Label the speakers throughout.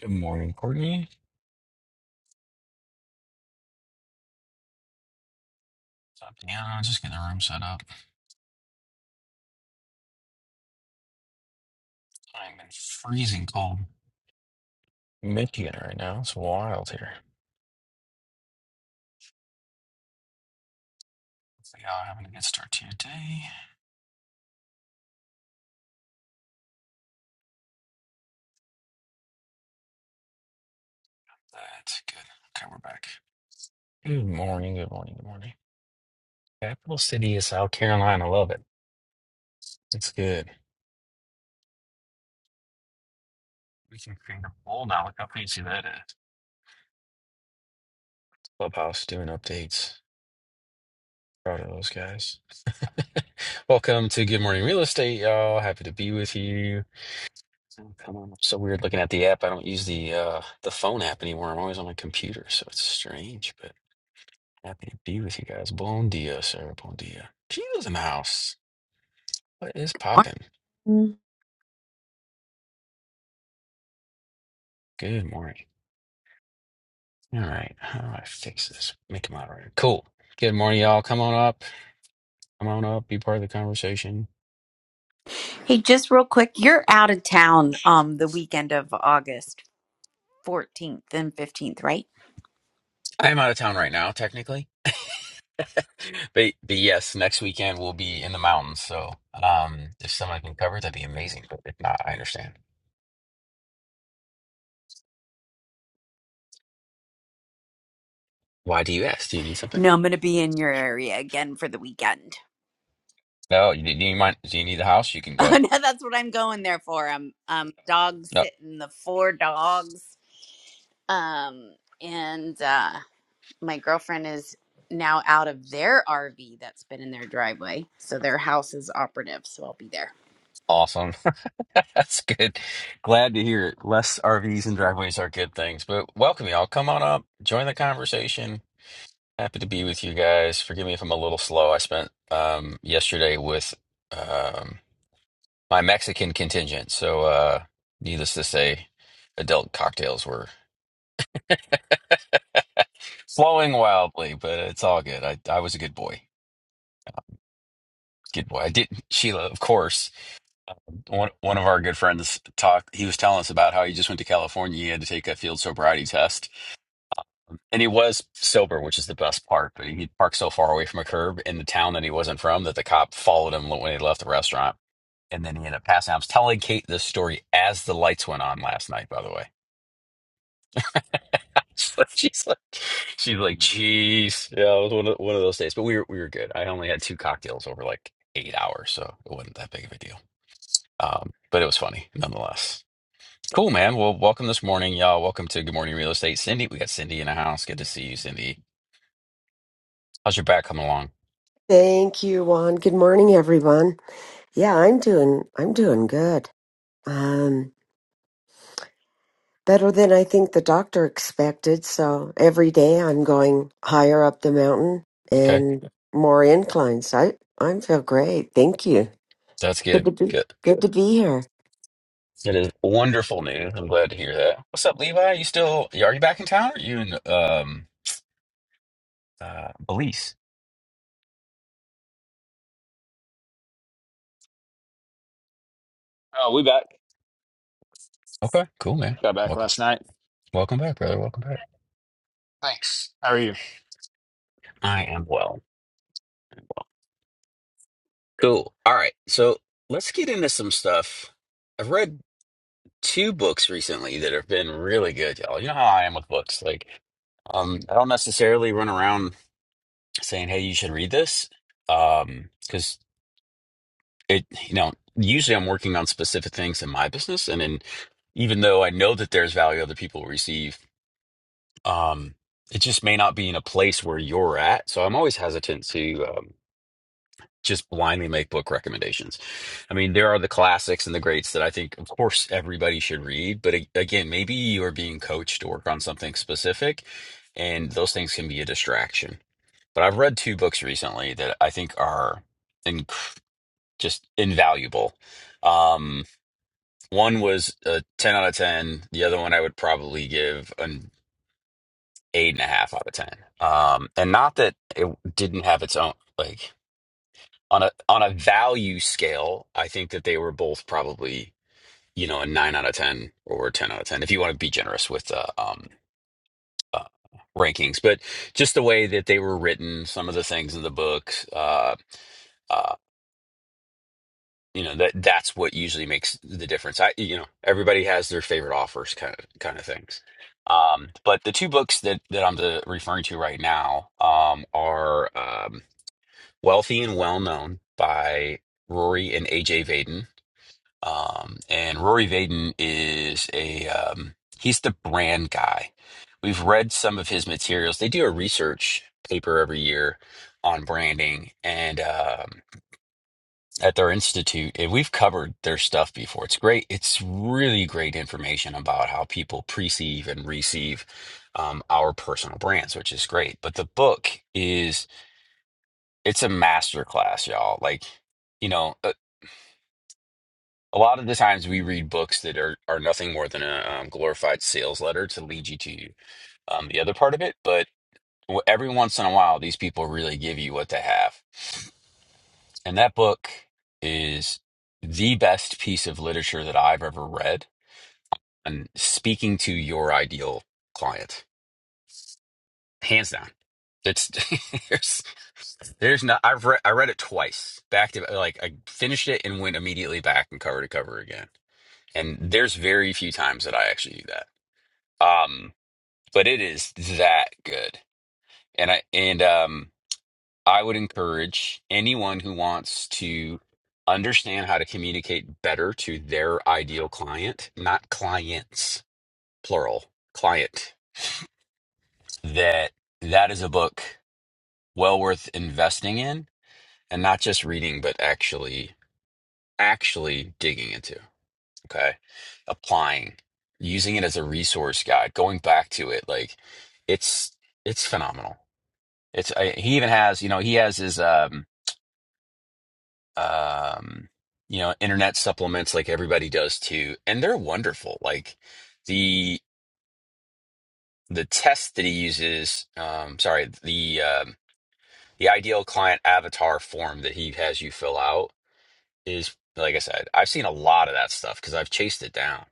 Speaker 1: Good morning, Courtney. What's up, Deanna? Just getting the room set up. I'm in freezing cold Michigan right now. It's wild here. So y'all having a good start to your day. That's good. Okay, we're back. Good morning, good morning, good morning. Capital City of South Carolina. Love it. It's good. We can create a poll now. Look how fancy that is. Clubhouse doing updates. Proud of those guys. Welcome to Good Morning Real Estate, y'all. Happy to be with you. Oh, Come on. It's So weird looking at the app. I don't use the uh the phone app anymore. I'm always on my computer, so it's strange, but happy to be with you guys. Bon dia, sir. Bon dia. Gino's in the house. What is poppin'?
Speaker 2: Morning.
Speaker 1: Good morning. All right. How do I fix this? Make a moderator. Cool. Good morning, y'all. Come on up. Come on up. Be part of the conversation.
Speaker 2: Hey, just real quick, you're out of town um the weekend of August 14th and 15th, right?
Speaker 1: I am out of town right now, technically. But, but yes, next weekend we'll be in the mountains. So um if someone can cover, that'd be amazing. But if not, I understand. Why do you ask? Do you need something?
Speaker 2: No, I'm gonna be in your area again for the weekend.
Speaker 1: No, you need, do you mind? Do you need a house? You can
Speaker 2: Oh
Speaker 1: go.
Speaker 2: no, that's what I'm going there for. I'm um dog
Speaker 1: No,
Speaker 2: sitting the four dogs. Um and uh my girlfriend is now out of their RV that's been in their driveway. So their house is operative, so I'll be there.
Speaker 1: awesome. That's good. Glad to hear it. Less RVs and driveways are good things, but welcome y'all. Come on up, join the conversation. Happy to be with you guys. Forgive me if I'm a little slow. I spent um, yesterday with um, my Mexican contingent, so uh, needless to say, adult cocktails were flowing wildly, but it's all good. I I was a good boy. Good boy. I did Sheila, of course. one one of our good friends talked he was telling us about how he just went to california he had to take a field sobriety test and he was sober which is the best part but he parked so far away from a curb in the town that he wasn't from that the cop followed him when he left the restaurant and then he ended up passing out. i was telling kate this story as the lights went on last night by the way she's like she's like like, jeez yeah it was one of, one of those days but we were, we were good i only had two cocktails over like eight hours so it wasn't that big of a deal um, but it was funny nonetheless Cool, man. Well, welcome this morning, y'all. Welcome to Good Morning Real Estate. Cindy, we got Cindy in the house. Good to see you, Cindy. How's your back coming along?
Speaker 3: Thank you, Juan. Good morning, everyone. Yeah, I'm doing I'm doing good. Um better than I think the doctor expected, so every day I'm going higher up the mountain
Speaker 1: Okay.
Speaker 3: and more inclines. I I feel great. Thank you.
Speaker 1: So That's
Speaker 3: Good to
Speaker 1: good.
Speaker 3: be
Speaker 1: Good.
Speaker 3: good to be here.
Speaker 1: That is wonderful news. I'm glad to hear that. What's up, Levi? You still you are you back in town or you in um uh Belize?
Speaker 4: Oh, we back.
Speaker 1: Okay, cool, man.
Speaker 4: Got back
Speaker 1: Welcome.
Speaker 4: last night.
Speaker 1: Welcome back, brother. Welcome back.
Speaker 4: Thanks. How are you?
Speaker 1: I am well. I'm well. Cool. All right. So let's get into some stuff. I've read two books recently that have been really good, y'all. You know how I am with books. Like um, I don't necessarily run around saying, "Hey, you should read this," um, because it, you know, usually I'm working on specific things in my business, and then even though I know that there's value other people receive, um, it just may not be in a place where you're at. So I'm always hesitant to um, just blindly make book recommendations. I mean, there are the classics and the greats that I think, of course, everybody should read. But a- again, maybe you are being coached to work on something specific, and those things can be a distraction. But I've read two books recently that I think are inc- just invaluable. Um, one was a 10 out of 10. The other one I would probably give an eight and a half out of 10. Um, and not that it didn't have its own, like on a, on a value scale, I think that they were both probably, you know, a nine out of 10 or a 10 out of 10, if you want to be generous with, uh, um, uh, rankings, but just the way that they were written, some of the things in the books, uh, uh, you know that that's what usually makes the difference i you know everybody has their favorite offers kind of kind of things um but the two books that that i'm the, referring to right now um are um wealthy and well known by rory and aj vaden um and rory vaden is a um he's the brand guy we've read some of his materials they do a research paper every year on branding and um at their institute, and we've covered their stuff before. It's great. It's really great information about how people perceive and receive um, our personal brands, which is great. But the book is it's a masterclass, y'all. Like you know, a, a lot of the times we read books that are are nothing more than a um, glorified sales letter to lead you to um, the other part of it. But w- every once in a while, these people really give you what they have, and that book is the best piece of literature that I've ever read and speaking to your ideal client, hands down. It's there's there's not I've read I read it twice back to like I finished it and went immediately back and cover to cover again. And there's very few times that I actually do that. Um, but it is that good. And I and um I would encourage anyone who wants to understand how to communicate better to their ideal client, not clients, plural, client that that is a book well worth investing in and not just reading but actually actually digging into okay applying using it as a resource guide going back to it like it's it's phenomenal it's I, he even has you know he has his um um you know internet supplements like everybody does too and they're wonderful like the the test that he uses um sorry the um the ideal client avatar form that he has you fill out is like I said, I've seen a lot of that stuff because I've chased it down,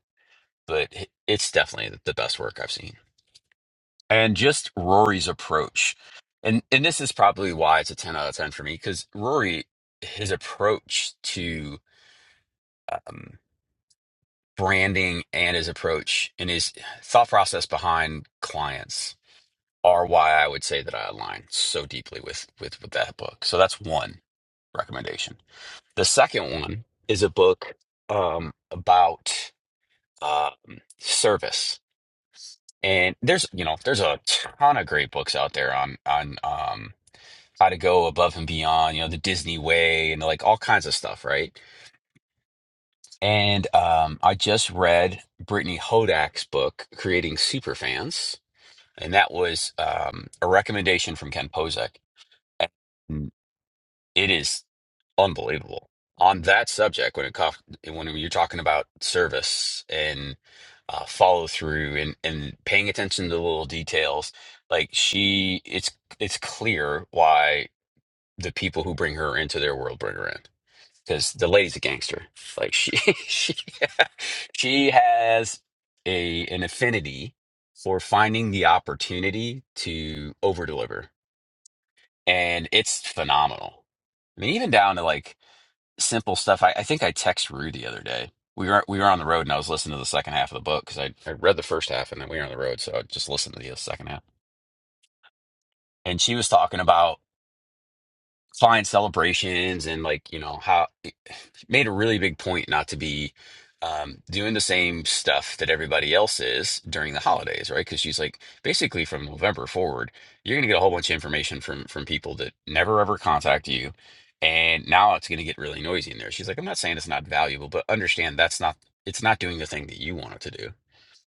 Speaker 1: but it's definitely the best work I've seen. And just Rory's approach. And and this is probably why it's a 10 out of 10 for me because Rory his approach to um, branding and his approach and his thought process behind clients are why I would say that I align so deeply with with with that book. So that's one recommendation. The second one is a book um, about um, service, and there's you know there's a ton of great books out there on on um, how to go above and beyond, you know, the Disney way, and like all kinds of stuff, right? And um, I just read Brittany Hodak's book, Creating Superfans, and that was um, a recommendation from Ken Posick It is unbelievable. On that subject, when it co- when you're talking about service and uh, follow through and and paying attention to the little details, like she, it's it's clear why the people who bring her into their world bring her in because the lady's a gangster. Like she she she has a an affinity for finding the opportunity to over deliver, and it's phenomenal. I mean, even down to like simple stuff. I, I think I text Rue the other day. We were we were on the road, and I was listening to the second half of the book because I, I read the first half, and then we were on the road, so I just listened to the second half. And she was talking about client celebrations and like you know how. made a really big point not to be um, doing the same stuff that everybody else is during the holidays, right? Because she's like, basically from November forward, you're gonna get a whole bunch of information from from people that never ever contact you, and now it's gonna get really noisy in there. She's like, I'm not saying it's not valuable, but understand that's not it's not doing the thing that you want it to do.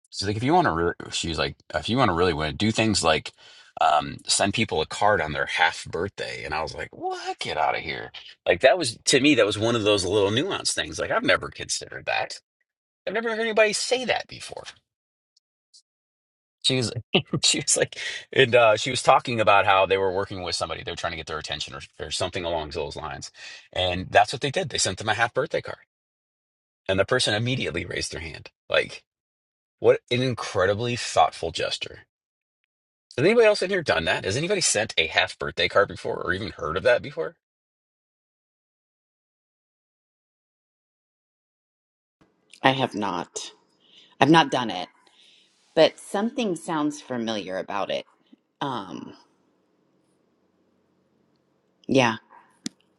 Speaker 1: She's like, if you want to really, she's like, if you want to really win, do things like um, send people a card on their half birthday. And I was like, what? Get out of here. Like, that was, to me, that was one of those little nuanced things. Like, I've never considered that. I've never heard anybody say that before. She was, she was like, and uh, she was talking about how they were working with somebody. They were trying to get their attention or, or something along those lines. And that's what they did. They sent them a half birthday card. And the person immediately raised their hand. Like, what an incredibly thoughtful gesture Has anybody else in here done that? Has anybody sent a half birthday card before or even heard of that before?
Speaker 2: I have not. I've not done it. but something sounds familiar about it. Um, yeah,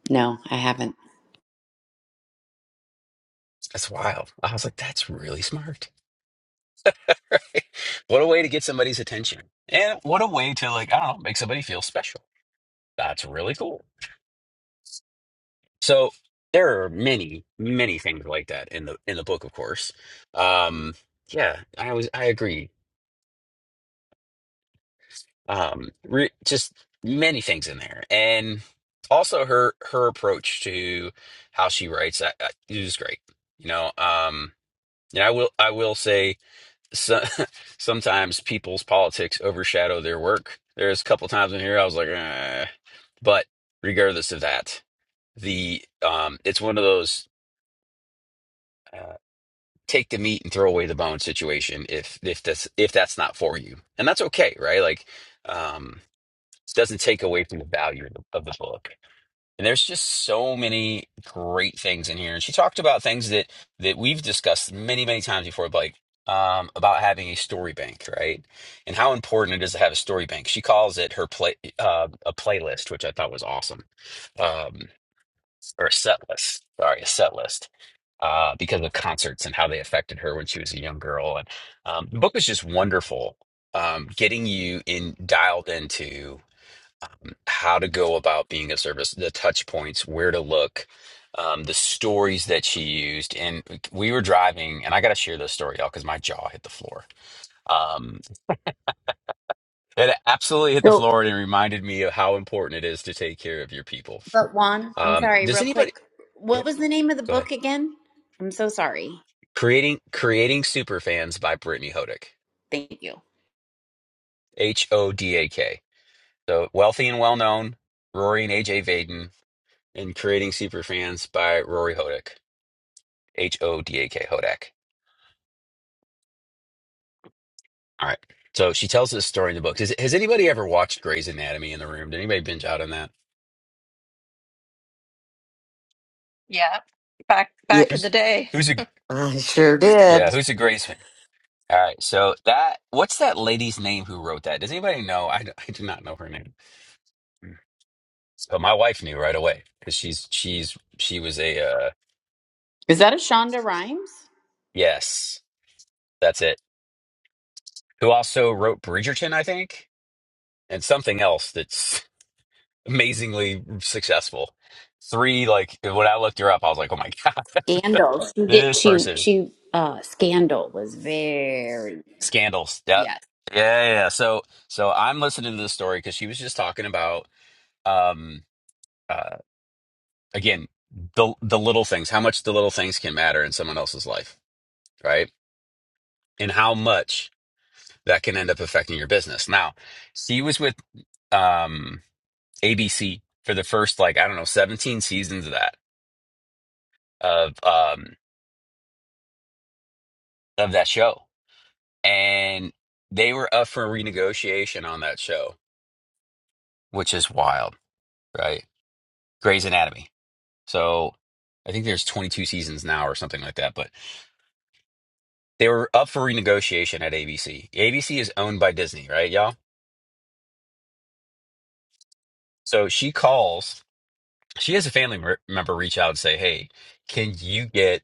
Speaker 2: no, I haven't.
Speaker 1: That's wild. I was like, that's really smart. what a way to get somebody's attention. And what a way to, like, I don't know, make somebody feel special. That's really cool. So there are many, many things like that in the in the book, of course. Um, yeah, I was I agree. Um, re, just many things in there. And also her her approach to how she writes, I, I, it was great. You know, um, And I will I will say so, sometimes people's politics overshadow their work. There's a couple times in here I was like, eh. but regardless of that, the um, it's one of those uh, take the meat and throw away the bone situation. If if that's if that's not for you, and that's okay, right? Like, um, it doesn't take away from the value of the, of the book. And there's just so many great things in here and she talked about things that that we've discussed many many times before like um, about having a story bank right and how important it is to have a story bank she calls it her play uh, a playlist which i thought was awesome um, or a set list sorry a set list uh, because of concerts and how they affected her when she was a young girl and um, the book is just wonderful um, getting you in dialed into how to go about being a service, the touch points, where to look, um, the stories that she used. And we were driving, and I got to share this story, y'all, because my jaw hit the floor. Um, it absolutely hit the
Speaker 2: So
Speaker 1: floor, and it reminded me of how important it is to take care of your people.
Speaker 2: But Juan, I'm
Speaker 1: Um,
Speaker 2: sorry,
Speaker 1: does
Speaker 2: real
Speaker 1: anybody?
Speaker 2: quick. What
Speaker 1: Yep,
Speaker 2: was the name of the
Speaker 1: go ahead.
Speaker 2: book again? I'm so sorry.
Speaker 1: Creating Creating Superfans by Brittany Hodak.
Speaker 2: Thank you.
Speaker 1: H O D A K. So wealthy and well known, Rory and AJ Vaden, and Creating Superfans by Rory Hodak. H O D A K. Hodak. All right. So she tells this story in the book. Has, has anybody ever watched Grey's Anatomy in the room? Did anybody binge out on that?
Speaker 5: Yeah, back
Speaker 3: Yeah,
Speaker 5: back in
Speaker 1: Who's
Speaker 5: the day.
Speaker 1: who's a
Speaker 3: I sure
Speaker 1: yeah?
Speaker 3: did.
Speaker 1: Who's a Grey's fan? All right. So that what's that lady's name who wrote that? Does anybody know? I, d- I do not know her name, but my wife knew right away because she's she's she was a uh,
Speaker 2: Is that a Shonda Rhimes?
Speaker 1: yes, that's it. Who also wrote Bridgerton, I think, and something else that's amazingly successful. Three like when I looked her up, I was like, oh my god,
Speaker 2: Scandal. She did
Speaker 1: this
Speaker 2: she
Speaker 1: person.
Speaker 2: she uh Scandal was very
Speaker 1: Scandals. Yeah.
Speaker 2: yes.
Speaker 1: Yeah. Yeah. yeah. So, so I'm listening to this story because she was just talking about, um, uh, again, the, the little things, how much the little things can matter in someone else's life, right? And how much that can end up affecting your business. Now, she was with, um, ABC for the first, like, I don't know, 17 seasons of that, of, um, of that show. And they were up for renegotiation on that show, which is wild, right? Grey's Anatomy. So I think there's 22 seasons now or something like that. But they were up for renegotiation at ABC. ABC is owned by Disney, right, y'all? So she calls. She has a family mer- member reach out and say, "Hey, can you get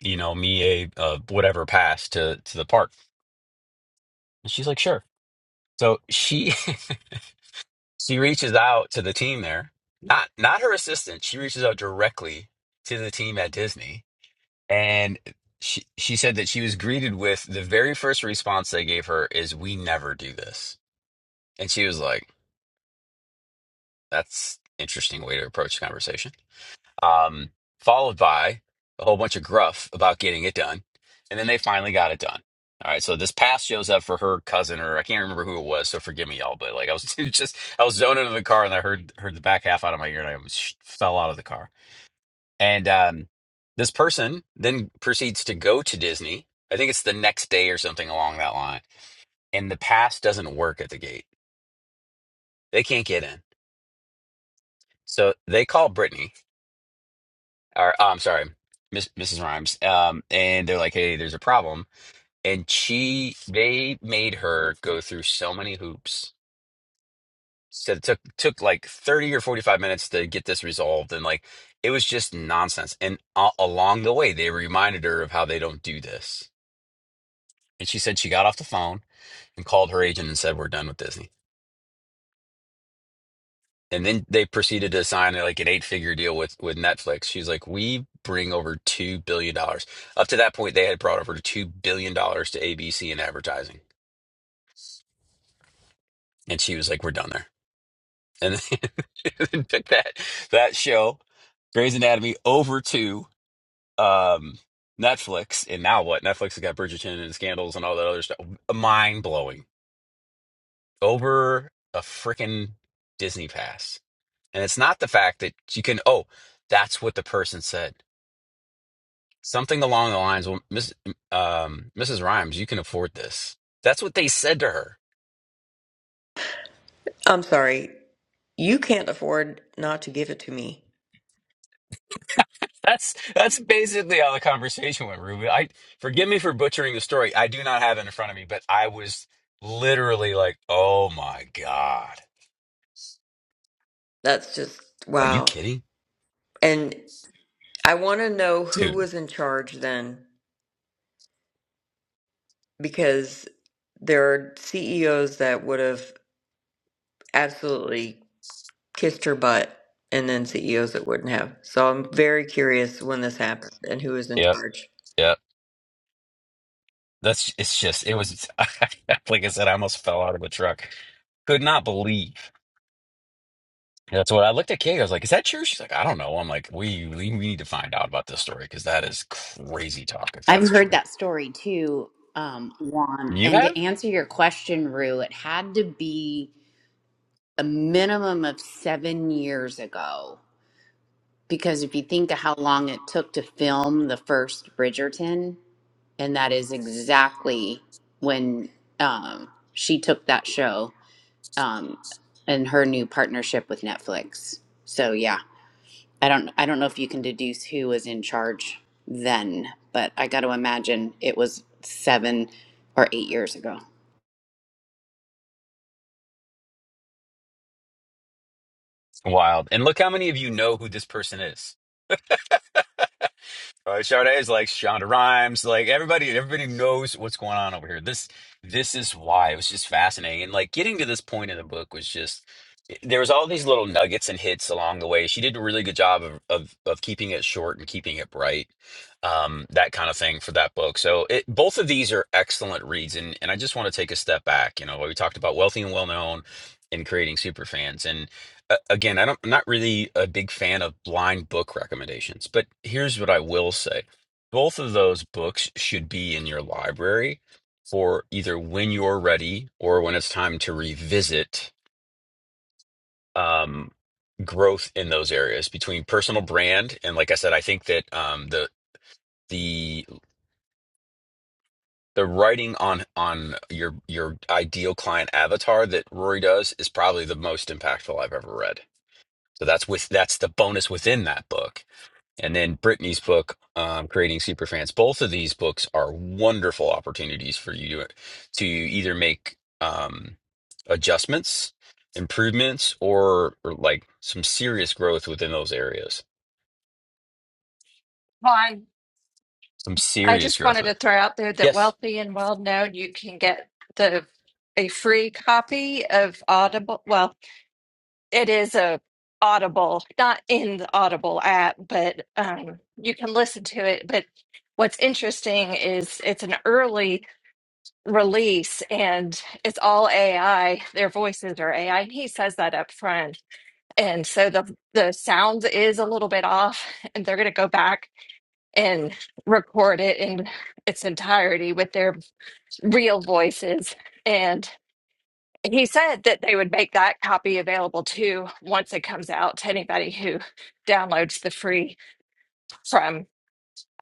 Speaker 1: you know me a uh, whatever pass to to the park?" And she's like, "Sure." So she she reaches out to the team there, not not her assistant. She reaches out directly to the team at Disney And she she said that she was greeted with the very first response they gave her is, "We never do this." And she was like, "That's interesting way to approach the conversation." Um, followed by a whole bunch of gruff about getting it done, and then they finally got it done. All right, so this pass shows up for her cousin, or I can't remember who it was, so forgive me, y'all. But like, I was just I was zoning in the car, and I heard heard the back half out of my ear, and I almost sh- fell out of the car. And um, this person then proceeds to go to Disney. I think it's the next day or something along that line. And the pass doesn't work at the gate. They can't get in. So they call Brittany, or oh, I'm sorry, Miss, Mrs. Rhymes. Um, and they're like, hey, there's a problem. And she, they made her go through so many hoops. So it took took like 30 or 45 minutes to get this resolved. And like, it was just nonsense. And a along the way, they reminded her of how they don't do this And she said she got off the phone and called her agent and said, "We're done with Disney." And then they proceeded to sign uh, like an eight-figure deal with with Netflix. She's like, "We bring over two billion dollars." Up to that point, they had brought over two billion dollars to ABC in advertising, and she was like, "We're done there." And then then took that that show, Grey's Anatomy, over to um, Netflix. And now what? Netflix has got Bridgerton and Scandals and all that other stuff. Mind blowing. Over a freaking Disney Pass And it's not the fact that you can, oh, that's what the person said. Something along the lines, well, Miss, um, Mrs. Rhymes, you can afford this. That's what they said to her.
Speaker 6: I'm sorry. You can't afford not to give it to me.
Speaker 1: That's that's basically how the conversation went, Ruben. I forgive me for butchering the story. I do not have it in front of me, but I was literally like, "Oh my god,
Speaker 6: That's just
Speaker 1: are you
Speaker 6: wow.
Speaker 1: kidding,
Speaker 6: And I want to know who
Speaker 1: dude?"
Speaker 6: was in charge then because there are CEOs that would have absolutely kissed her butt and then CEOs that wouldn't have. So I'm very curious when this happened and who was in
Speaker 1: Yep,
Speaker 6: charge.
Speaker 1: yep. That's it's just it was like I said, I almost fell out of the truck. Could not believe. Yeah, That's what I looked at Kate. I was like, "Is that true?" She's like, "I don't know." I'm like, "We we we need to find out about this story because that is crazy talk if
Speaker 2: I've
Speaker 1: that's
Speaker 2: heard
Speaker 1: true."
Speaker 2: that story too, um, Juan.
Speaker 1: You
Speaker 2: And to
Speaker 1: have
Speaker 2: answer your question, Rue, it had to be a minimum of seven years ago Because if you think of how long it took to film the first Bridgerton, and that is exactly when um, she took that show um, and her new partnership with Netflix. So yeah, I don't I don't know if you can deduce who was in charge then, but I got to imagine it was seven or eight years ago.
Speaker 1: wild, and look how many of you know who this person is. Uh, Sade is like Shonda Rhimes, like everybody, everybody knows what's going on over here. This, this is why it was just fascinating, and like getting to this point in the book was just eh, there was all these little nuggets and hits along the way. She did a really good job of of, of keeping it short and keeping it bright, um, that kind of thing for that book. So it, both of these are excellent reads, and and I just want to take a step back. You know, we talked about wealthy and well known, and creating superfans, and a- again, I don't, I'm not really a big fan of blind book recommendations, but here's what I will say. Both of those books should be in your library for either when you're ready or when it's time to revisit um, growth in those areas between personal brand and, like I said, I think that um, the the the writing on on your your ideal client avatar that Rory does is probably the most impactful I've ever read. So that's with that's the bonus within that book and then Brittany's book, um, Creating Superfans. Both of these books are wonderful opportunities for you to, to either make um, adjustments, improvements, or, or like some serious growth within those areas.
Speaker 5: Well, I
Speaker 1: Some
Speaker 5: I
Speaker 1: serious
Speaker 5: just
Speaker 1: growth
Speaker 5: wanted
Speaker 1: with.
Speaker 5: to throw out there that
Speaker 1: Yes.
Speaker 5: wealthy and well known, you can get the a free copy of Audible. Well, it is a Audible, not in the Audible app, but um, you can listen to it. But what's interesting is it's an early release and it's all AI. Their voices are AI, and he says that up front. And so the the sound is a little bit off, and they're going to go back and record it in its entirety with their real voices. And he said that they would make that copy available too once it comes out to anybody who downloads the free from.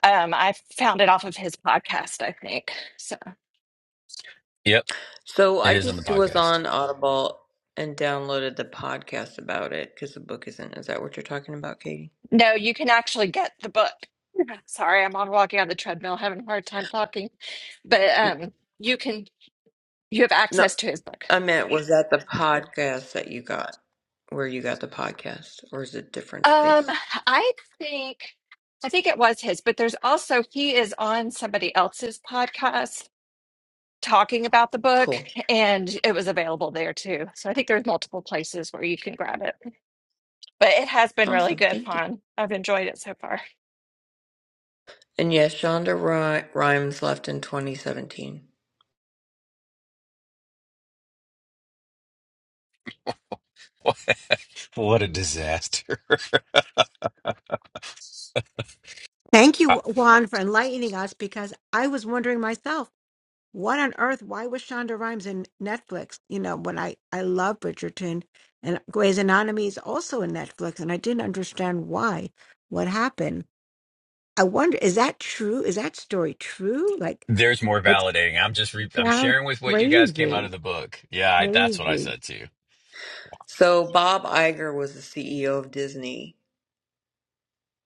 Speaker 5: Um, I found it off of his podcast, I think. So,
Speaker 1: Yep.
Speaker 6: So
Speaker 1: It
Speaker 6: I
Speaker 1: is on the
Speaker 6: just was
Speaker 1: podcast.
Speaker 6: on Audible and downloaded the podcast about it because the book isn't. Is that what you're talking about, Katie?
Speaker 5: no, you can actually get the book. Sorry, I'm on walking on the treadmill, having a hard time talking, but um, you can you have
Speaker 6: No.
Speaker 5: access to his book.
Speaker 6: I meant, was that the podcast that you got, where you got the podcast, or is it a different
Speaker 5: Um,
Speaker 6: space?
Speaker 5: I think I think it was his, but there's also he is on somebody else's podcast talking about the book,
Speaker 6: Cool.
Speaker 5: and it was available there too. So I think there's multiple places where you can grab it. But it has been really
Speaker 6: Awesome.
Speaker 5: good
Speaker 6: Thank you.
Speaker 5: fun. I've enjoyed it so far.
Speaker 6: And yes, Shonda Rhi- Rhimes left in 2017.
Speaker 1: what a disaster.
Speaker 7: Thank you, Juan, for enlightening us because I was wondering myself, what on earth, why was Shonda Rhimes in Netflix? You know, when I, I love Bridgerton and Grey's Anatomy is also in Netflix, and I didn't understand why, what happened. I wonder, is that true? Is that story true? Like,
Speaker 1: There's more
Speaker 7: it
Speaker 1: validating. I'm just re- I'm
Speaker 7: sounds
Speaker 1: sharing with what you guys came out of
Speaker 7: crazy,
Speaker 1: the book. Yeah, I, that's what I
Speaker 7: crazy.
Speaker 1: said to you.
Speaker 6: So Bob Iger was the CEO of Disney,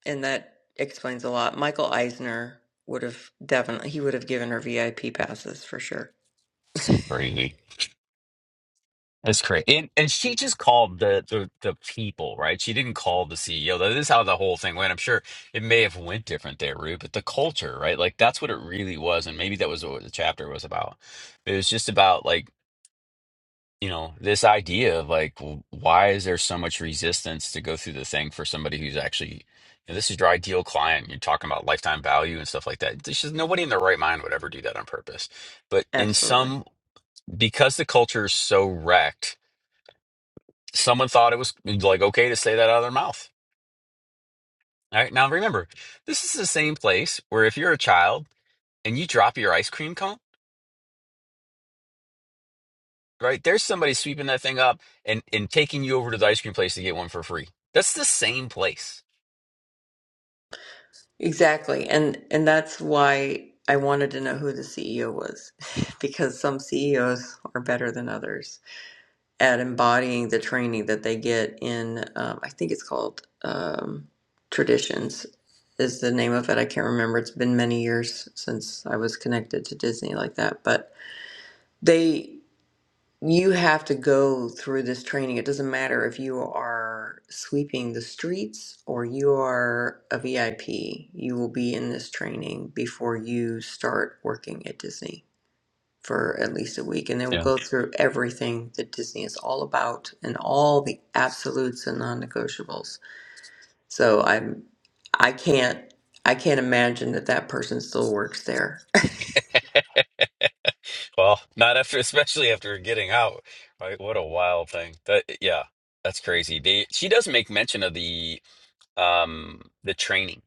Speaker 6: and that explains a lot. Michael Eisner would have definitely, he would have given her VIP passes for sure.
Speaker 1: Crazy. That's crazy. And and she just called the, the the people, right? She didn't call the CEO. That is how the whole thing went. I'm sure it may have went different there, Rue, but the culture, right? Like that's what it really was. And maybe that was what the chapter was about. It was just about like, you know, this idea of like w- why is there so much resistance to go through the thing for somebody who's actually you know, this is your ideal client. You're talking about lifetime value and stuff like that. There's just nobody in their right mind would ever do that on purpose. But in
Speaker 6: Absolutely.
Speaker 1: some because the culture is so wrecked someone thought it was like okay to say that out of their mouth. All right. Now remember, this is the same place where if you're a child and you drop your ice cream cone, right? There's somebody sweeping that thing up and and taking you over to the ice cream place to get one for free. That's the same place.
Speaker 6: Exactly. And and that's why I wanted to know who the CEO was because some CEOs are better than others. at embodying the training that they get in, um, I think it's called um, Traditions, is the name of it. I can't remember. It's been many years since I was connected to Disney like that. But they, you have to go through this training. It doesn't matter if you are sweeping the streets or you are a VIP, you will be in this training before you start working at Disney for at least a week, and then we'll
Speaker 1: Yeah.
Speaker 6: go through everything that Disney is all about and all the absolutes and non-negotiables. So I'm, I can't, I can't imagine that that person still works there.
Speaker 1: Well, not after, especially after getting out, right? What a wild thing. That yeah, that's crazy. They, she does make mention of the um the training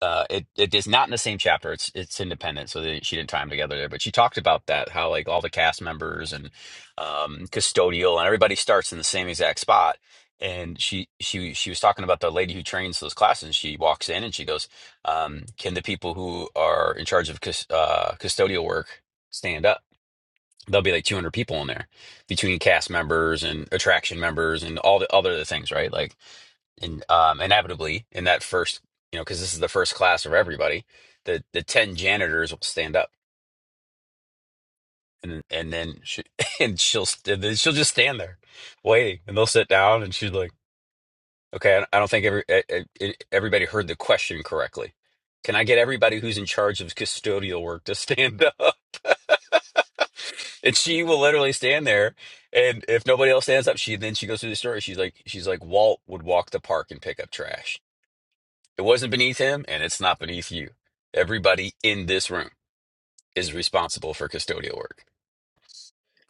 Speaker 1: uh it it is not in the same chapter it's it's independent so they, she didn't tie them together there but she talked about that how like all the cast members and um custodial and everybody starts in the same exact spot and she she she was talking about the lady who trains those classes and she walks in and she goes um can the people who are in charge of cus- uh custodial work stand up there'll be like 200 people in there between cast members and attraction members and all the other things right like and um, inevitably in that first, you know, because this is the first class of everybody, the the ten janitors will stand up, and and then she and she'll st- then she'll just stand there waiting, and they'll sit down, and she's like, "Okay, I I don't think every e- e- e- everybody heard the question correctly. Can I get everybody who's in charge of custodial work to stand up?" and she will literally stand there, and if nobody else stands up, she then she goes through the story. She's like, she's like, Walt would walk the park and pick up trash It wasn't beneath him, and it's not beneath you. Everybody in this room is responsible for custodial work,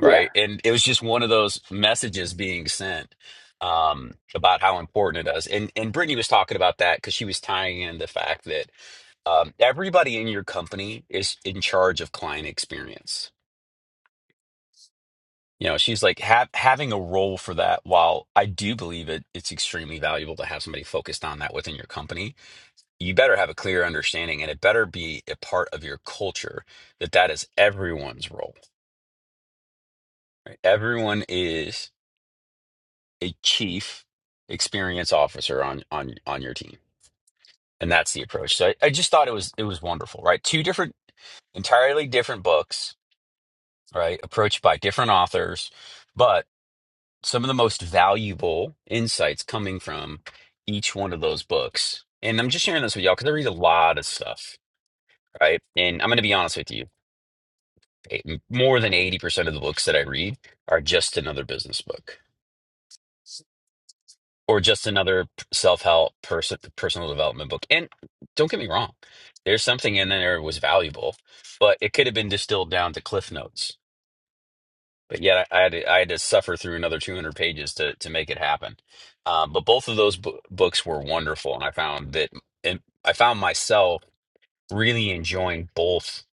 Speaker 6: Yeah.
Speaker 1: right? And it was just one of those messages being sent um, about how important it is. And and Brittany was talking about that because she was tying in the fact that um, everybody in your company is in charge of client experience. You know, she's like ha- having a role for that. While I do believe it, it's extremely valuable to have somebody focused on that within your company you better have a clear understanding and it better be a part of your culture that that is everyone's role right everyone is a chief experience officer on on on your team and that's the approach so I, I just thought it was it was wonderful right two different entirely different books right approached by different authors but some of the most valuable insights coming from each one of those books and i'm just sharing this with y'all because i read a lot of stuff right and i'm going to be honest with you eight- more than 80% of the books that I read are just another business book or just another p- self-help person personal development book. And don't get me wrong, there's something in there that was valuable, but it could have been distilled down to cliff notes. But yet I, I had to, I had to suffer through another 200 pages to to make it happen. Um, but both of those bo books were wonderful, and I found that and I found myself really enjoying both,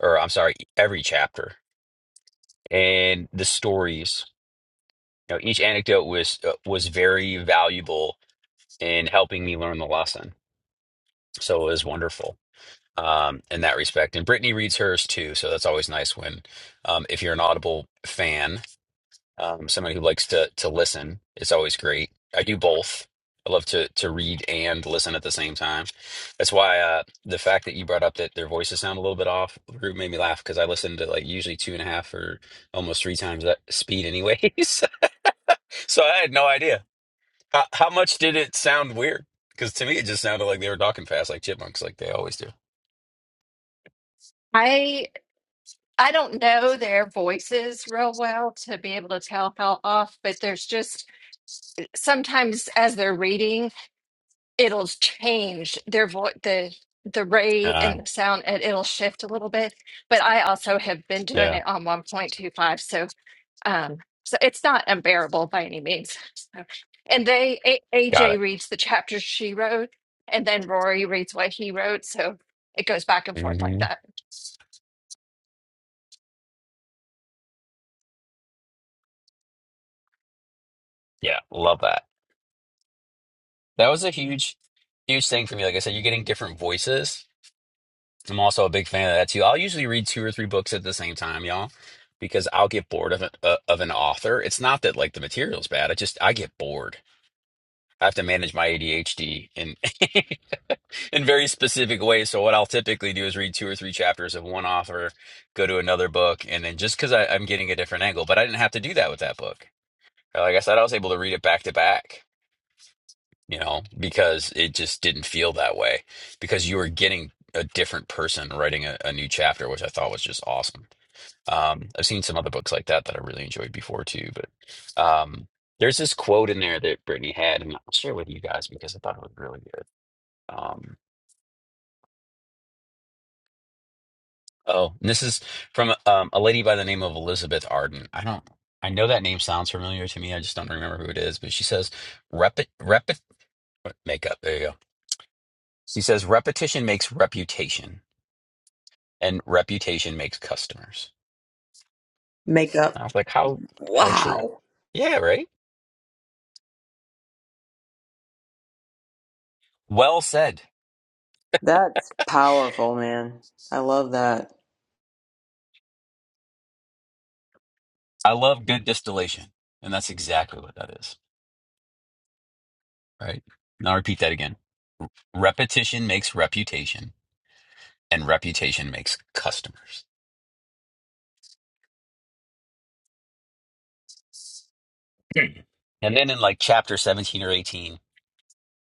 Speaker 1: or I'm sorry, every chapter and the stories You know, each anecdote was uh, was very valuable in helping me learn the lesson. So it was wonderful um, in that respect. And Brittany reads hers too, so that's always nice when um, if you're an Audible fan, um, somebody who likes to to listen, it's always great. I do both. I love to to read and listen at the same time. That's why uh, the fact that you brought up that their voices sound a little bit off group made me laugh because I listened to like usually two and a half or almost three times that speed anyways. so I had no idea. How, how much did it sound weird? Because to me, it just sounded like they were talking fast, like chipmunks, like they always do.
Speaker 5: I I don't know their voices real well to be able to tell how off, but there's just sometimes as they're reading. it'll change their voice the the rate
Speaker 1: Uh,
Speaker 5: and the sound and it'll shift a little bit but i also have been doing
Speaker 1: yeah,
Speaker 5: it on 1.25 so um, so it's not unbearable by any means. So- and they A-
Speaker 1: got
Speaker 5: AJ
Speaker 1: it.
Speaker 5: reads the chapters she wrote, and then Rory reads what he wrote. So it goes back and forth like
Speaker 1: hmm
Speaker 5: that.
Speaker 1: Yeah, love that. That was a huge, huge thing for me. Like I said, you're getting different voices. I'm also a big fan of that too. I'll usually read two or three books at the same time, y'all, because I'll get bored of an, uh, of an author. It's not that like the material's bad. I just I get bored. I have to manage my ADHD, and in very specific ways. So what I'll typically do is read two or three chapters of one author, go to another book, and then just because I'm getting a different angle, but I didn't have to do that with that book. Uh, Like I said, I was able to read it back to back, you know, because it just didn't feel that way because you were getting a different person writing a, a new chapter, which I thought was just awesome. Um, I've seen some other books like that that I really enjoyed before too, but um, there's this quote in there that Brittany had, and I'll share with you guys because I thought it was really good. Um, Oh, and this is from um, a lady by the name of Elizabeth Arden. I don't, I know that name sounds familiar to me. I just don't remember who it is. But she says, "Repet, repet, makeup." There you go. She says, "Repetition makes reputation, and reputation makes customers."
Speaker 6: Makeup.
Speaker 1: And I was like, "How, how true?"
Speaker 6: Wow.
Speaker 1: Yeah, right. Well said.
Speaker 6: That's powerful, man. I love that.
Speaker 1: I love good distillation, and that's exactly what that is. Right. Now repeat that again. Repetition makes reputation, and reputation makes customers. And then in like chapter 17 or 18,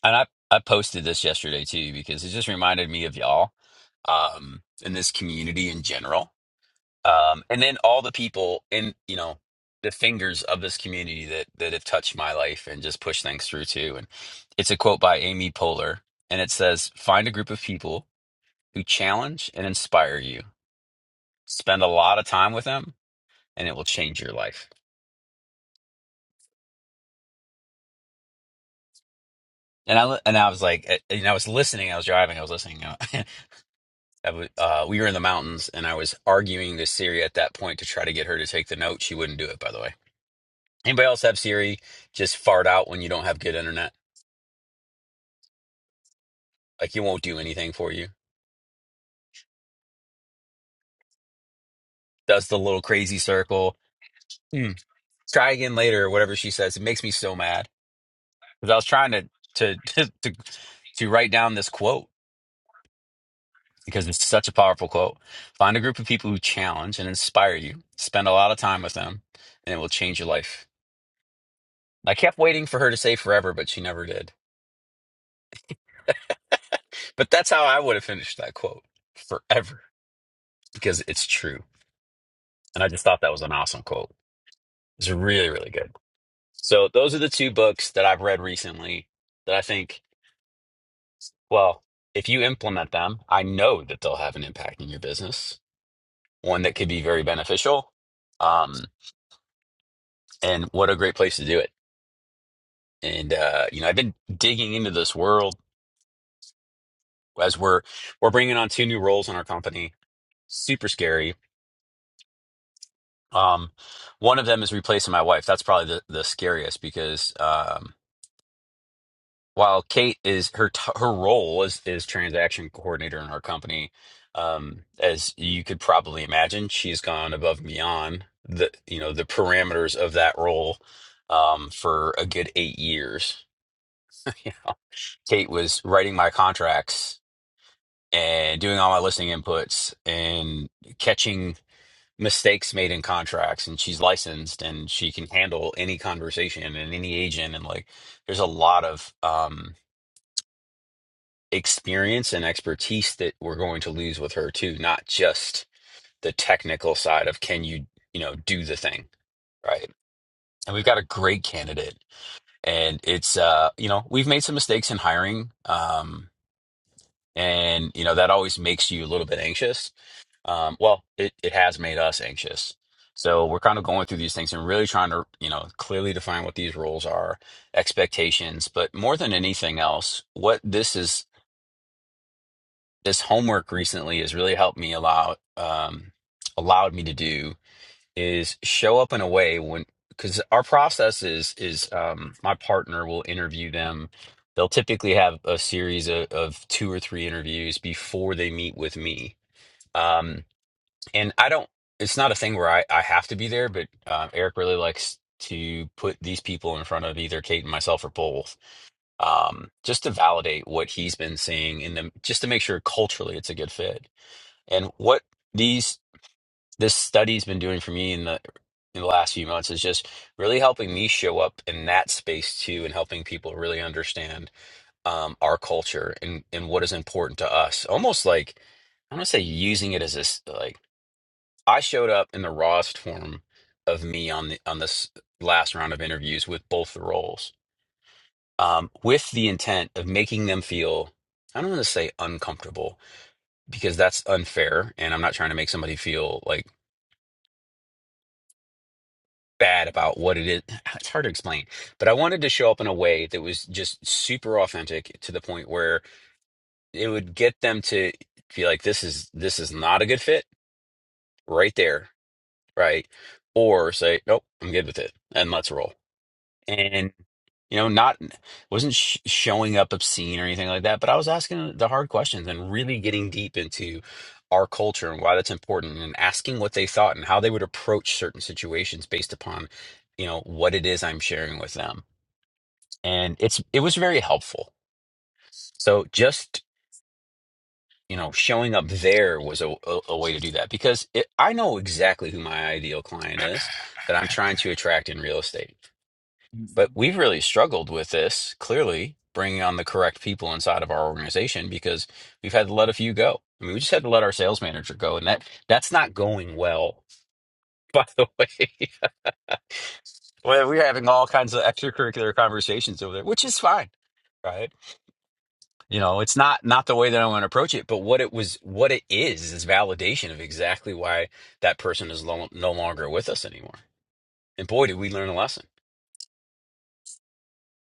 Speaker 1: and I, I posted this yesterday too, because it just reminded me of y'all um, and this community in general. Um, and then all the people in, you know, the fingers of this community that, that have touched my life and just pushed things through too. And it's a quote by Amy Poehler, and it says, Find a group of people who challenge and inspire you. Spend a lot of time with them, and it will change your life. And I li- and I was like, eh, you know, I was listening. I was driving. I was listening. I wa- uh, we were in the mountains, and I was arguing to Siri at that point to try to get her to take the note. She wouldn't do it, by the way. Anybody else have Siri just fart out when you don't have good internet? Like, it won't do anything for you. Does the little crazy circle. Hmm. Try again later, or whatever she says. It makes me so mad because I was trying to, to to to to write down this quote because it's such a powerful quote. Find a group of people who challenge and inspire you. Spend a lot of time with them, and it will change your life. I kept waiting for her to say forever, but she never did. But that's how I would have finished that quote forever because it's true. And I just thought that was an awesome quote. It's really, really good. So those are the two books that I've read recently that I think, well, if you implement them, I know that they'll have an impact in your business, one that could be very beneficial. Um, and what a great place to do it. And uh, you know, I've been digging into this world as we're we're bringing on two new roles in our company. Super scary Um, one of them is replacing my wife. That's probably the, the scariest because um, while Kate is her t- her role is is transaction coordinator in our company, um, as you could probably imagine, she's gone above and beyond the you know the parameters of that role um, for a good eight years. Kate was writing my contracts and doing all my listing inputs and catching mistakes made in contracts and she's licensed and she can handle any conversation and any agent and like there's a lot of um experience and expertise that we're going to lose with her too not just the technical side of can you you know do the thing right and we've got a great candidate and it's uh you know we've made some mistakes in hiring um and you know that always makes you a little bit anxious um, well, it, it has made us anxious. So we're kind of going through these things and really trying to, you know, clearly define what these roles are, expectations, but more than anything else, what this is, this homework recently has really helped me allow, um, allowed me to do is show up in a way when, because our process is, is, um, my partner will interview them. They'll typically have a series of, of two or three interviews before they meet with me. Um, and I don't. It's not a thing where I I have to be there, but um, Eric really likes to put these people in front of either Kate and myself or both, um, just to validate what he's been seeing in them, just to make sure culturally it's a good fit. And what these this study's been doing for me in the in the last few months is just really helping me show up in that space too, and helping people really understand um, our culture and and what is important to us. Almost like I am going to say using it as this like I showed up in the rawest form of me on the on this last round of interviews with both the roles, um, with the intent of making them feel I don't want to say uncomfortable because that's unfair, and I'm not trying to make somebody feel like bad about what it is. It's hard to explain, but I wanted to show up in a way that was just super authentic to the point where it would get them to feel like this is this is not a good fit right there, right? Or say, nope, I'm good with it, and let's roll and you know not wasn't sh showing up obscene or anything like that but i was asking the hard questions and really getting deep into our culture and why that's important and asking what they thought and how they would approach certain situations based upon you know what it is i'm sharing with them and it's it was very helpful so just you know showing up there was a, a, a way to do that because it, i know exactly who my ideal client is that i'm trying to attract in real estate But
Speaker 4: Mhm.
Speaker 1: we've really struggled with this, clearly, bringing on the correct people inside of our organization because we've had to let a few go. I mean, we just had to let our sales manager go, and that that's not going well, by the way. Well, We're having all kinds of extracurricular conversations over there, which is fine, right? You know, it's not not the way that I want to approach it, but what it was, what it is, is validation of exactly why that person is lo- no longer with us anymore. And boy, did we learn a lesson.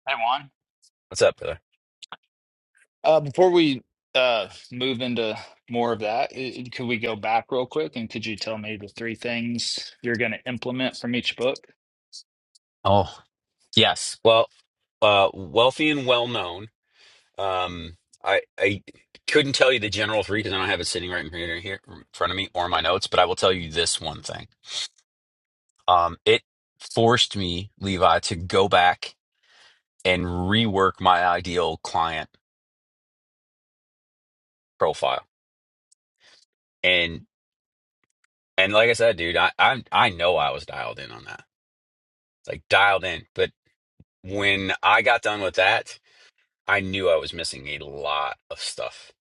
Speaker 4: Hey, Juan.
Speaker 1: What's up, brother?
Speaker 4: Uh, before we uh move into more of that, i- could we go back real quick and could you tell me the three things you're going to implement from each book?
Speaker 1: Oh. Yes. Well, uh, wealthy and well known. Um, I I couldn't tell you the general three because I don't have it sitting right in here, here in front of me or my notes, but I will tell you this one thing. Um, it forced me, Levi, to go back and rework my ideal client profile. And and like I said, dude, I I, I know I was dialed in on that, like dialed in. But when I got done with that, I knew I was missing a lot of stuff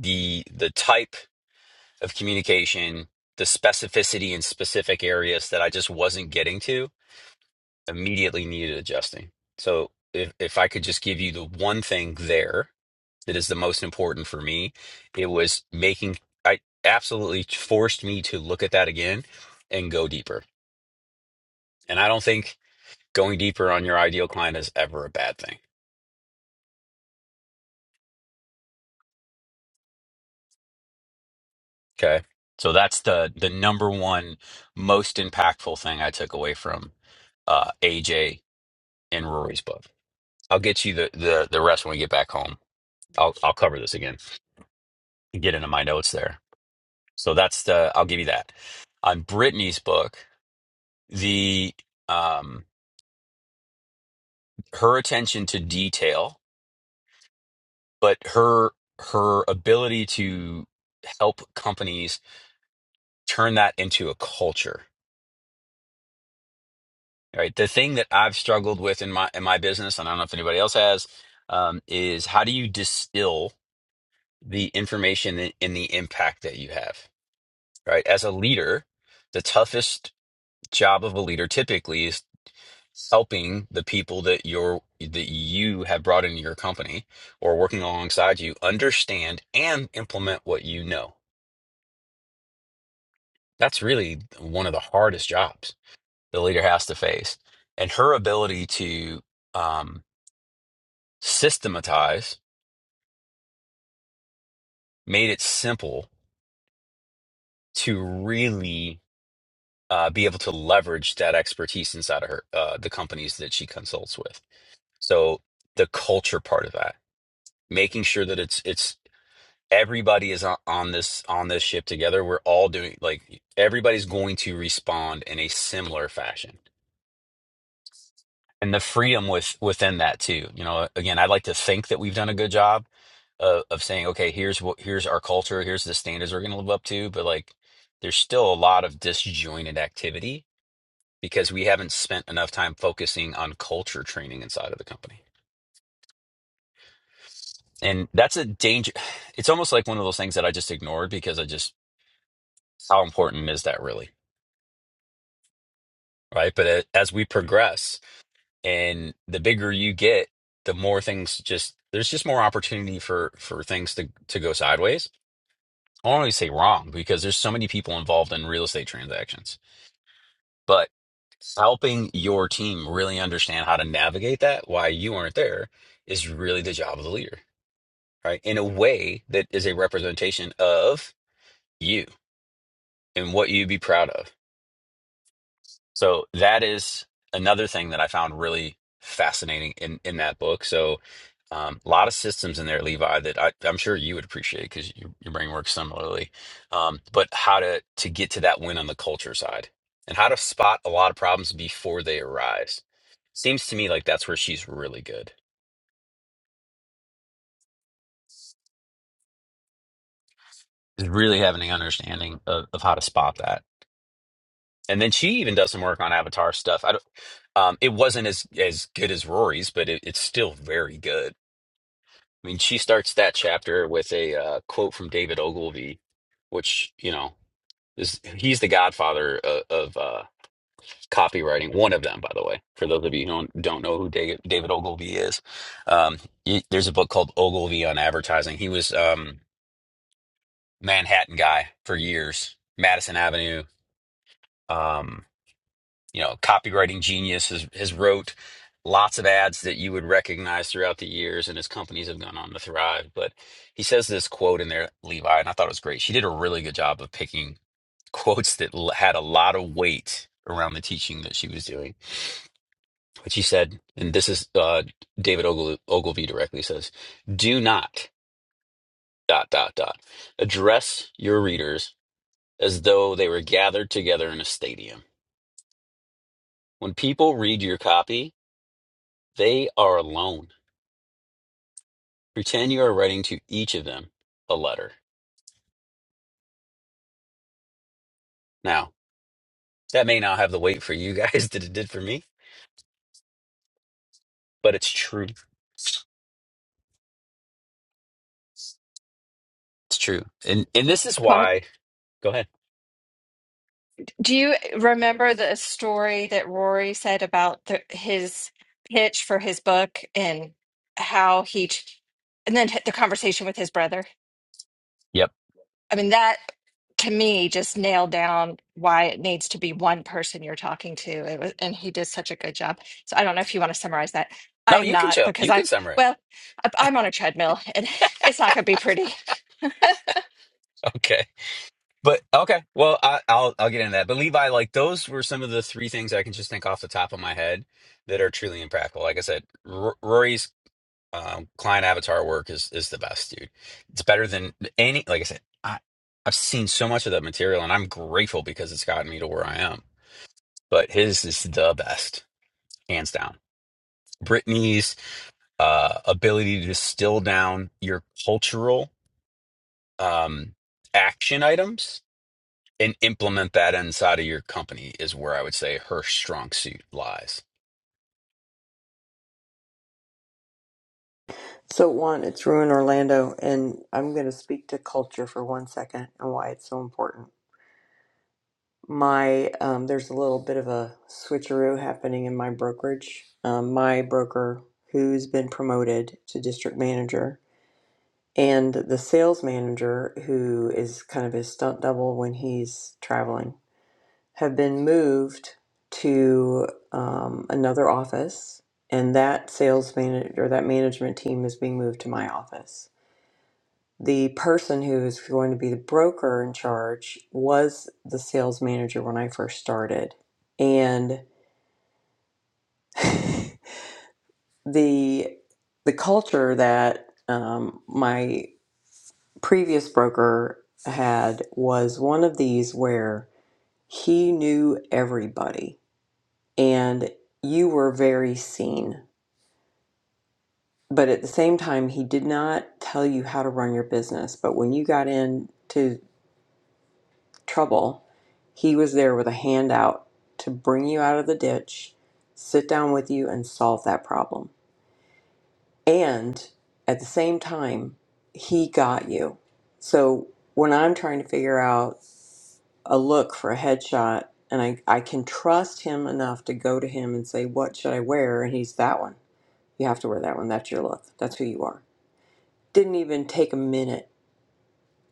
Speaker 1: the the type of communication, the specificity in specific areas that I just wasn't getting to immediately needed adjusting. So if, if I could just give you the one thing there that is the most important for me, it was making, I absolutely forced me to look at that again and go deeper. And I don't think going deeper on your ideal client is ever a bad thing. Okay. So that's the the number one most impactful thing I took away from uh, AJ and Rory's book. I'll get you the, the the rest when we get back home. I'll I'll cover this again and get into my notes there. So that's the I'll give you that. On Brittany's book, the um her attention to detail, but her her ability to help companies turn that into a culture. Right. The thing that I've struggled with in my in my business, and I don't know if anybody else has, um, is how do you distill the information and and the impact that you have? right? As a leader, the toughest job of a leader typically is helping the people that you're that you have brought into your company or working alongside you understand and implement what you know. That's really one of the hardest jobs the leader has to face. And her ability to um, systematize made it simple to really uh, be able to leverage that expertise inside of her uh, the companies that she consults with. So the culture part of that, making sure that it's it's everybody is on, on this on this ship together. We're all doing like everybody's going to respond in a similar fashion. And the freedom with within that too. You know, again, I'd like to think that we've done a good job of, of saying, okay, here's what here's our culture, here's the standards we're gonna live up to, but like there's still a lot of disjointed activity because we haven't spent enough time focusing on culture training inside of the company. and that's a danger it's almost like one of those things that i just ignored because i just how important is that really right but a- as we progress and the bigger you get the more things just there's just more opportunity for for things to to go sideways i don't always say wrong because there's so many people involved in real estate transactions but helping your team really understand how to navigate that why you aren't there is really the job of the leader right in a way that is a representation of you and what you'd be proud of. So that is another thing that I found really fascinating in in that book. So um, a lot of systems in there, Levi, that I, I'm sure you would appreciate because your, your brain works similarly. Um, but how to to get to that win on the culture side and how to spot a lot of problems before they arise. Seems to me like that's where she's really good. Is really having an understanding of, of how to spot that and then she even does some work on Avatar stuff. I don't, um, it wasn't as as good as Rory's, but it, it's still very good. I mean, she starts that chapter with a uh, quote from David Ogilvy, which you know is he's the godfather of, of uh, copywriting. One of them, by the way, for those of you who don't don't know who Da- David Ogilvy is. Um, he- there's a book called Ogilvy on Advertising. He was um, Manhattan guy for years, Madison Avenue. Um, you know, copywriting genius has, has wrote lots of ads that you would recognize throughout the years, and his companies have gone on to thrive. But he says this quote in there, Levi, and I thought it was great. She did a really good job of picking quotes that l- had a lot of weight around the teaching that she was doing. But she said, and this is uh, David Ogle- Ogilvy directly says, "Do not dot dot dot address your readers as though they were gathered together in a stadium." When people read your copy, they are alone. Pretend you are writing to each of them a letter. Now, that may not have the weight for you guys that it did for me, but it's true. It's true. And and this is
Speaker 5: But.
Speaker 1: why go ahead.
Speaker 5: Do you remember the story that Rory said about the, his pitch for his book and how he, ch- and then the conversation with his brother?
Speaker 1: Yep.
Speaker 5: I mean, that to me just nailed down why it needs to be one person you're talking to. It was, and he did such a good job. So I don't know if you want to summarize that.
Speaker 1: No,
Speaker 5: I'm
Speaker 1: you can
Speaker 5: not
Speaker 1: show.
Speaker 5: because
Speaker 1: You
Speaker 5: I,
Speaker 1: can summarize.
Speaker 5: well, I- I'm on a treadmill and it's not going to be pretty.
Speaker 1: Okay. But okay. Well, I, I'll I'll get into that. But Levi, like those were some of the three things I can just think off the top of my head that are truly impractical. Like I said, R- Rory's um, client avatar work is is the best, dude. It's better than any. Like I said, I, I've seen so much of that material, and I'm grateful because it's gotten me to where I am but his is the best, hands down. Brittany's uh, ability to distill down your cultural um, action items and implement that inside of your company is where I would say her strong suit lies.
Speaker 6: So, one, it's Ruin Orlando, and I'm going to speak to culture for one second and why it's so important. my um, there's a little bit of a switcheroo happening in my brokerage. Um, my broker, who's been promoted to district manager, and the sales manager, who is kind of his stunt double when he's traveling, have been moved to um, another office, and that sales manager, that management team, is being moved to my office the person who is going to be the broker in charge was the sales manager when I first started, and the the culture that um, my previous broker had was one of these where he knew everybody, and you were very seen. But at the same time, he did not tell you how to run your business. But when you got into trouble, he was there with a hand out to bring you out of the ditch, sit down with you, and solve that problem. And at the same time, he got you. So when I'm trying to figure out a look for a headshot, and I, I can trust him enough to go to him and say, What should I wear? And he's that one. You have to wear that one. That's your look. That's who you are. Didn't even take a minute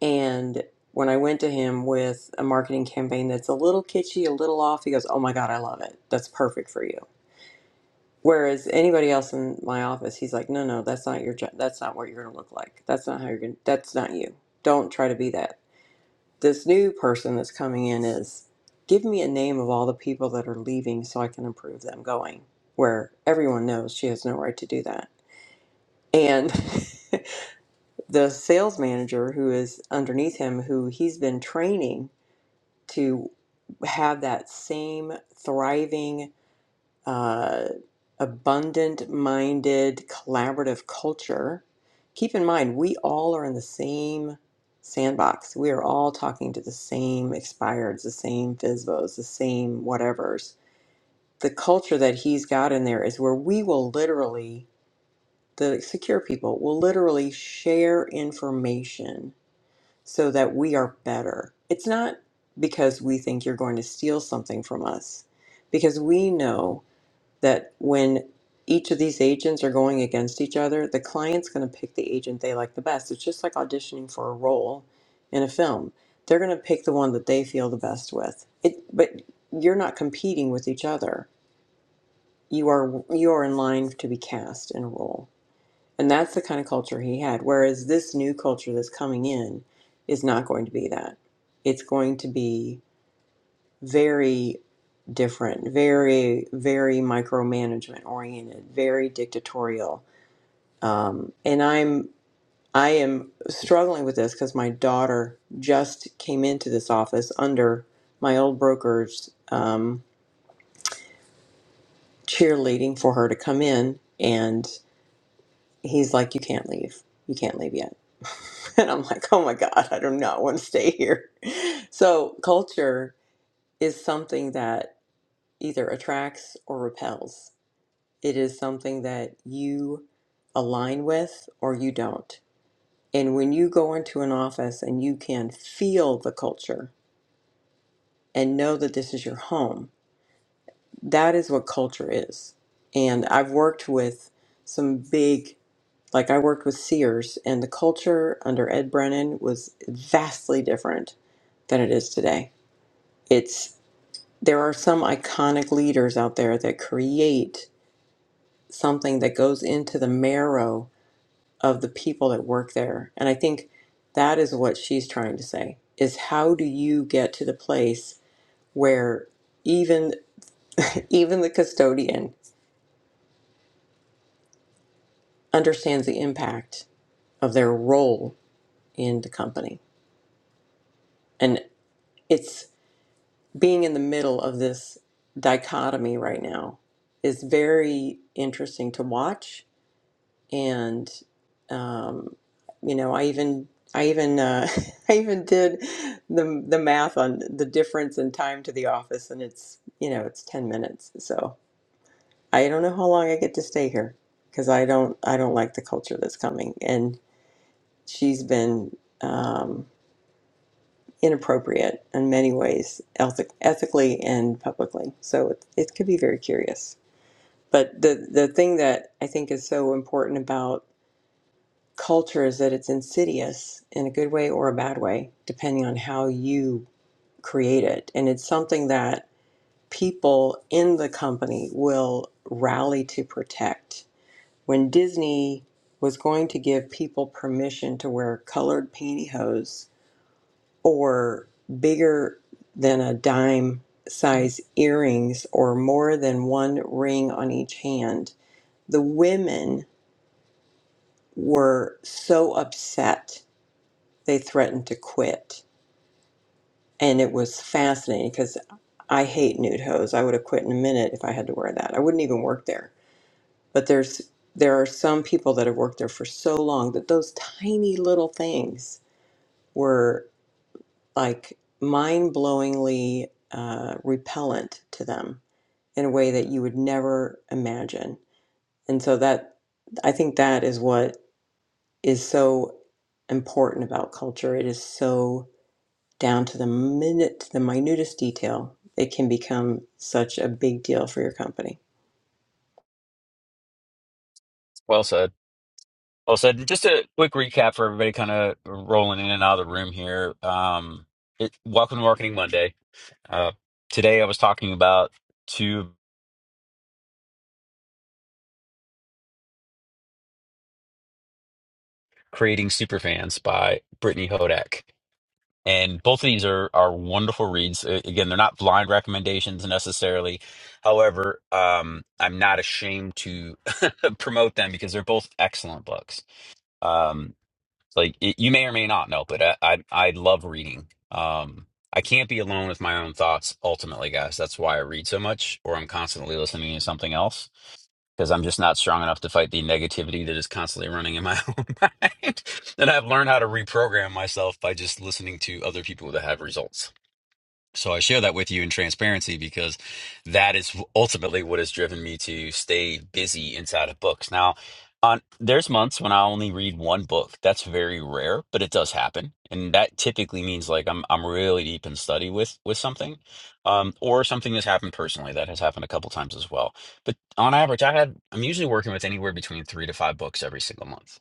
Speaker 6: and when I went to him with a marketing campaign that's a little kitschy, a little off, he goes, Oh my God, I love it. That's perfect for you. Whereas anybody else in my office, he's like, No, no, that's not your job. That's not what you're going to look like. That's not how you're going to, that's not you. Don't try to be that. This new person that's coming in is give me a name of all the people that are leaving so I can improve them going, where everyone knows she has no right to do that. And the sales manager who is underneath him, who he's been training to have that same thriving, uh, abundant minded, collaborative culture. Keep in mind, we all are in the same sandbox. We are all talking to the same expireds, the same FISBOs, the same whatevers. The culture that he's got in there is where we will literally, the secure people will literally share information so that we are better. It's not because we think you're going to steal something from us, because we know that when each of these agents are going against each other, the client's going to pick the agent they like the best. It's just like auditioning for a role in a film. They're going to pick the one that they feel the best with. It, but you're not competing with each other. You are you are in line to be cast in a role. And that's the kind of culture he had. Whereas this new culture that's coming in is not going to be that. It's going to be very different, very, very micromanagement oriented, very dictatorial. Um, and I'm, I am struggling with this because my daughter just came into this office under my old broker's um, cheerleading for her to come in, and he's like, "You can't leave. You can't leave yet." And I'm like, oh my God, I do not want to stay here. So, culture is something that either attracts or repels. It is something that you align with or you don't. And when you go into an office and you can feel the culture and know that this is your home, that is what culture is. And I've worked with some big, like I worked with Sears, and the culture under Ed Brennan was vastly different than it is today it's there are some iconic leaders out there that create something that goes into the marrow of the people that work there and i think that is what she's trying to say is how do you get to the place where even even the custodian understands the impact of their role in the company and it's being in the middle of this dichotomy right now is very interesting to watch and um, you know, I even I even uh, I even did the the math on the difference in time to the office, and it's you know it's ten minutes. So I don't know how long I get to stay here because I don't I don't like the culture that's coming, and she's been um, inappropriate in many ways, ethic, ethically and publicly. So it it could be very curious. But the the thing that I think is so important about. culture is that it's insidious in a good way or a bad way, depending on how you create it. And it's something that people in the company will rally to protect. When Disney was going to give people permission to wear colored pantyhose or bigger than a dime size earrings or more than one ring on each hand, the women were so upset they threatened to quit. And it was fascinating because I hate nude hose. I would have quit in a minute if I had to wear that. I wouldn't even work there. But there's there are some people that have worked there for so long that those tiny little things were like mind blowingly uh, repellent to them in a way that you would never imagine. And so that I think that is what is so important about culture. It is so down to the minute, the minutest detail, it can become such a big deal for your company.
Speaker 1: Well said. Well said. And Just a quick recap for everybody kind of rolling in and out of the room here. Um, it, welcome to Marketing Monday. Uh, today I was talking about two creating superfans by Brittany Hodak. And both of these are are wonderful reads. A- Again, they're not blind recommendations necessarily. However, um, I'm not ashamed to promote them because they're both excellent books. Um, like it, you may or may not know, but I I, I love reading. Um, I can't be alone with my own thoughts ultimately, guys. That's why I read so much, or I'm constantly listening to something else because I'm just not strong enough to fight the negativity that is constantly running in my own mind. And I've learned how to reprogram myself by just listening to other people that have results. So I share that with you in transparency because that is ultimately what has driven me to stay busy inside of books. Now, on there's months when I only read one book. That's very rare, but it does happen, and that typically means like I'm I'm really deep in study with with something, um, or something that's happened personally. That has happened a couple times as well. But on average, I had I'm usually working with anywhere between three to five books every single month.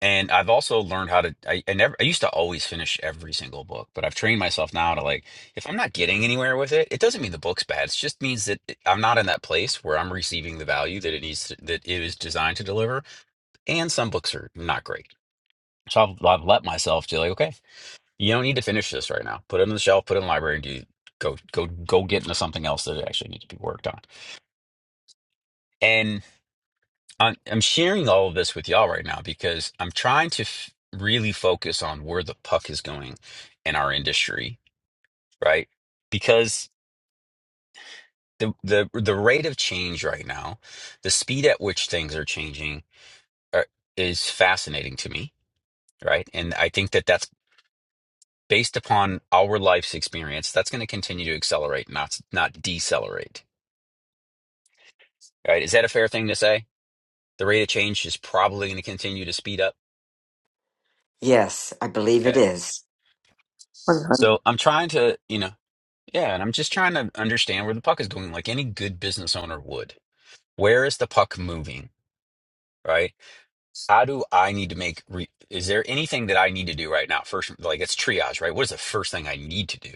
Speaker 1: And I've also learned how to, I, I never, I used to always finish every single book, but I've trained myself now to like, if I'm not getting anywhere with it, it doesn't mean the book's bad. It just means that it- I'm not in that place where I'm receiving the value that it needs, to, that it is designed to deliver. And some books are not great. So I've, I've let myself to like, okay, you don't need to finish this right now. Put it on the shelf, put it in the library and do, go, go, go get into something else that it actually needs to be worked on. and. I'm, I'm sharing all of this with y'all right now because I'm trying to f really focus on where the puck is going in our industry, right? Because the the the rate of change right now, the speed at which things are changing are, is fascinating to me, right? And I think that that's based upon our life's experience, that's going to continue to accelerate, not not decelerate, right? Is that a fair thing to say? The rate of change is probably going to continue to speed up.
Speaker 3: Yes, I believe it
Speaker 1: Okay.
Speaker 3: is.
Speaker 6: 100.
Speaker 1: So I'm trying to, you know. Yeah, and I'm just trying to understand where the puck is going, like any good business owner would. Where is the puck moving, right? How do I need to make re is there anything that I need to do right now? First, like it's triage, right? What is the first thing I need to do?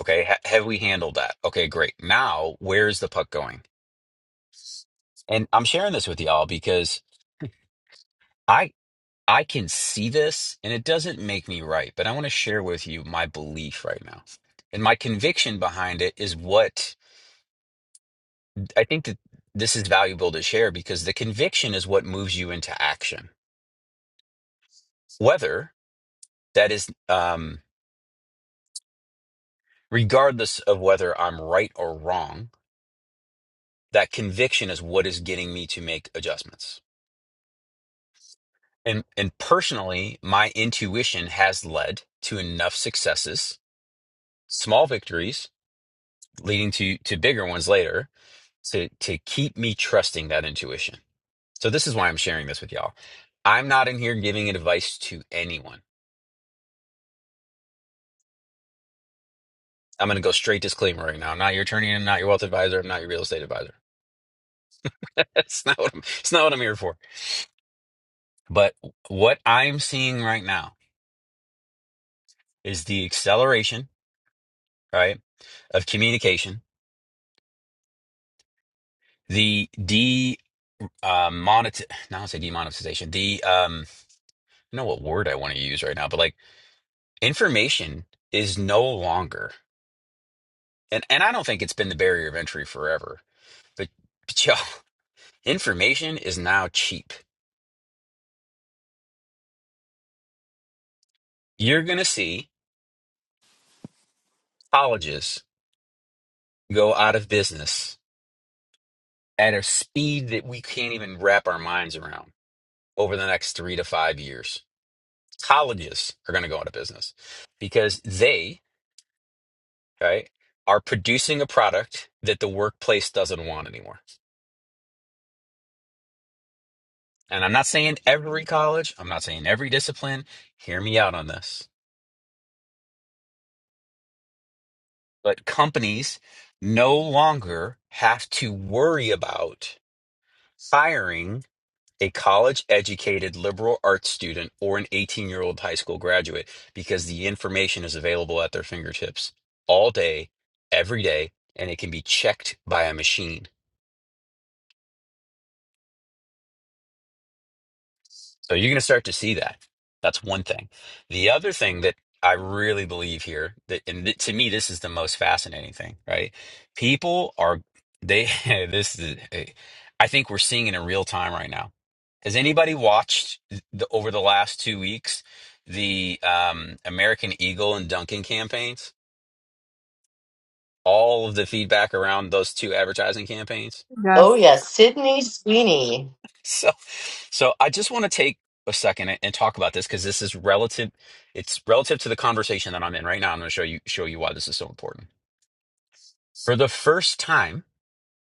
Speaker 1: Okay, ha have we handled that? Okay, great. Now, where is the puck going? And I'm sharing this with y'all because I I can see this and it doesn't make me right, but I want to share with you my belief right now. And my conviction behind it is what I think that this is valuable to share because the conviction is what moves you into action. Whether that is, um, regardless of whether I'm right or wrong, that conviction is what is getting me to make adjustments. And and personally, my intuition has led to enough successes, small victories, leading to to bigger ones later, to to keep me trusting that intuition. So this is why I'm sharing this with y'all. I'm not in here giving advice to anyone. I'm going to go straight disclaimer right now. I'm not your attorney. I'm not your wealth advisor. I'm not your real estate advisor. That's not what I'm, it's not what I'm here for. But what I'm seeing right now is the acceleration, right, of communication, the de uh, monet. Now I say demonetization. The um, I don't know what word I want to use right now, but like information is no longer, and and I don't think it's been the barrier of entry forever, but, but y'all, information is now cheap. You're gonna see colleges go out of business at a speed that we can't even wrap our minds around over the next three to five years. Colleges are going to go out of business because they, right, are producing a product that the workplace doesn't want anymore. And I'm not saying every college, I'm not saying every discipline. Hear me out on this. But companies no longer have to worry about hiring a college educated liberal arts student or an 18 year old high school graduate because the information is available at their fingertips all day, every day, and it can be checked by a machine. So you're going to start to see that. That's one thing. The other thing that I really believe here that, and th- to me, this is the most fascinating thing, right? People are, they, this is, eh, I think we're seeing it in real time right now. Has anybody watched the, over the last two weeks, the um, American Eagle and Dunkin' campaigns? All of the feedback around those two advertising campaigns?
Speaker 8: Oh
Speaker 9: Yes
Speaker 8: yes, Sydney Sweeney.
Speaker 1: So, so I just want to take a second and and talk about this because this is relative. It's relative to the conversation that I'm in right now. I'm going to show you show you why this is so important. For the first time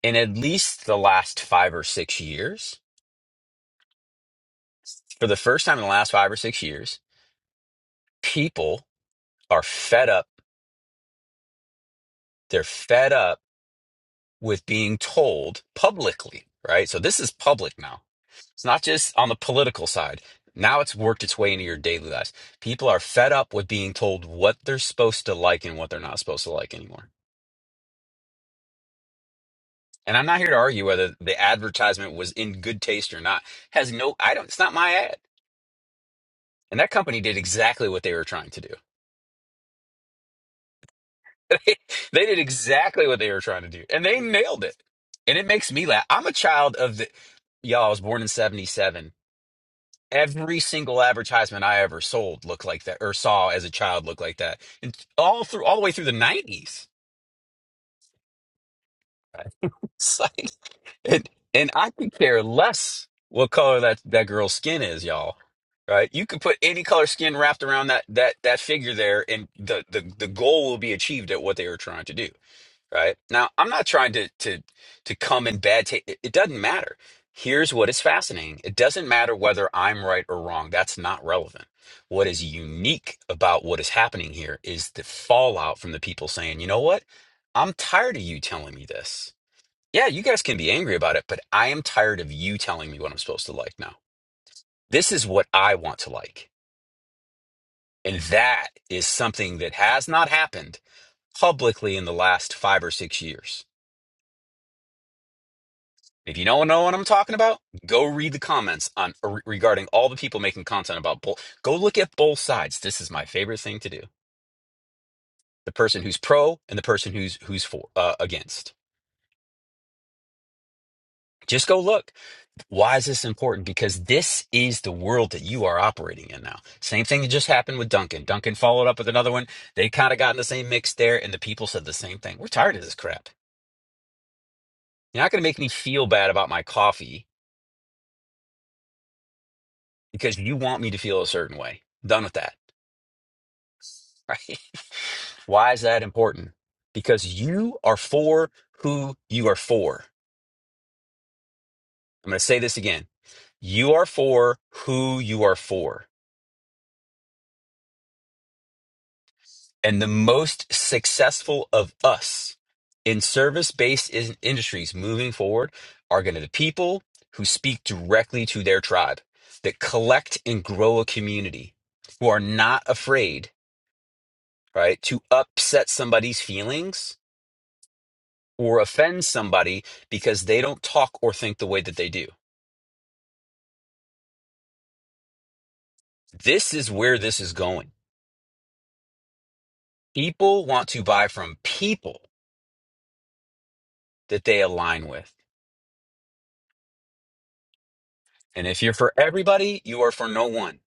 Speaker 1: in at least the last five or six years, for the first time in the last five or six years, people are fed up. They're fed up with being told publicly, right? So this is public now. It's not just on the political side. Now it's worked its way into your daily lives. People are fed up with being told what they're supposed to like and what they're not supposed to like anymore. And I'm not here to argue whether the advertisement was in good taste or not. Has no, I don't, it's not my ad. And that company did exactly what they were trying to do. they did exactly what they were trying to do and they nailed it. And it makes me laugh. I'm a child of the, y'all, I was born in 77 Every single advertisement I ever sold looked like that, or saw as a child looked like that, and all through all the way through the nineties. Right? It's like, and and I could care less what color that that girl's skin is, y'all. Right? You could put any color skin wrapped around that that that figure there, and the the the goal will be achieved at what they were trying to do right? Now, I'm not trying to to to come in bad taste. It, it doesn't matter. Here's what is fascinating. It doesn't matter whether I'm right or wrong. That's not relevant. What is unique about what is happening here is the fallout from the people saying, "You know what? I'm tired of you telling me this. Yeah, you guys can be angry about it, but I am tired of you telling me what I'm supposed to like now. This is what I want to like." And that is something that has not happened publicly in the last 5 or 6 years If you don't know what I'm talking about, go read the comments on uh, re- regarding all the people making content about both. Go look at both sides. This is my favorite thing to do. The person who's pro and the person who's who's for uh, against. Just go look. Why is this important? Because this is the world that you are operating in now. Same thing that just happened with Duncan. Duncan followed up with another one. They kind of got in the same mix there, and the people said the same thing. We're tired of this crap. You're not going to make me feel bad about my coffee because you want me to feel a certain way. Done with that. Right? Why is that important? Because you are for who you are for. I'm going to say this again. You are for who you are for. And the most successful of us in service based industries moving forward are going to be the people who speak directly to their tribe, that collect and grow a community, who are not afraid, right, to upset somebody's feelings or offend somebody because they don't talk or think the way that they do This is where this is going. People want to buy from people that they align with. And if you're for everybody, you are for no one.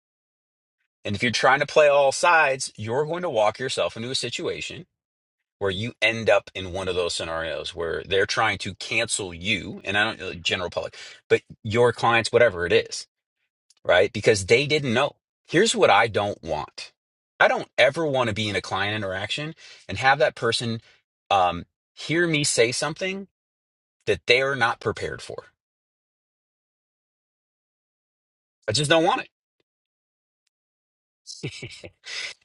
Speaker 1: And if you're trying to play all sides, you're going to walk yourself into a situation where you end up in one of those scenarios where they're trying to cancel you and I don't uh, general public, but your clients, whatever it is, right? Because they didn't know. Here's what I don't want. I don't ever want to be in a client interaction and have that person um, hear me say something that they are not prepared for. I just don't want it.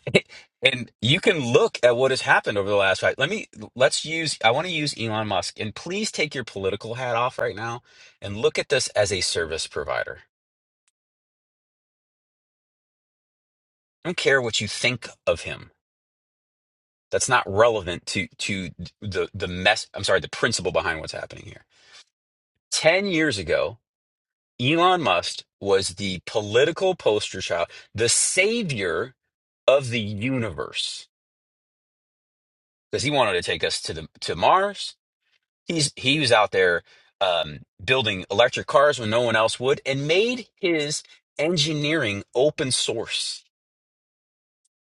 Speaker 1: and you can look at what has happened over the last five. Let me let's use I want to use Elon Musk and please take your political hat off right now and look at this as a service provider. I don't care what you think of him. That's not relevant to to the the mess I'm sorry, the principle behind what's happening here. 10 years ago, Elon Musk was the political poster child, the savior of the universe because he wanted to take us to the to Mars. He's he was out there um, building electric cars when no one else would, and made his engineering open source.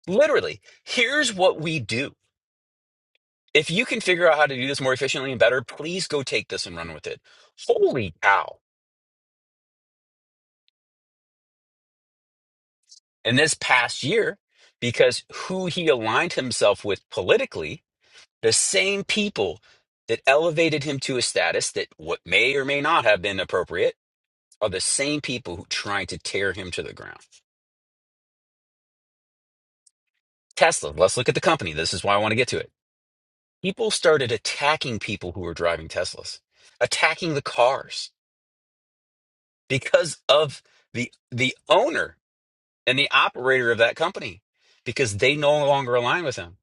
Speaker 1: Literally, here's what we do. If you can figure out how to do this more efficiently and better, please go take this and run with it. Holy cow! And this past year, because who he aligned himself with politically, the same people that elevated him to a status that what may or may not have been appropriate are the same people who trying to tear him to the ground. Tesla, let's look at the company. This is why I want to get to it. People started attacking people who were driving Teslas, attacking the cars because of the the owner and the operator of that company because they no longer align with him.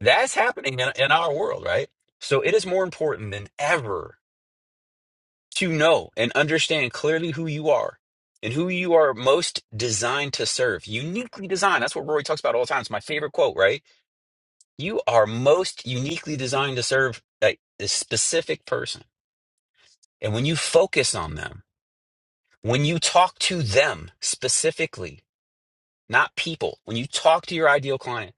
Speaker 1: That's happening in, in our world, right? So it is more important than ever to know and understand clearly who you are and who you are most designed to serve, uniquely designed. That's what Rory talks about all the time. It's my favorite quote, right? You are most uniquely designed to serve a, a specific person. And when you focus on them, when you talk to them specifically, not people, when you talk to your ideal client,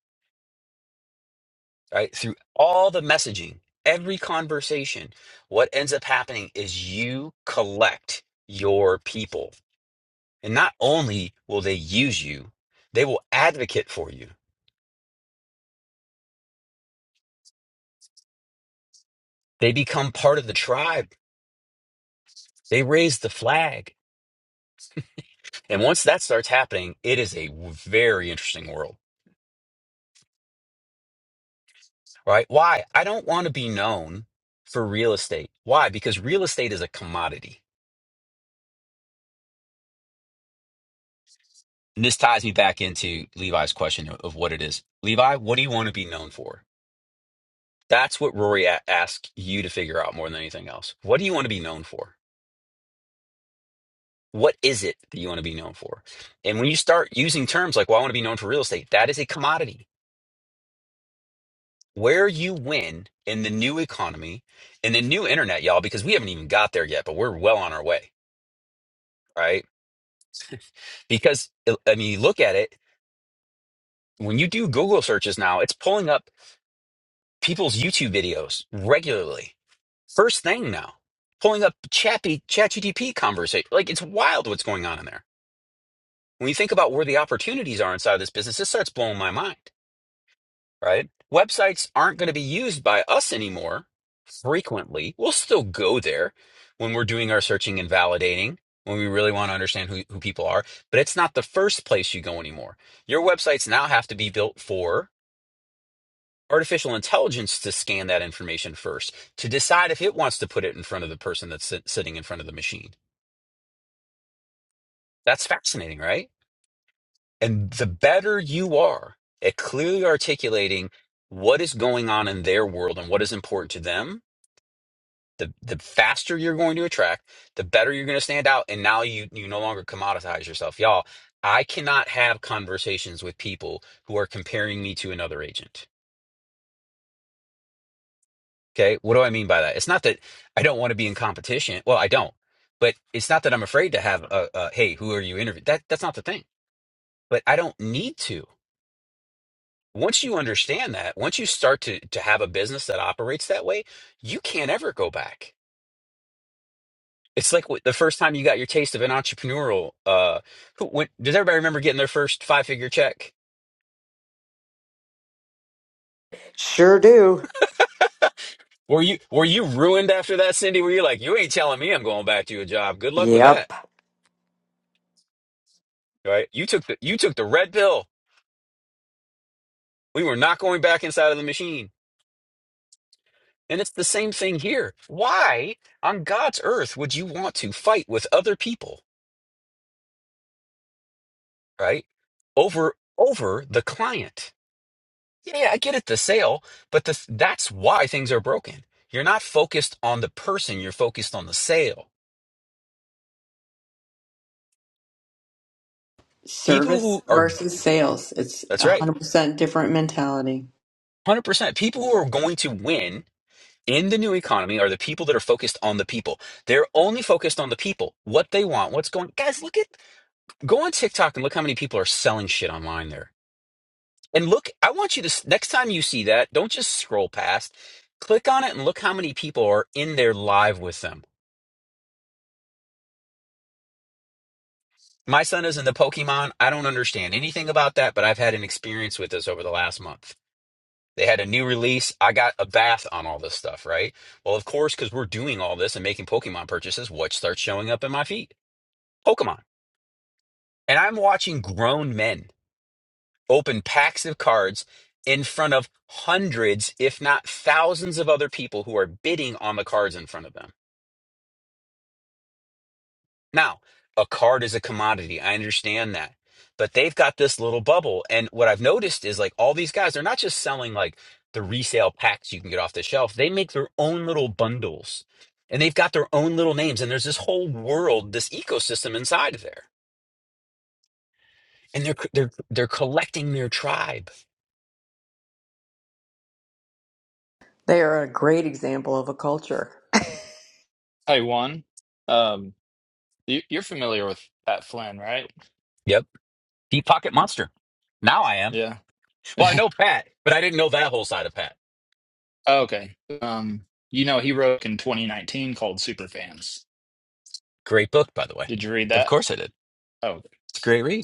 Speaker 1: right, through all the messaging, every conversation, what ends up happening is you collect your people. And not only will they use you, they will advocate for you. They become part of the tribe. They raise the flag And once that starts happening, it is a very interesting world, right? Why? I don't want to be known for real estate. Why? Because real estate is a commodity. And this ties me back into Levi's question of what it is. Levi, what do you want to be known for? That's what Rory a- asked you to figure out more than anything else. What do you want to be known for? What is it that you want to be known for? And when you start using terms like, well, I want to be known for real estate, that is a commodity where you win in the new economy, in the new internet, y'all, because we haven't even got there yet, but we're well on our way, right? Because, uh, I mean, you look at it, when you do Google searches now, it's pulling up people's YouTube videos regularly. First thing now, pulling up Chappy, ChatGPT conversation. Like, it's wild what's going on in there. When you think about where the opportunities are inside of this business, this starts blowing my mind. right? Websites aren't going to be used by us anymore frequently. We'll still go there when we're doing our searching and validating, when we really want to understand who, who people are, but it's not the first place you go anymore. Your websites now have to be built for artificial intelligence to scan that information first, to decide if it wants to put it in front of the person that's sit- sitting in front of the machine. That's fascinating, right? And the better you are at clearly articulating what is going on in their world and what is important to them, the the faster you're going to attract, the better you're going to stand out, and now you you no longer commoditize yourself, y'all. I cannot have conversations with people who are comparing me to another agent. Okay, what do I mean by that? It's not that I don't want to be in competition. Well, I don't, but it's not that I'm afraid to have a, a hey, who are you interviewing? That that's not the thing. But I don't need to. Once you understand that, once you start to to have a business that operates that way, you can't ever go back It's like wh- the first time you got your taste of an entrepreneurial. Uh, who, when, does everybody remember getting their first five figure check?
Speaker 3: Sure do.
Speaker 1: Were you were you ruined after that, Cindy? Were you like, you ain't telling me I'm going back to a job? Good luck with that,
Speaker 3: Yep.
Speaker 1: right? You took the you took the red pill. We were not going back inside of the machine, and it's the same thing here. Why on God's earth would you want to fight with other people, right? Over over the client Yeah, I get it, the sale, but the, that's why things are broken. You're not focused on the person, you're focused on the sale. People
Speaker 6: Service
Speaker 1: who are,
Speaker 6: versus sales, it's
Speaker 1: that's
Speaker 6: a
Speaker 1: right,
Speaker 6: 100% different mentality.
Speaker 1: 100%. People who are going to win in the new economy are the people that are focused on the people. They're only focused on the people, what they want, what's going. Guys, look at, go on TikTok and look how many people are selling shit online there. And look, I want you to, s- next time you see that, don't just scroll past. Click on it and look how many people are in there live with them My son is in the Pokemon. I don't understand anything about that, but I've had an experience with this over the last month. They had a new release. I got a bath on all this stuff, right? Well, of course, because we're doing all this and making Pokemon purchases, what starts showing up in my feed? Pokemon. And I'm watching grown men open packs of cards in front of hundreds, if not thousands, of other people who are bidding on the cards in front of them. Now, a card is a commodity. I understand that. But they've got this little bubble. And what I've noticed is like all these guys, they're not just selling like the resale packs you can get off the shelf. They make their own little bundles and they've got their own little names. And there's this whole world, this ecosystem inside of there. And they're they're they're collecting their tribe.
Speaker 6: They are a great example of a culture.
Speaker 4: Hey, Juan. Um, you, you're familiar with Pat Flynn, right?
Speaker 1: Yep. Deep pocket monster. Now I am.
Speaker 4: Yeah.
Speaker 1: Well, I know Pat, but I didn't know that whole side of Pat.
Speaker 4: Oh, okay. Um, you know, he wrote in 2019 called Superfans.
Speaker 1: Great book, by the way.
Speaker 4: Did you read
Speaker 1: Of
Speaker 4: that?
Speaker 1: course I did. It's a great read.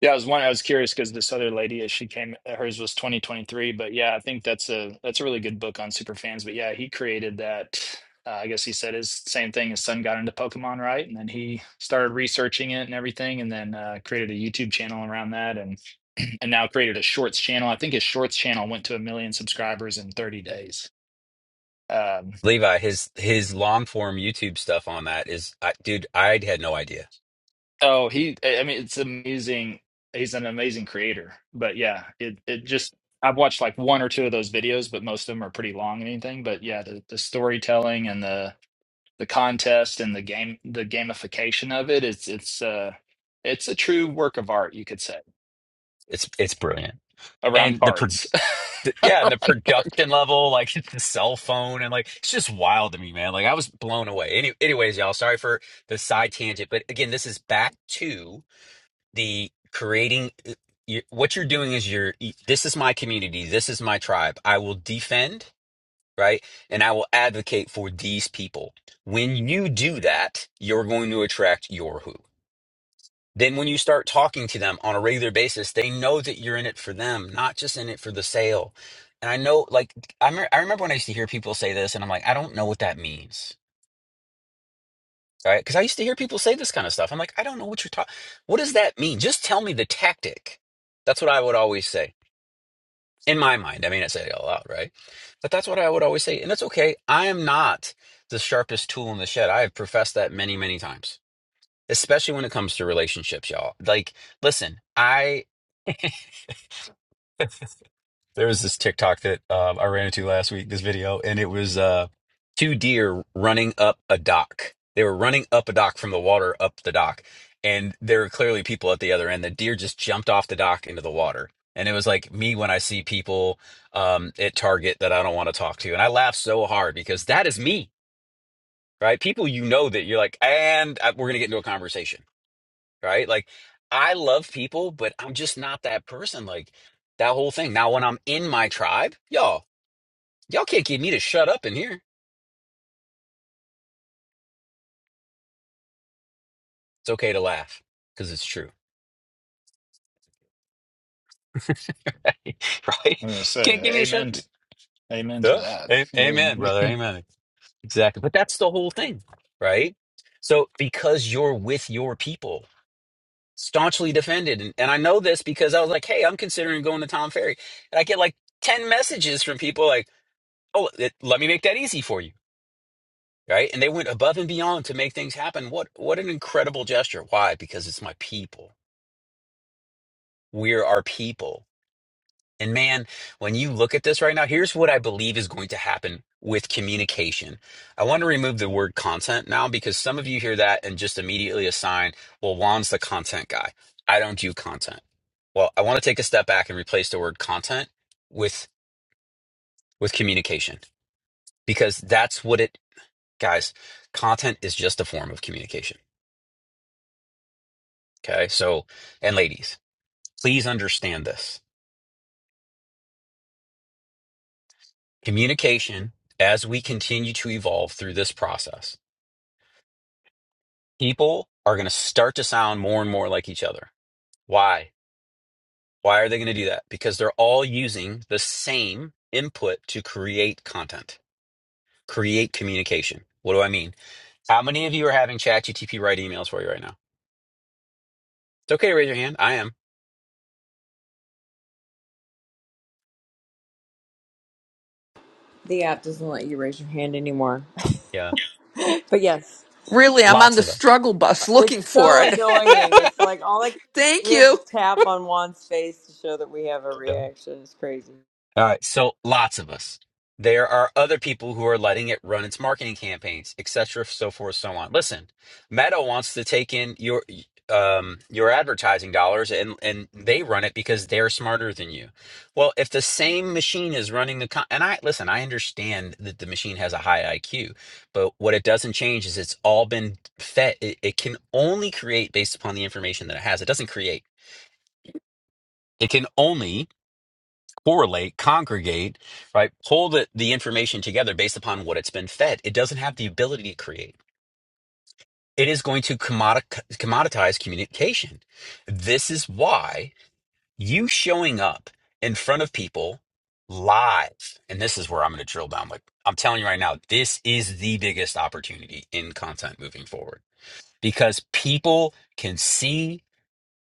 Speaker 4: Yeah, I was one. I was curious because this other lady, as she came, uh, hers was 2023. But yeah, I think that's a that's a really good book on super fans. But yeah, he created that. Uh, I guess he said his same thing. His son got into Pokemon, right? And then he started researching it and everything, and then uh, created a YouTube channel around that, and and now created a Shorts channel. I think his Shorts channel went to a million subscribers in 30 days. Um,
Speaker 1: Levi, his his long form YouTube stuff on that is, I, dude, I had no idea.
Speaker 4: Oh, he, I I mean, it's amazing. He's an amazing creator. But yeah, it it just I've watched like one or two of those videos, but most of them are pretty long and anything. But yeah, the, the storytelling and the the contest and the game the gamification of it, it's it's uh it's a true work of art, you could say,
Speaker 1: It's it's brilliant,
Speaker 4: around
Speaker 1: and the pro,
Speaker 4: cards.
Speaker 1: the- yeah, and the
Speaker 4: Around cards.
Speaker 1: production level, like the cell phone, and like it's just wild to me, man. Like I was blown away. Any, anyways, y'all, sorry for the side tangent, but again, this is back to the creating. uh, You, what you're doing is you're. This is my community. This is my tribe. I will defend, right, and I will advocate for these people. When you do that, you're going to attract your who. Then, when you start talking to them on a regular basis, they know that you're in it for them, not just in it for the sale. And I know, like, I, me- I remember when I used to hear people say this, and I'm like, I don't know what that means. All Right. Because I used to hear people say this kind of stuff. I'm like, I don't know what you're talking. What does that mean? Just tell me the tactic. That's what I would always say in my mind. I may not say it out loud, right? But that's what I would always say. And that's okay. I am not the sharpest tool in the shed. I have professed that many, many times, especially when it comes to relationships, y'all. Like, listen, I. There was this TikTok that um, I ran into last week, this video, and it was uh, two deer running up a dock. They were running up a dock from the water up the dock, and there were clearly people at the other end. The deer just jumped off the dock into the water. And it was like me when I see people um, at Target that I don't want to talk to. And I laugh so hard because that is me, right? People you know that you're like, and I, we're going to get into a conversation right? Like I love people, but I'm just not that person. Like that whole thing. Now, when I'm in my tribe, y'all, y'all can't get me to shut up in here. It's okay to laugh because it's true, right?
Speaker 4: I'm gonna say
Speaker 1: Can't get me to shut
Speaker 4: amen
Speaker 1: up.
Speaker 4: amen to
Speaker 1: Yeah.
Speaker 4: that.
Speaker 1: A- Amen, brother.
Speaker 4: Yeah.
Speaker 1: Amen. Exactly. But that's the whole thing, right? So because you're with your people, staunchly defended, and, and I know this because I was like, hey, I'm considering going to Tom Ferry, and I get like ten messages from people like, oh, it, let me make that easy for you right? And they went above and beyond to make things happen. What what an incredible gesture. Why? Because it's my people. We're our people. And man, when you look at this right now, here's what I believe is going to happen with communication. I want to remove the word content now because some of you hear that and just immediately assign, well, Juan's the content guy. I don't do content. Well, I want to take a step back and replace the word content with with communication because that's what it guys, content is just a form of communication Okay. So, and ladies, please understand this communication as we continue to evolve through this process, people are going to start to sound more and more like each other. Why? Why are they going to do that? Because they're all using the same input to create content, create communication. What do I mean? How many of you are having ChatGTP write emails for you right now? It's okay to raise your hand. I am.
Speaker 6: The app doesn't let you raise your hand anymore.
Speaker 1: Yeah.
Speaker 6: But yes,
Speaker 10: Really, I'm on
Speaker 1: Lots
Speaker 10: the
Speaker 1: of
Speaker 10: struggle bus looking
Speaker 6: it's
Speaker 10: for
Speaker 6: so
Speaker 10: it.
Speaker 1: us.
Speaker 6: annoying. It's like all like
Speaker 10: Thank
Speaker 6: we have to
Speaker 10: you.
Speaker 6: tap on Juan's face to show that we have a reaction. It's crazy.
Speaker 1: All right, so lots of us. There are other people who are letting it run its marketing campaigns, etc., so forth, so on. Listen, Meta wants to take in your um, your advertising dollars, and and they run it because they're smarter than you. Well, if the same machine is running the con- and I listen, I understand that the machine has a high IQ, but what it doesn't change is it's all been fed. It, it can only create based upon the information that it has. It doesn't create. It can only correlate, congregate, right? Pull the, the information together based upon what it's been fed. It doesn't have the ability to create. It is going to commodi- commoditize communication. This is why you showing up in front of people live, and this is where I'm going to drill down. Like I'm telling you right now, this is the biggest opportunity in content moving forward because people can see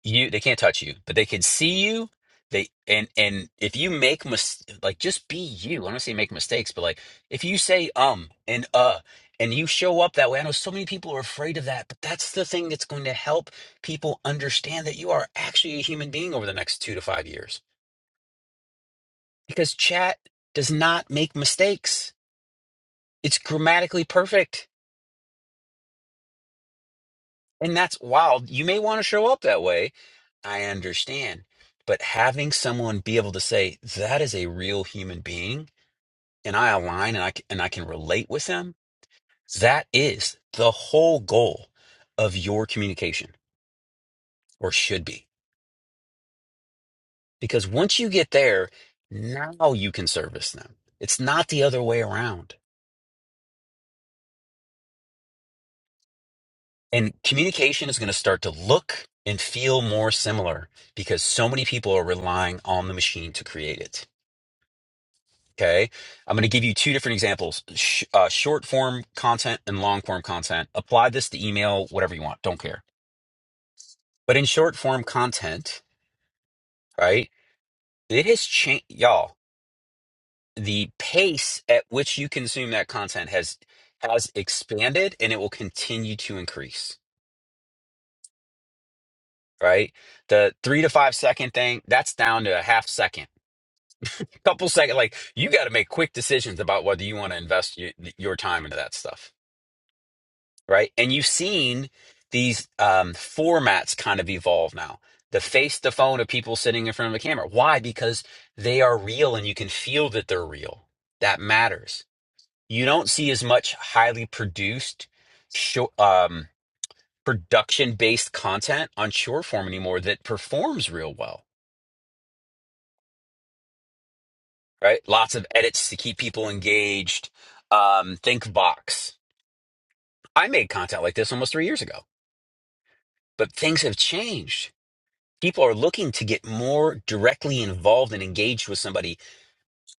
Speaker 1: you they can't touch you but they can see you they and and if you make mis- like just be you i don't say make mistakes but like if you say um and uh and you show up that way i know so many people are afraid of that but that's the thing that's going to help people understand that you are actually a human being over the next two to five years because chat does not make mistakes it's grammatically perfect And that's wild. You may want to show up that way. I understand. But having someone be able to say, that is a real human being and I align and I, c- and I can relate with them, that is the whole goal of your communication or should be. Because once you get there, now you can service them. It's not the other way around. And communication is going to start to look and feel more similar because so many people are relying on the machine to create it. Okay. I'm going to give you two different examples Sh- uh, short form content and long form content. Apply this to email, whatever you want. Don't care. But in short form content, right? It has changed, y'all. The pace at which you consume that content has has expanded and it will continue to increase, right? The three to five second thing, that's down to a half second, a couple second. Like you got to make quick decisions about whether you want to invest y- your time into that stuff right? And you've seen these um, formats kind of evolve now. The face the phone of people sitting in front of a camera. Why? Because they are real and you can feel that they're real. That matters. You don't see as much highly produced show, um, production based content on short form anymore that performs real well, right? Lots of edits to keep people engaged. Um, Thinkbox. I made content like this almost three years ago, but things have changed people are looking to get more directly involved and engaged with somebody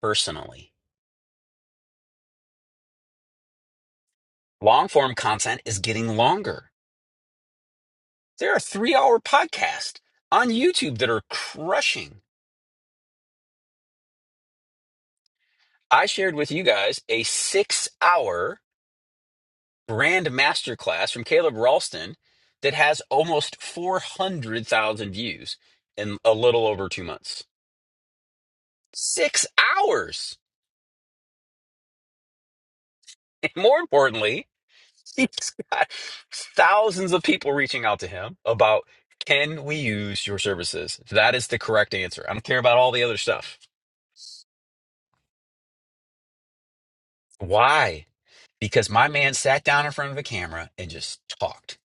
Speaker 1: personally. Long form content is getting longer. There are three hour podcasts on YouTube that are crushing. I shared with you guys a six hour brand masterclass from Caleb Ralston that has almost 400,000 views in a little over two months. Six hours. And more importantly, He's got thousands of people reaching out to him about can we use your services? That is the correct answer. I don't care about all the other stuff. Why? Because my man sat down in front of a camera and just talked.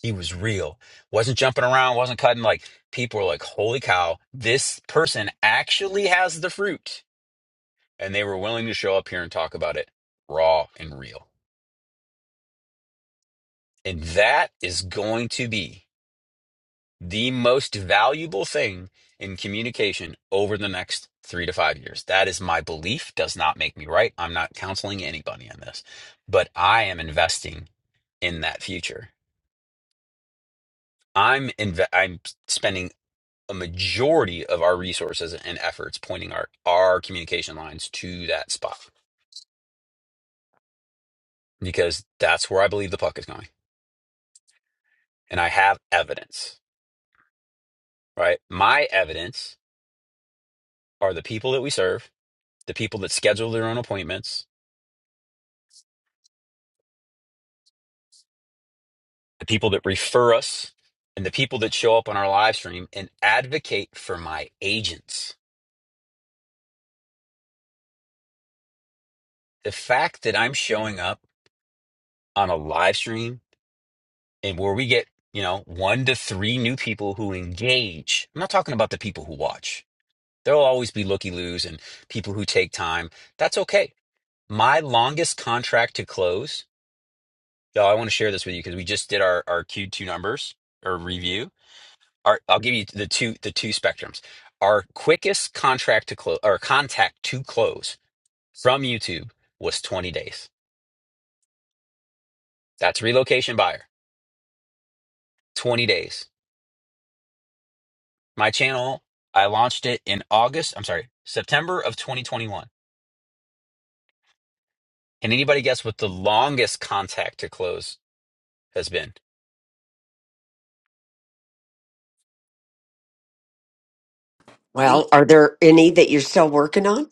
Speaker 1: He was real. Wasn't jumping around, wasn't cutting. Like people were like, holy cow, this person actually has the fruit. And they were willing to show up here and talk about it raw and real. And that is going to be the most valuable thing in communication over the next three to five years. That is my belief, does not make me right. I'm not counseling anybody on this, but I am investing in that future. I'm inve- I'm spending a majority of our resources and efforts pointing our our communication lines to that spot because that's where I believe the puck is going. And I have evidence, right? My evidence are the people that we serve, the people that schedule their own appointments, the people that refer us, and the people that show up on our live stream and advocate for my agents. The fact that I'm showing up on a live stream and where we get, you know, one to three new people who engage. I'm not talking about the people who watch. There'll always be looky loos and people who take time. That's okay. My longest contract to close, y'all, I want to share this with you because we just did our, our Q2 numbers or review. our I'll give you the two the two spectrums. Our quickest contract to close or contact to close from YouTube was 20 days. That's relocation buyer. 20 days. My channel, I launched it in August, I'm sorry, September of 2021. Can anybody guess what the longest contact to close has been?
Speaker 2: Three.
Speaker 3: Well, are there any that you're still working on?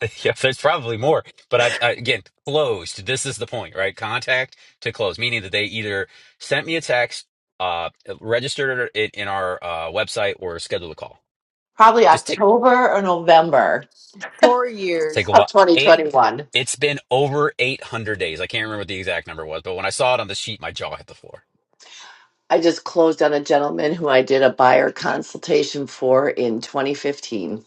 Speaker 1: Yeah, there's probably more, but I, I again closed. This is the point, right? Contact to close, meaning that they either sent me a text, uh, registered it in our uh, website, or scheduled a call.
Speaker 8: Probably
Speaker 1: Just take
Speaker 8: October or November
Speaker 6: Four
Speaker 1: take
Speaker 6: years.
Speaker 1: a
Speaker 8: of
Speaker 1: while. Eight.
Speaker 8: 2021.
Speaker 1: It's been over 800 days. I can't remember what the exact number was, but when I saw it on the sheet, my jaw hit the floor.
Speaker 8: I just closed on a gentleman who I did a buyer consultation for in 2015.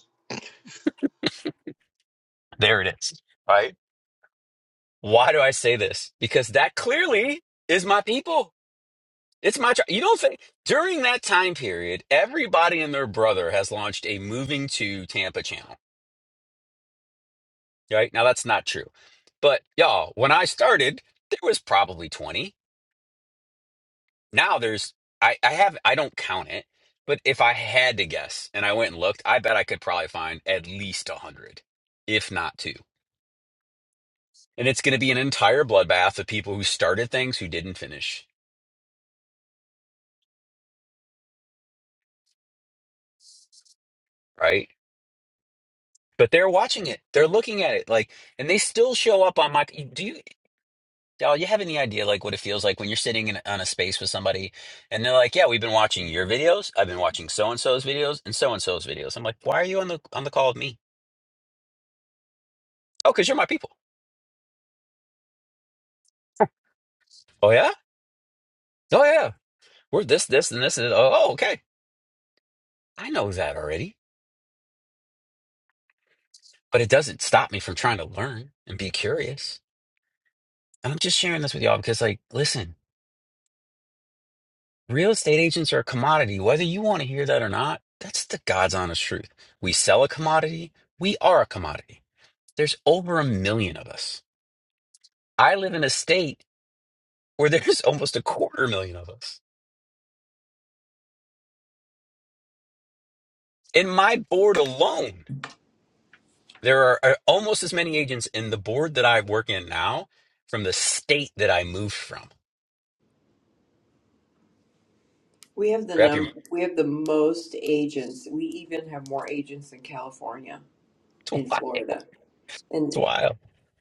Speaker 1: There it is. Right? Why do I say this? Because that clearly is my people It's my turn. You don't think during that time period, everybody and their brother has launched a moving to Tampa channel, right? Now that's not true, but y'all, when I started, there was probably twenty. Now there's I I have I don't count it, but if I had to guess and I went and looked, I bet I could probably find at least a hundred, if not two. And it's going to be an entire bloodbath of people who started things who didn't finish, right? But they're watching it. They're looking at it like and they still show up on my do you Dal, you have any idea like what it feels like when you're sitting in on a space with somebody and they're like, "Yeah, we've been watching your videos. I've been watching so and so's videos and so and so's videos." I'm like, "Why are you on the on the call with me?" "Oh, because you're my people." "Oh yeah, oh yeah, we're this, this, and this." And, this." oh, okay, I know that already, but it doesn't stop me from trying to learn and be curious. And I'm just sharing this with y'all because, like, listen, real estate agents are a commodity, whether you want to hear that or not. That's the God's honest truth. We sell a commodity. We are a commodity. There's over a million of us. I live in a state where there's almost a quarter million of us. In my board alone, there are uh, almost as many agents in the board that I work in now from the state that I moved from.
Speaker 6: We have the
Speaker 1: Wrap your
Speaker 6: num we have the most agents. We even have more agents in California.
Speaker 1: it's
Speaker 6: in
Speaker 1: wild.
Speaker 6: Florida.
Speaker 1: It's
Speaker 6: And
Speaker 1: wild.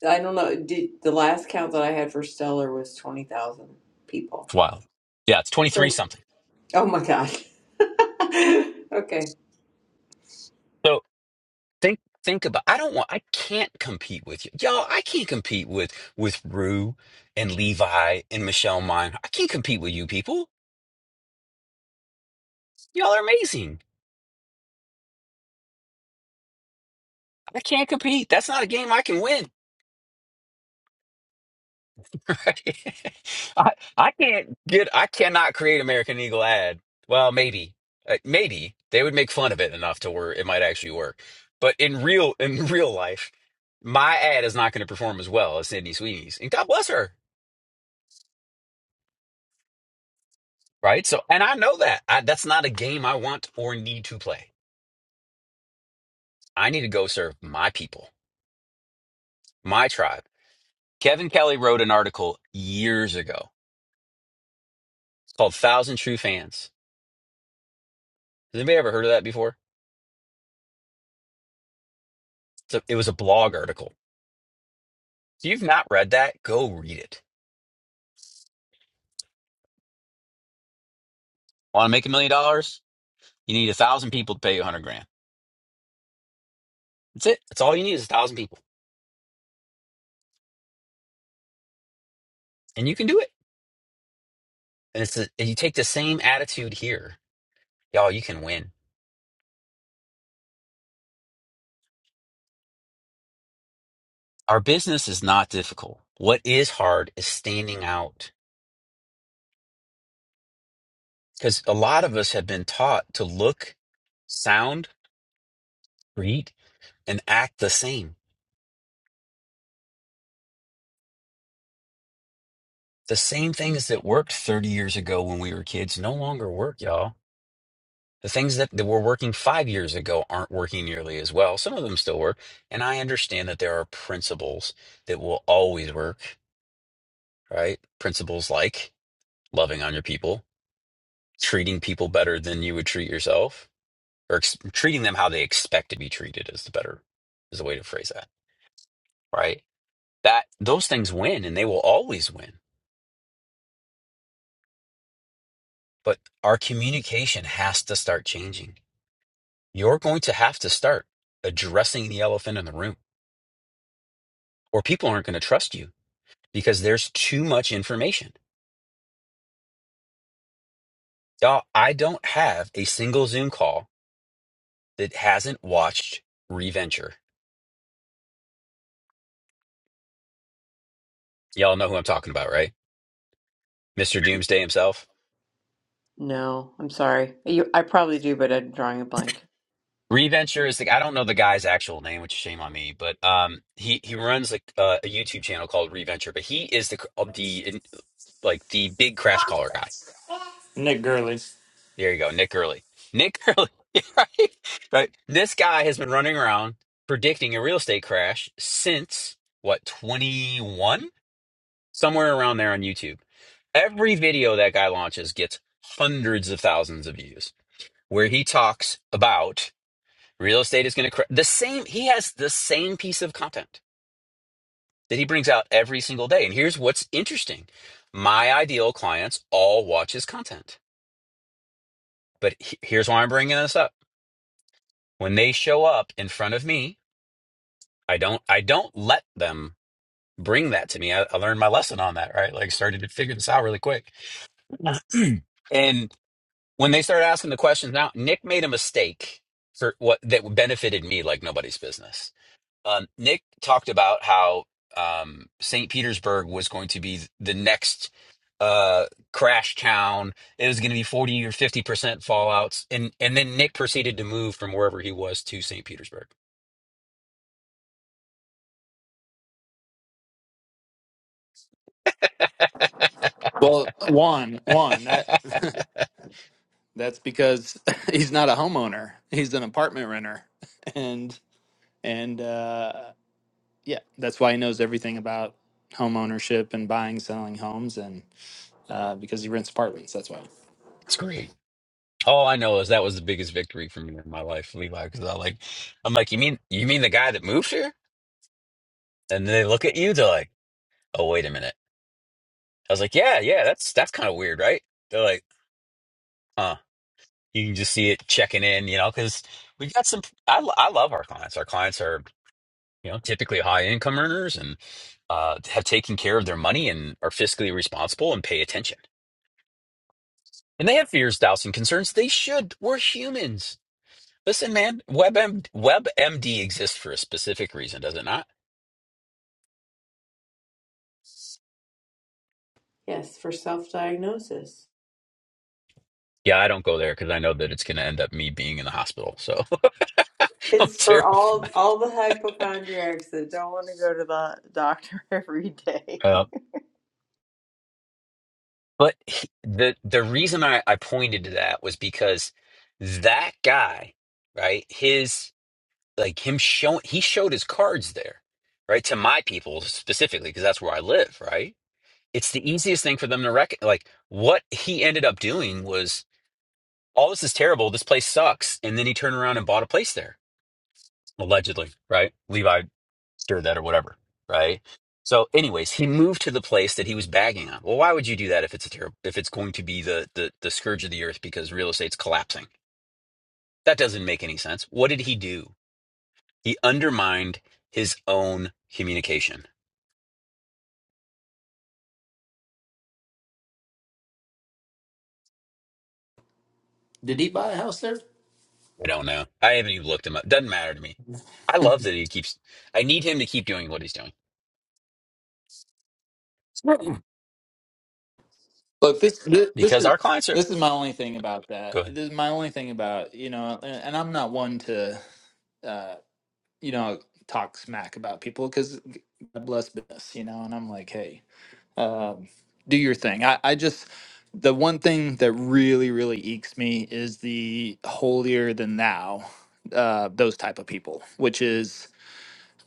Speaker 6: I don't know, did the last count that I had for Stellar was 20,000 people.
Speaker 1: It's wild. Yeah, it's 23
Speaker 6: Great.
Speaker 1: something.
Speaker 6: Oh my God. okay.
Speaker 1: So think think about I don't want I can't compete with you. Y'all, I can't compete with with Rue and Levi and Michelle Mine. I can't compete with you people. Y'all are amazing. I can't compete. That's not a game I can win. Right. I I can't get I cannot create American Eagle ad. Well, maybe. Uh, maybe they would make fun of it enough to where it might actually work. But in real in real life, my ad is not going to perform as well as Sydney Sweeney's. And God bless her, right? So and I know that. I, that's not a game I want or need to play. I need to go serve my people, my tribe. Kevin Kelly wrote an article years ago. It's called Thousand True Fans. Has anybody ever heard of that before? It's a- it was a blog article If you've not read that, go read it. Want to make a million dollars? You need a thousand people to pay you a hundred grand. That's it. That's all you need is a thousand people, and you can do it. And it's the- and you take the same attitude here, y'all. You can win. Our business is not difficult. What is hard is standing out because a lot of us have been taught to look, sound, read, and act the same. The same things that worked 30 years ago when we were kids no longer work, y'all The things that, that were working five years ago aren't working nearly as well. Some of them still work. And I understand that there are principles that will always work, right? Principles like loving on your people, treating people better than you would treat yourself, or ex- treating them how they expect to be treated is the better, is the way to phrase that, right? That those things win and they will always win. But our communication has to start changing. You're going to have to start addressing the elephant in the room or people aren't going to trust you because there's too much information. Y'all, I don't have a single Zoom call that hasn't watched Reventure. Y'all know who I'm talking about, right? Mr. Doomsday himself.
Speaker 6: No, I'm sorry. You, I probably do, but I'm drawing a blank.
Speaker 1: Reventure is the I don't know the guy's actual name, which is shame on me, but um he he runs like uh, a YouTube channel called Reventure, but he is the the in- like the big crash caller guy.
Speaker 4: Nick Gurley.
Speaker 1: There you go, Nick Gurley. Nick Gurley, right? Right. This guy has been running around predicting a real estate crash since what 21 somewhere around there on YouTube. Every video that guy launches gets hundreds of thousands of views where he talks about real estate is going to cra the same he has the same piece of content that he brings out every single day. And here's what's interesting. My ideal clients all watch his content. But he- here's why I'm bringing this up. When they show up in front of me, I don't I don't let them bring that to me. I, I learned my lesson on that, right? Like started to figure this out really quick. and when they started asking the questions now, Nick made a mistake for what that benefited me like nobody's business. Um, Nick talked about how um, St. Petersburg was going to be the next uh, crash town. It was going to be 40 or 50 percent fallouts. And, and then Nick proceeded to move from wherever he was to St. Petersburg.
Speaker 4: Well, one, one. That That's because he's not a homeowner. He's an apartment renter. And and uh yeah, that's why he knows everything about home ownership and buying, selling homes and uh because he rents apartments, that's why.
Speaker 1: it's great. All I know is that was the biggest victory for me in my life, Levi, because I like, I'm like, you mean you mean the guy that moved here? And they look at you, they're like, oh, wait a minute. I was like, yeah, yeah, that's that's kind of weird, right? They're like, huh. You can just see it checking in, you know, because we got some. I lo- I love our clients. Our clients are you know typically high income earners and uh, have taken care of their money and are fiscally responsible and pay attention. And they have fears, doubts, and concerns. They should. We're humans. Listen, man, WebM, WebMD exists for a specific reason, does it not?
Speaker 6: Yes, for self-diagnosis.
Speaker 1: Yeah, I don't go there because I know that it's going to end up me being in the hospital. So I'm
Speaker 6: It's for
Speaker 1: terrified.
Speaker 6: all all the hypochondriacs that don't want to go to the doctor every day.
Speaker 1: But he- the the reason I, I pointed to that was because that guy, right? His like him showing he showed his cards there, right? To my people specifically, because that's where I live, right? It's the easiest thing for them to reckon. Like what he ended up doing was all this is terrible. This place sucks, and then he turned around and bought a place there allegedly, right? Levi stirred that or whatever, right? So, anyways, he moved to the place that he was bagging on. Well, why would you do that if it's a terrible, if it's going to be the, the the scourge of the earth because real estate's collapsing? That doesn't make any sense. What did he do? He undermined his own communication. I don't know. I haven't even looked him up. Doesn't matter to me. I love that he keeps. I need him to keep doing what he's doing
Speaker 4: Look, this this, this
Speaker 1: because
Speaker 4: is
Speaker 1: our clients are
Speaker 4: this is my only thing about that.
Speaker 1: good.
Speaker 4: This is my only thing about, you know, and, and I'm not one to uh you know, talk smack about people cuz God bless business, you know, and I'm like, hey, um, do your thing. I, I just the one thing that really really ekes me is the holier than thou uh, those type of people, which is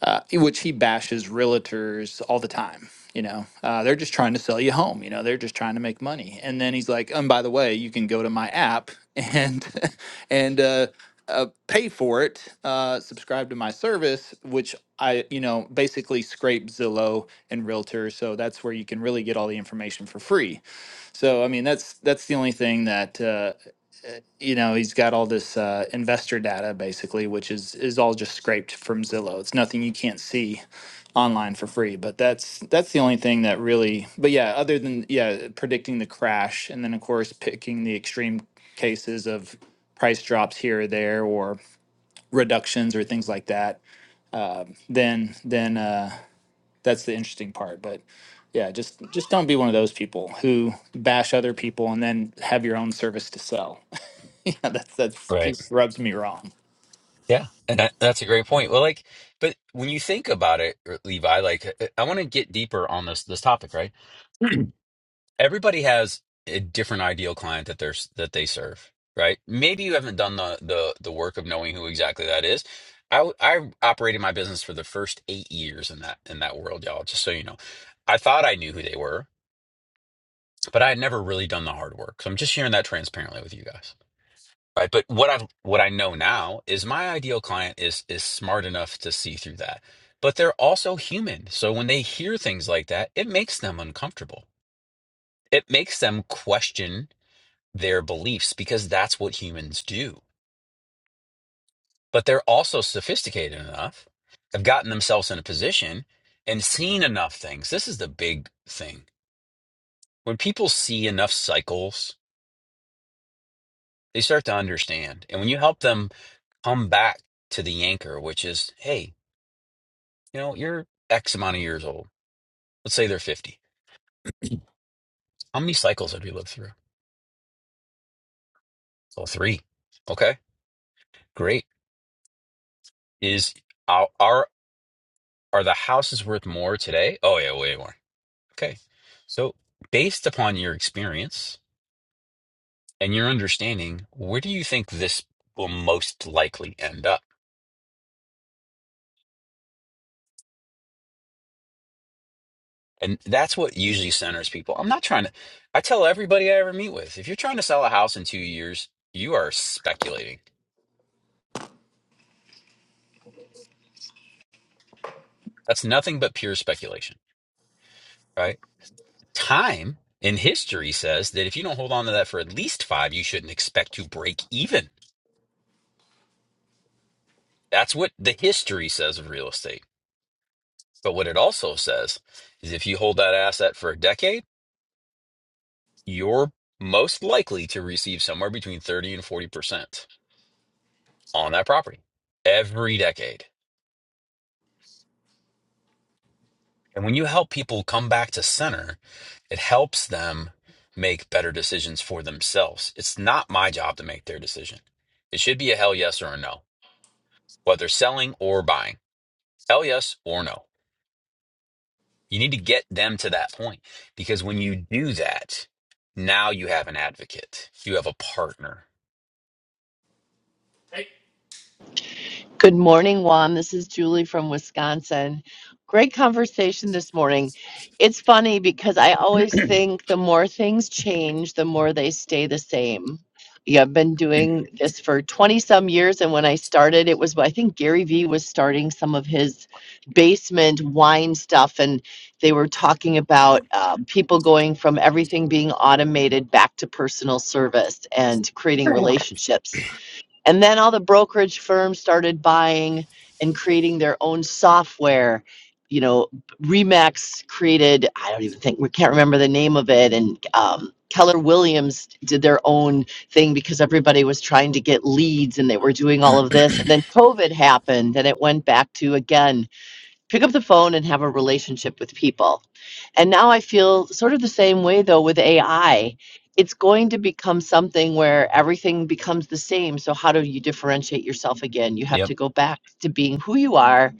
Speaker 4: uh, which he bashes realtors all the time. You know, uh, they're just trying to sell you a home. You know, they're just trying to make money. And then he's like, and by the way, you can go to my app and and uh, uh, pay for it, uh, subscribe to my service, which I, you know, basically scrape Zillow and Realtor. So that's where you can really get all the information for free. So I mean, that's that's the only thing that uh, you know he's got all this uh, investor data basically, which is is all just scraped from Zillow. It's nothing you can't see online for free but that's that's the only thing that really but yeah other than yeah predicting the crash and then of course picking the extreme cases of price drops here or there or reductions or things like that um, then then uh, that's the interesting part but yeah just just don't be one of those people who bash other people and then have your own service to sell yeah that's that's
Speaker 1: right?
Speaker 4: just rubs me wrong
Speaker 1: Yeah, and that, that's a great point. Well, like, but when you think about it, uh, Levi, like, uh, I want to get deeper on this this topic, right? Everybody has a different ideal client that they're s- that they serve, right? Maybe you haven't done the the the work of knowing who exactly that is. I w- I operated my business for the first eight years in that in that world, y'all. Just so you know, I thought I knew who they were, but I had never really done the hard work. So I'm just sharing that transparently with you guys. Right. But what i what I know now is my ideal client is is smart enough to see through that. But they're also human. So when they hear things like that, it makes them uncomfortable. It makes them question their beliefs because that's what humans do. But they're also sophisticated enough, have gotten themselves in a position and seen enough things. This is the big thing. When people see enough cycles, they start to understand. And when you help them come back to the anchor, which is, hey, You know, you're X amount of years old. Let's say they're 50. How many cycles have you lived through? Oh, three. Okay, great. Is our are are the houses worth more today? Oh yeah, way more. Okay. So based upon your experience and your understanding, where do you think this will most likely end up? And that's what usually centers people. I'm not trying to, I tell everybody I ever meet with, if you're trying to sell a house in two years, you are speculating. That's nothing but pure speculation, right? time in history says that if you don't hold on to that for at least five, you shouldn't expect to break even. That's what the history says of real estate. But what it also says is if you hold that asset for a decade, you're most likely to receive somewhere between 30 and 40% on that property every decade. And when you help people come back to center, it helps them make better decisions for themselves. It's not my job to make their decision. It should be a hell yes or a no, whether selling or buying. Tell yes or no. You need to get them to that point because when you do that, now you have an advocate. You have a partner.
Speaker 8: Good morning, Juan. This is Julie from Wisconsin. Great conversation this morning. It's funny because I always think the more things change, the more they stay the same. Yeah, I've been doing this for 20 some years. And when I started, it was, I think Gary Vee was starting some of his basement wine stuff. And they were talking about uh, people going from everything being automated back to personal service and creating relationships and then all the brokerage firms started buying and creating their own software. You know, Remax created, I don't even think, we can't remember the name of it. And um, Keller Williams did their own thing because everybody was trying to get leads and they were doing all of this. And then COVID happened and it went back to again, pick up the phone and have a relationship with people. And now I feel sort of the same way though with AI. It's going to become something where everything becomes the same. So, how do you differentiate yourself again? You have
Speaker 1: Yep.
Speaker 8: to go back to being who you are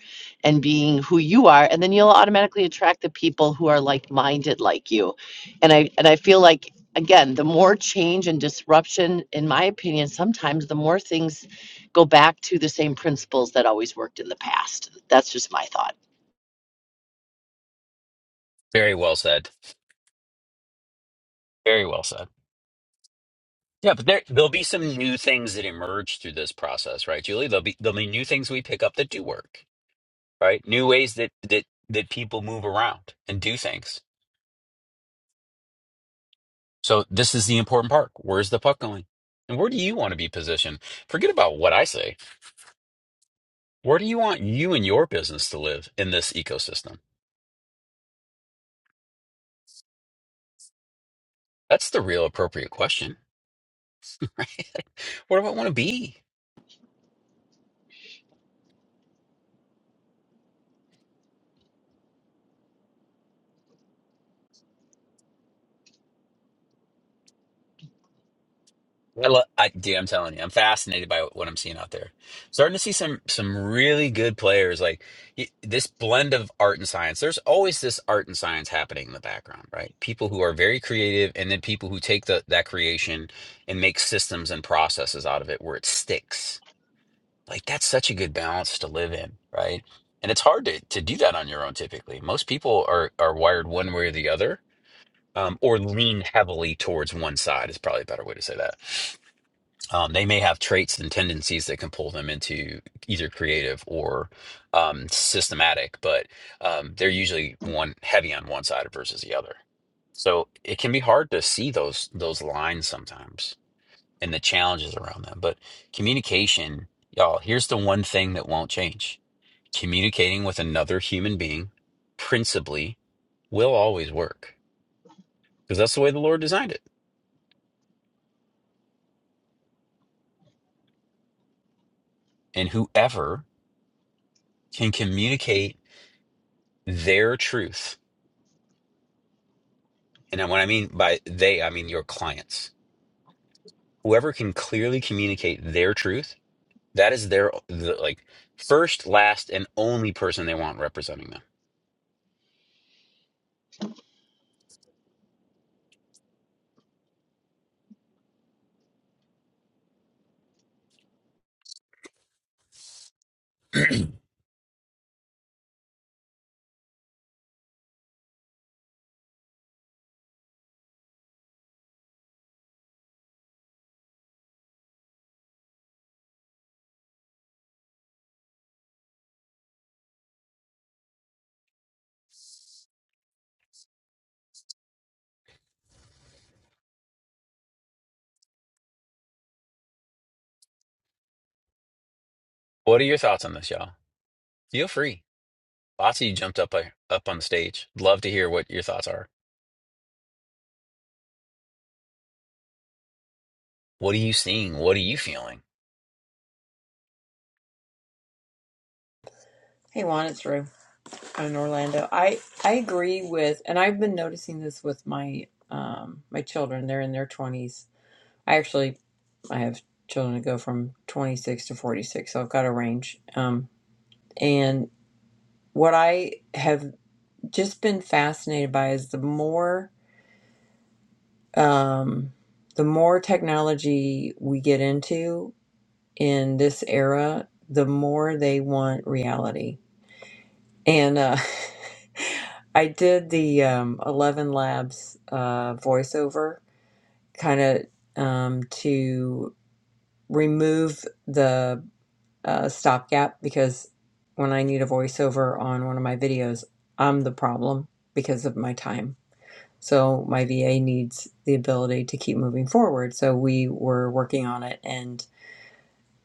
Speaker 8: and being who you are. And then you'll automatically attract the people who are like minded like you. And I, and I feel like, again, the more change and disruption, in my opinion, sometimes the more things go back to the same principles that always worked in the past. That's just my thought.
Speaker 1: Very well said. Very well said. Yeah, but there there'll be some new things that emerge through this process, right, Julie? There'll be there'll be new things we pick up that do work, right? New ways that that that people move around and do things. So this is the important part. Where's the puck going? And where do you want to be positioned? Forget about what I say. Where do you want you and your business to live in this ecosystem? That's the real appropriate question. What do I want to be? I love, I, dude, I'm telling you, I'm fascinated by what I'm seeing out there. Starting to see some some really good players, like y- this blend of art and science. There's always this art and science happening in the background, right? People who are very creative, and then people who take the, that creation and make systems and processes out of it where it sticks. Like that's such a good balance to live in, right? And it's hard to to do that on your own typically. Most people are are wired one way or the other um, or lean heavily towards one side is probably a better way to say that. Um, they may have traits and tendencies that can pull them into either creative or um, systematic, but um, they're usually one heavy on one side versus the other. So it can be hard to see those those lines sometimes and the challenges around them. But communication, y'all, here's the one thing that won't change: communicating with another human being, principally, will always work because that's the way the Lord designed it and whoever can communicate their truth. And what I mean by they, I mean your clients. Whoever can clearly communicate their truth, that is their the, like first, last, and only person they want representing them. What are your thoughts on this, y'all? Feel free. Lots of you jumped up uh, up on the stage. Love to hear what your thoughts are. What are you seeing? What are you feeling?
Speaker 6: Hey Juan, it's Rue. I'm in Orlando. I I agree with, and I've been noticing this with my um my children. They're in their 20s. I actually I have children that go from 26 to 46, so I've got a range. Um, and what I have just been fascinated by is the more um, the more technology we get into in this era, the more they want reality. And uh, I did the um, Eleven Labs uh, voiceover kind of um, to remove the uh, stopgap because when I need a voiceover on one of my videos, I'm the problem because of my time. So my VA needs the ability to keep moving forward. So we were working on it and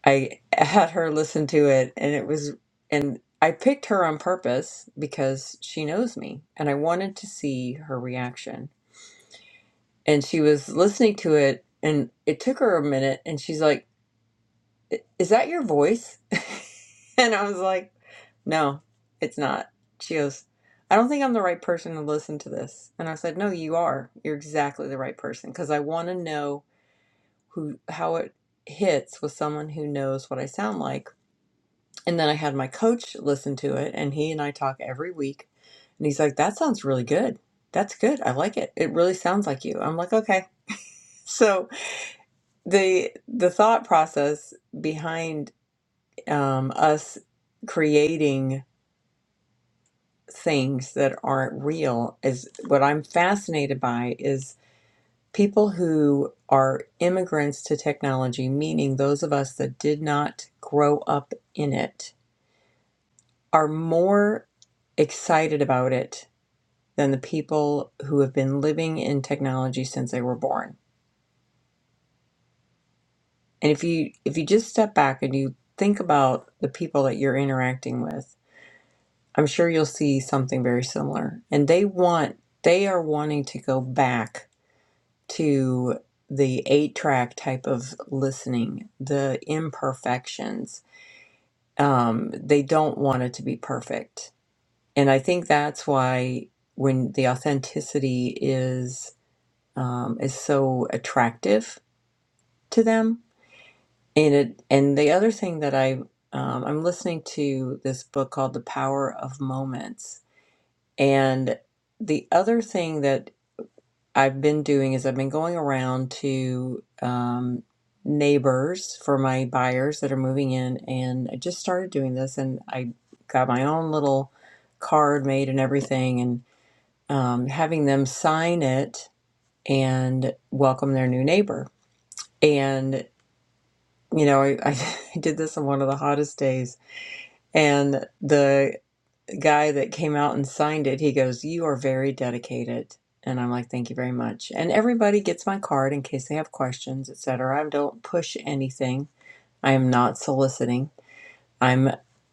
Speaker 6: I had her listen to it and it was, and I picked her on purpose because she knows me and I wanted to see her reaction. And she was listening to it and it took her a minute and she's like, is that your voice? and I was like, no, it's not. She goes, I don't think I'm the right person to listen to this. And I said, no, you are. You're exactly the right person because I want to know who how it hits with someone who knows what I sound like. And then I had my coach listen to it and he and I talk every week. And he's like, that sounds really good. That's good. I like it. It really sounds like you. I'm like, okay. So the the thought process behind. um, us creating things that aren't real is what I'm fascinated by is people who are immigrants to technology, meaning those of us that did not grow up in it, are more excited about it than the people who have been living in technology since they were born. And if you if you just step back and you think about the people that you're interacting with, I'm sure you'll see something very similar. And they want, they are wanting to go back to the eight track type of listening, the imperfections. Um, they don't want it to be perfect. And I think that's why when the authenticity is um, is so attractive to them. And it and the other thing that I um, I'm listening to this book called The Power of Moments And the other thing that I've been doing is I've been going around to um, neighbors for my buyers that are moving in. And I just started doing this and I got my own little card made and everything and um, having them sign it and welcome their new neighbor. And, you know, I, I did this on one of the hottest days. And the. guy that came out and signed it, he goes, You are very dedicated. And I'm like, Thank you very much. And everybody gets my card in case they have questions, etc. I don't push anything. I am not soliciting. I'm,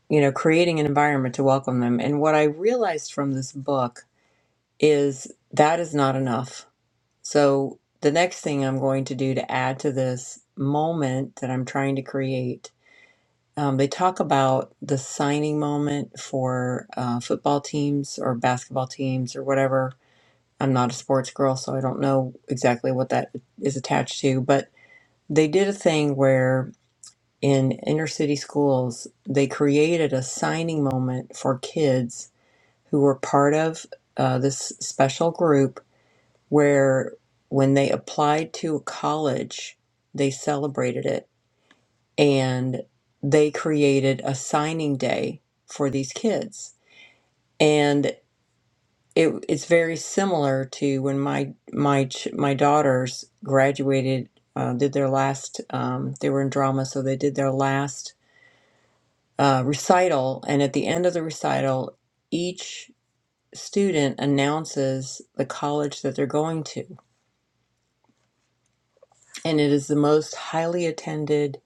Speaker 6: you know, creating an environment to welcome them. And what I realized from this book is that is not enough. So the next thing I'm going to do to add to this moment that I'm trying to create um, they talk about the signing moment for uh, football teams or basketball teams or whatever. I'm not a sports girl, so I don't know exactly what that is attached to, but they did a thing where in inner city schools, they created a signing moment for kids who were part of uh, this special group where when they applied to a college, they celebrated it and they created a signing day for these kids and it, it's very similar to when my my ch- my daughters graduated uh, did their last um, they were in drama so they did their last uh, recital and at the end of the recital each student announces the college that they're going to and it is the most highly attended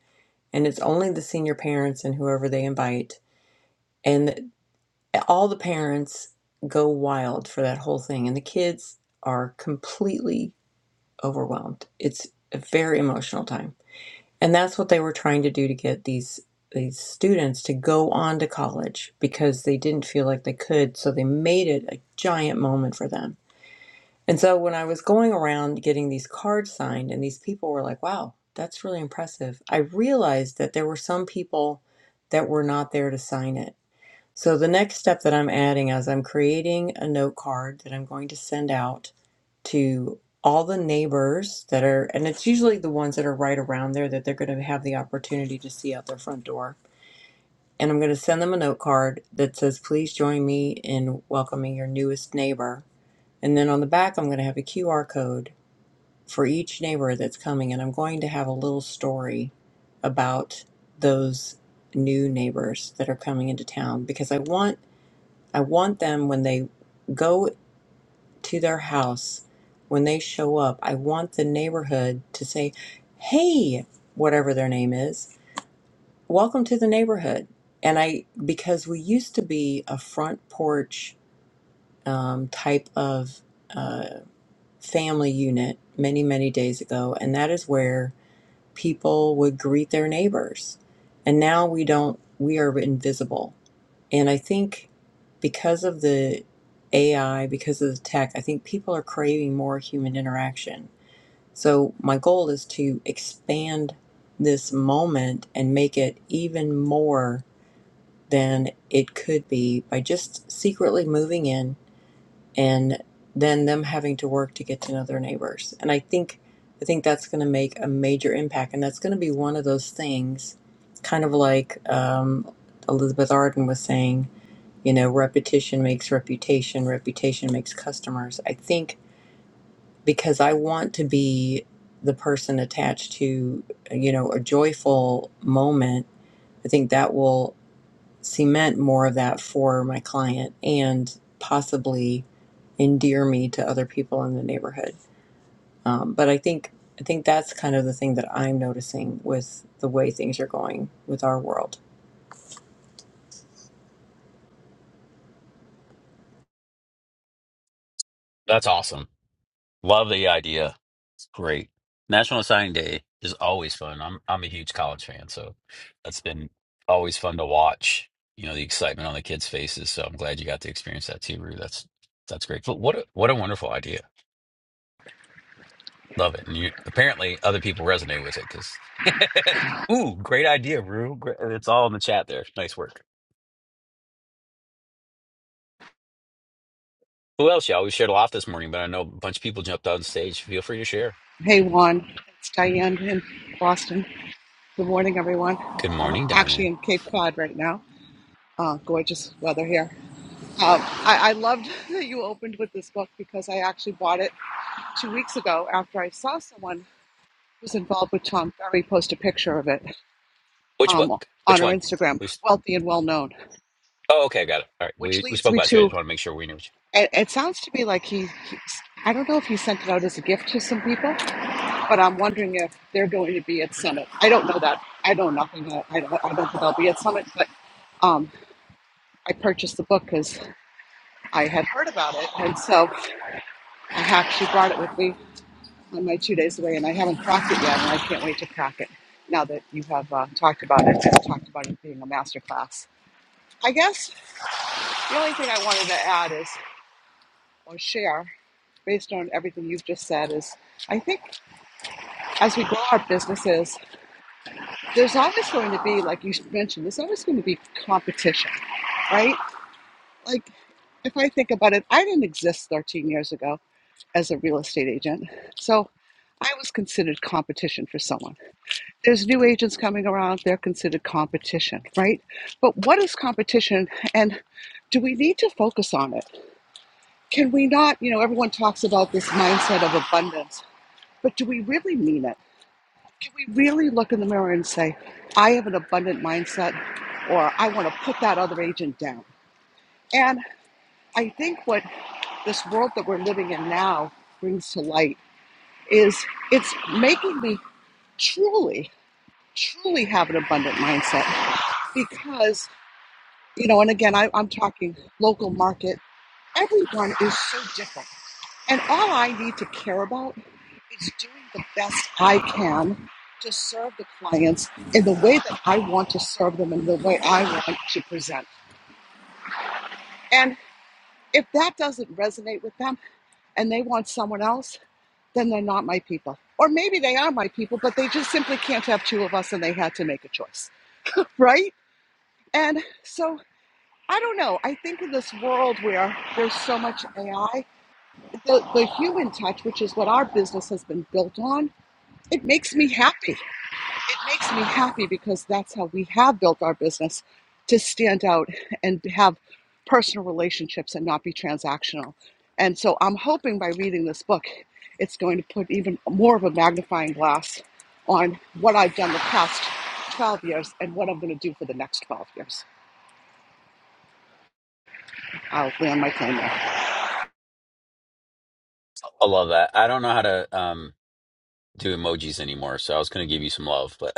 Speaker 6: and it's only the senior parents and whoever they invite and. all the parents go wild for that whole thing and the kids are completely overwhelmed it's a very emotional time and that's what they were trying to do to get these these students to go on to college because they didn't feel like they could so they made it a giant moment for them and so when i was going around getting these cards signed and these people were like wow that's really impressive i realized that there were some people that were not there to sign it so the next step that I'm adding is I'm creating a note card that I'm going to send out to all the neighbors that are, and it's usually the ones that are right around there that they're going to have the opportunity to see out their front door. And I'm going to send them a note card that says, please join me in welcoming your newest neighbor. And then on the back, I'm going to have a QR code for each neighbor that's coming. And I'm going to have a little story about those new neighbors that are coming into town because I want I want them when they go to their house, when they show up, I want the neighborhood to say, hey, whatever their name is, welcome to the neighborhood. And I, because we used to be a front porch um, type of uh, family unit many, many days ago, and that is where people would greet their neighbors. And now we don't, we are invisible And I think because of the AI, because of the tech, I think people are craving more human interaction. So my goal is to expand this moment and make it even more than it could be by just secretly moving in and then them having to work to get to know their neighbors. And I think I think that's going to make a major impact, and that's going to be one of those things, kind of like um, Elizabeth Arden was saying. You know, repetition makes reputation, reputation makes customers. I think because I want to be the person attached to, you know, a joyful moment, I think that will cement more of that for my client and possibly endear me to other people in the neighborhood. Um, but I think I think that's kind of the thing that I'm noticing with the way things are going with our world.
Speaker 1: That's awesome. Love the idea Great. National Signing Day is always fun. I'm I'm a huge college fan, so that's been always fun to watch. You know, the excitement on the kids' faces. So I'm glad you got to experience that too, Rue. That's that's great. But what a, what a wonderful idea. Love it. And you apparently other people resonate with it because ooh, great idea, Rue. Great. It's all in the chat there. Nice work. Who else? Y'all, we shared a lot this morning, but I know a bunch of people jumped on stage. Feel free to share.
Speaker 11: Hey Juan, it's Diane in Boston. Good morning, everyone.
Speaker 1: Good
Speaker 11: I'm
Speaker 1: morning,
Speaker 11: actually
Speaker 1: Diane.
Speaker 11: in Cape Cod right now. Uh, gorgeous weather here. Um, I, I loved that you opened with this book because I actually bought it two weeks ago after I saw someone who's involved with Tom Ferry post a picture of it
Speaker 1: Which book?
Speaker 11: um, on
Speaker 1: Which
Speaker 11: her
Speaker 1: one?
Speaker 11: Instagram,
Speaker 1: We s-
Speaker 11: wealthy and well known,
Speaker 1: Oh, okay, got it. All right,
Speaker 11: which
Speaker 1: we we
Speaker 11: leads
Speaker 1: spoke
Speaker 11: me
Speaker 1: about you. I just
Speaker 11: to.
Speaker 1: want to make sure we knew.
Speaker 11: It, it sounds to me like he, he, I don't know if he sent it out as a gift to some people, but I'm wondering if they're going to be at Summit. I don't know that. I know nothing. I I don't, I don't think they'll be at Summit, but um, I purchased the book because I had heard about it, and so I actually brought it with me on my two days away, and I haven't cracked it yet, and I can't wait to crack it. Now that you have uh, talked about it, and talked about it being a master class, I guess the only thing I wanted to add is or share, based on everything you've just said, is I think as we grow our businesses there's always going to be, like you mentioned, there's always going to be competition, right? Like, if I think about it, I didn't exist 13 years ago as a real estate agent. So I was considered competition for someone. There's new agents coming around, they're considered competition, right? But what is competition and do we need to focus on it? Can we not, you know, everyone talks about this mindset of abundance, but do we really mean it? Can we really look in the mirror and say, I have an abundant mindset, or I want to put that other agent down? And I think what this world that we're living in now brings to light is it's making me truly, truly have an abundant mindset because, you know, and again, I, I'm talking local market, everyone is so different. And all I need to care about is doing the best I can to serve the clients in the way that I want to serve them and the way I want to present. And if that doesn't resonate with them and they want someone else, then they're not my people. Or maybe they are my people, but they just simply can't have two of us and they had to make a choice. Right? And so I don't know. I think in this world where there's so much AI, the, the human touch, which is what our business has been built on, It makes me happy. It makes me happy because that's how we have built our business to stand out and have personal relationships and not be transactional. And so I'm hoping by reading this book, it's going to put even more of a magnifying glass on what I've done the past 12 years and what I'm going to do for the next 12 years. I'll land my claim there.
Speaker 1: I love that. I don't know how to um, do emojis anymore, so I was going to give you some love, but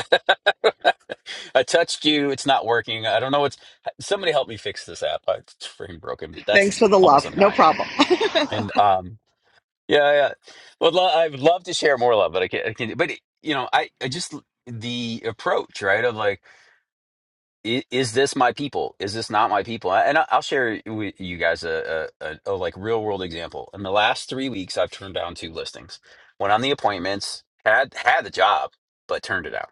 Speaker 1: I touched you. It's not working. I don't know what's. Somebody help me fix this app. I- It's freaking broken. That's
Speaker 11: Thanks for the
Speaker 1: awesome,
Speaker 11: love. No
Speaker 1: Diane.
Speaker 11: problem.
Speaker 1: And um, yeah, yeah. Well, lo- I would love to share more love, but I can't. I can't but you know, I, I just the approach, right? Of like i- is this my people? Is this not my people? And I- I'll share with you guys a, a, a, a like real world example. In the last three weeks, I've turned down two listings. Went on the appointments, had had the job, but turned it out.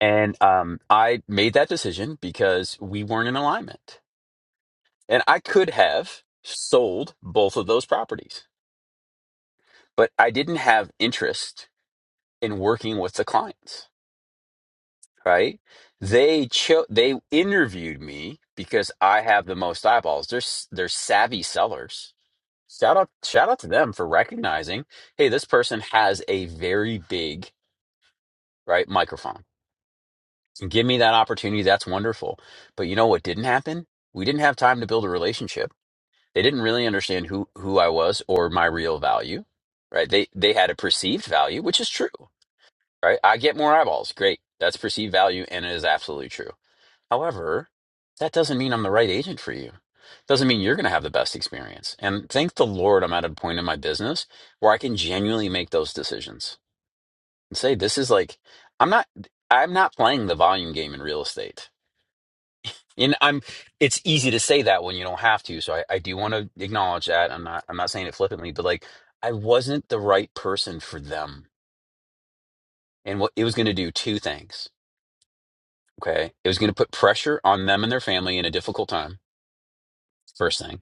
Speaker 1: And um, I made that decision because we weren't in alignment. And I could have sold both of those properties, but I didn't have interest in working with the clients. right? They cho- they interviewed me because I have the most eyeballs. They're s- they're savvy sellers. Shout out shout out to them for recognizing, hey, this person has a very big right microphone. Give me that opportunity. That's wonderful. But you know what didn't happen? We didn't have time to build a relationship. They didn't really understand who who I was or my real value, right? They they had a perceived value, which is true, right? I get more eyeballs. Great. That's perceived value and it is absolutely true However, that doesn't mean I'm the right agent for you. Doesn't mean you're going to have the best experience. And thank the Lord, I'm at a point in my business where I can genuinely make those decisions and say, this is like, I'm not, I'm not playing the volume game in real estate. And I'm, it's easy to say that when you don't have to. So I, I do want to acknowledge that. I'm not, I'm not saying it flippantly, but like, I wasn't the right person for them. And what it was going to do two things. Okay. It was going to put pressure on them and their family in a difficult time. First thing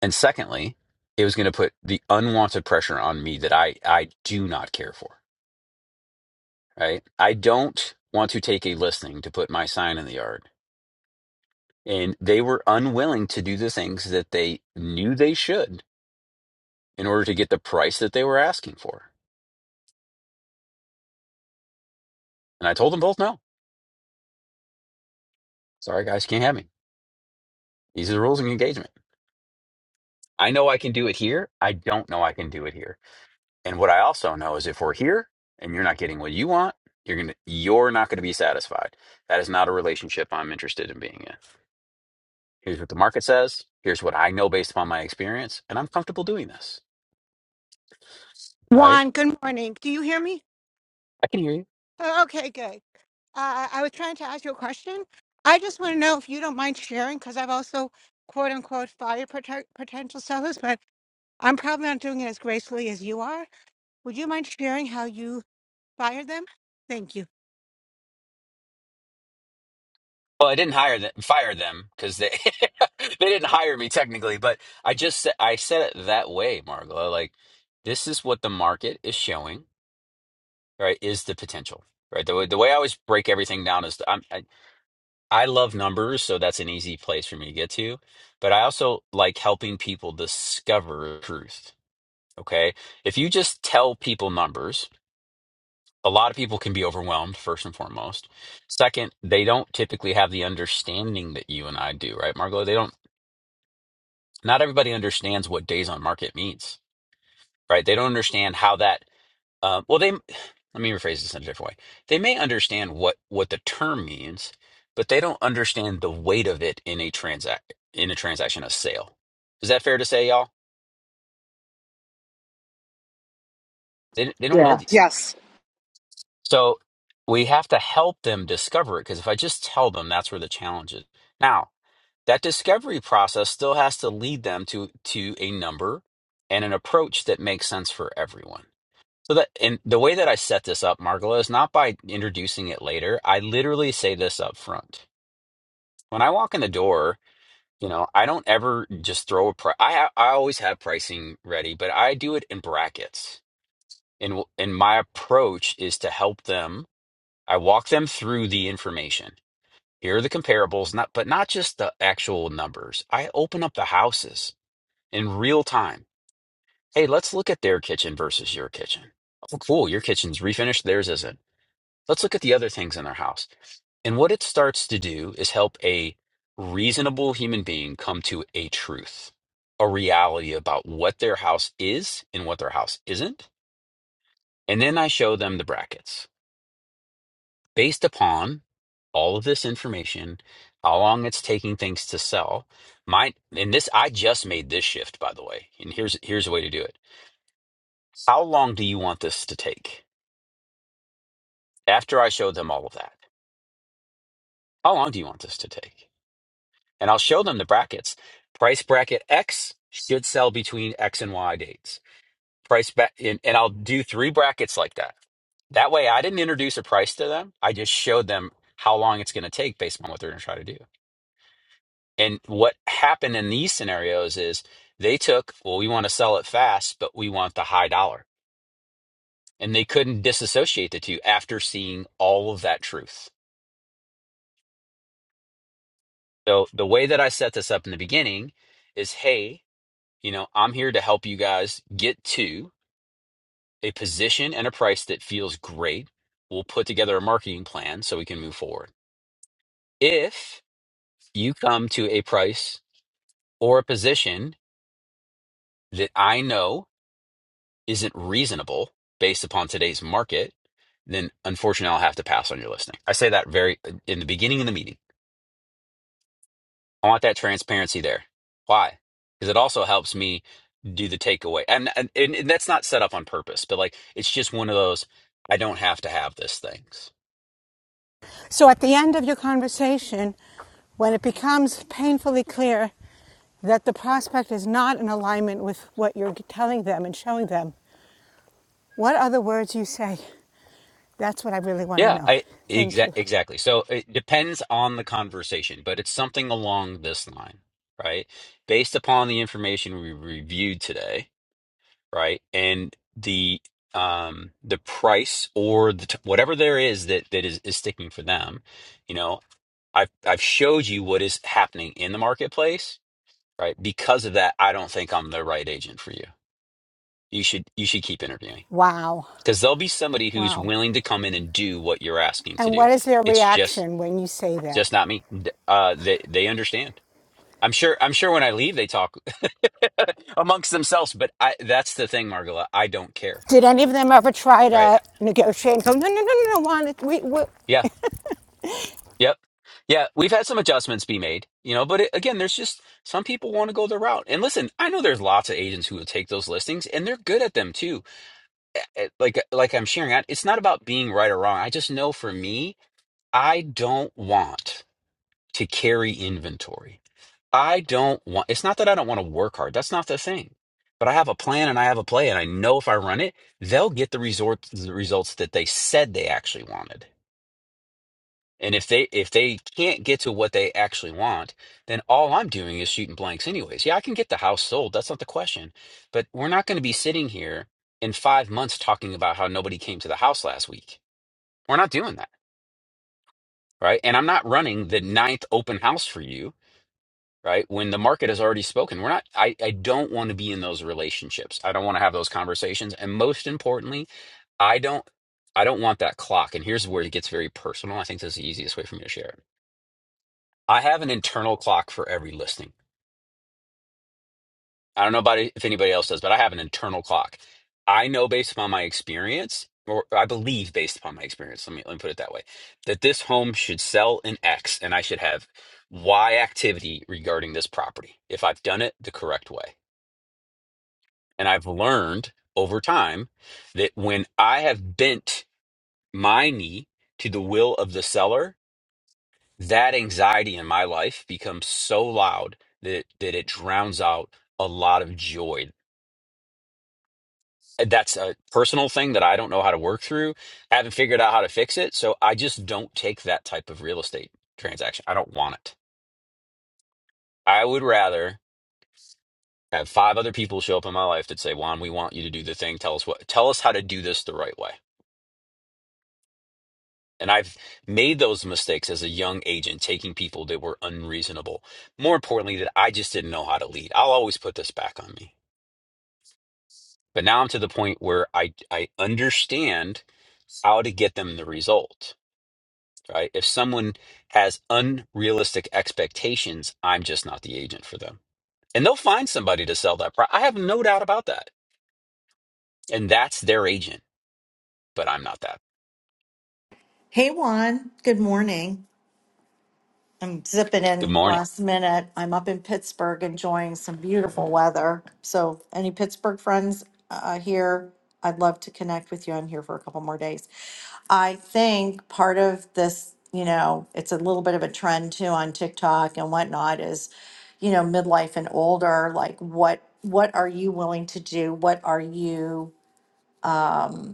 Speaker 1: And secondly, it was going to put the unwanted pressure on me that I I do not care for. Right? I don't want to take a listing to put my sign in the yard. And they were unwilling to do the things that they knew they should in order to get the price that they were asking for. And I told them both no. Sorry guys, can't have me. These are the rules of engagement. I know I can do it here. I don't know I can do it here. And what I also know is if we're here and you're not getting what you want, you're gonna you're not gonna be satisfied. That is not a relationship I'm interested in being in. Here's what the market says. Here's what I know based upon my experience, and I'm comfortable doing this. All right,
Speaker 7: Juan, good morning. Do you hear me?
Speaker 1: I can hear you.
Speaker 7: Oh, okay, good. Uh, I was trying to ask you a question. I just want to know if you don't mind sharing, because I've also quote unquote fired protect potential sellers, but I'm probably not doing it as gracefully as you are. Would you mind sharing how you fired them? Thank you.
Speaker 1: Well, I didn't hire them, fire them because they they didn't hire me technically, but I just said I said it that way, Margola. Like this is what the market is showing. Right, is the potential. Right. The way, the way I always break everything down is I'm, I love numbers, so that's an easy place for me to get to. But I also like helping people discover truth. Okay. If you just tell people numbers, a lot of people can be overwhelmed, first and foremost. Second, they don't typically have the understanding that you and I do, right, Margo? They don't, not everybody understands what days on market means right? They don't understand how that. Um, well, they let me rephrase this in a different way. They may understand what what the term means, but they don't understand the weight of it in a transact in a transaction, a sale. Is that fair to say, y'all? They they don't know
Speaker 3: Yeah.
Speaker 1: these things,
Speaker 11: Yes.
Speaker 1: so we have to help them discover it. Because if I just tell them, that's where the challenge is. Now that discovery process still has to lead them to to a number and an approach that makes sense for everyone So that and the way that I set this up, Margola, is not by introducing it later. I literally say this up front. When I walk in the door, you know, I don't ever just throw a price. I I always have pricing ready, but I do it in brackets. And w- and my approach is to help them. I walk them through the information. Here are the comparables, not but not just the actual numbers. I open up the houses in real time. Hey, let's look at their kitchen versus your kitchen. Oh, cool. Your kitchen's refinished, theirs isn't. Let's look at the other things in their house. And what it starts to do is help a reasonable human being come to a truth, a reality about what their house is and what their house isn't. And then I show them the brackets based upon all of this information, how long it's taking things to sell. My and this I just made this shift by the way. And here's here's a way to do it. How long do you want this to take? After I showed them all of that. How long do you want this to take? and I'll show them the brackets. Price bracket X should sell between X and Y dates. Price ba- and, and I'll do three brackets like that. That way, I didn't introduce a price to them. I just showed them how long it's going to take based on what they're going to try to do. And what happened in these scenarios is they took, well, we want to sell it fast, but we want the high dollar. And they couldn't disassociate the two after seeing all of that truth. So the way that I set this up in the beginning is, hey, you know, I'm here to help you guys get to. a position and a price that feels great. We'll put together a marketing plan so we can move forward. If you come to a price or a position that I know isn't reasonable based upon today's market, then unfortunately I'll have to pass on your listing. I say that very uh, in the beginning of the meeting. I want that transparency there. Why? Because it also helps me do the takeaway. And, and and that's not set up on purpose, but like it's just one of those I don't have to have this things.
Speaker 7: So at the end of your conversation, when it becomes painfully clear that the prospect is not in alignment with what you're telling them and showing them, what other words you say? That's what I really want to
Speaker 1: Yeah,
Speaker 7: know.
Speaker 1: I
Speaker 7: Thank
Speaker 1: exa
Speaker 7: you.
Speaker 1: exactly. So it depends on the conversation, but it's something along this line, right? Based upon the information we reviewed today, right? And the um the price or the t whatever there is that that is, is sticking for them, you know, I've I've showed you what is happening in the marketplace, right? Because of that, I don't think I'm the right agent for you. You should you should keep interviewing
Speaker 7: Wow.
Speaker 1: because there'll be somebody who's
Speaker 7: Wow.
Speaker 1: willing to come in and do what you're asking to
Speaker 7: And
Speaker 1: do.
Speaker 7: what is their
Speaker 1: It's just
Speaker 7: reaction when you say that?
Speaker 1: just not me. D- Uh, they they understand. I'm sure. I'm sure when I leave, they talk amongst themselves. But I, that's the thing, Margola. I don't care.
Speaker 7: Did any of them ever try
Speaker 1: Right?
Speaker 7: to negotiate and go, no, no, no, no, no, Juan, we, we,
Speaker 1: Yeah. Yep. Yeah. We've had some adjustments be made. You know, but it, again, there's just some people want to go their route. And listen, I know there's lots of agents who will take those listings, and they're good at them too. Eh, eh, Like uh, like I'm sharing out. It's not about being right or wrong. I just know for me, I don't want to carry inventory. I don't want, it's not that I don't want to work hard. That's not the thing. But I have a plan and I have a play, and I know if I run it, they'll get the resort the results that they said they actually wanted. And if they if they can't get to what they actually want, then all I'm doing is shooting blanks anyways. Yeah, I can get the house sold. That's not the question. But we're not going to be sitting here in five months talking about how nobody came to the house last week. We're not doing that, right? And I'm not running the ninth open house for you right? When the market has already spoken, we're not, I, I don't want to be in those relationships. I don't want to have those conversations. And most importantly, I don't, I don't want that clock. And here's where it gets very personal. I think this is the easiest way for me to share it. I have an internal clock for every listing. I don't know about it- if anybody else does, but I have an internal clock. I know based upon my experience, or I believe based upon my experience, let me, let me put it that way, that this home should sell in X and I should have Y activity regarding this property if I've done it the correct way And I've learned over time that when I have bent my knee to the will of the seller, that anxiety in my life becomes so loud that that it drowns out a lot of joy. That's a personal thing that I don't know how to work through. I haven't figured out how to fix it, so I just don't take that type of real estate transaction. I don't want it. I would rather have five other people show up in my life that say, "Juan, we want you to do the thing. Tell us what. Tell us how to do this the right way." And I've made those mistakes as a young agent, taking people that were unreasonable. More importantly, that I just didn't know how to lead. I'll always put this back on me. But now I'm to the point where I, I understand how to get them the result, right? If someone has unrealistic expectations, I'm just not the agent for them. And they'll find somebody to sell that. Pro- I have no doubt about that. And that's their agent, but I'm not that.
Speaker 12: Hey Juan, good morning. I'm zipping
Speaker 1: Good
Speaker 12: in
Speaker 1: morning.
Speaker 12: last minute. I'm up in Pittsburgh enjoying some beautiful weather. So, any Pittsburgh friends uh, here, I'd love to connect with you. I'm here for a couple more days. I think part of this, you know, it's a little bit of a trend too on TikTok and whatnot is, you know, midlife and older, like what what are you willing to do? What are you um,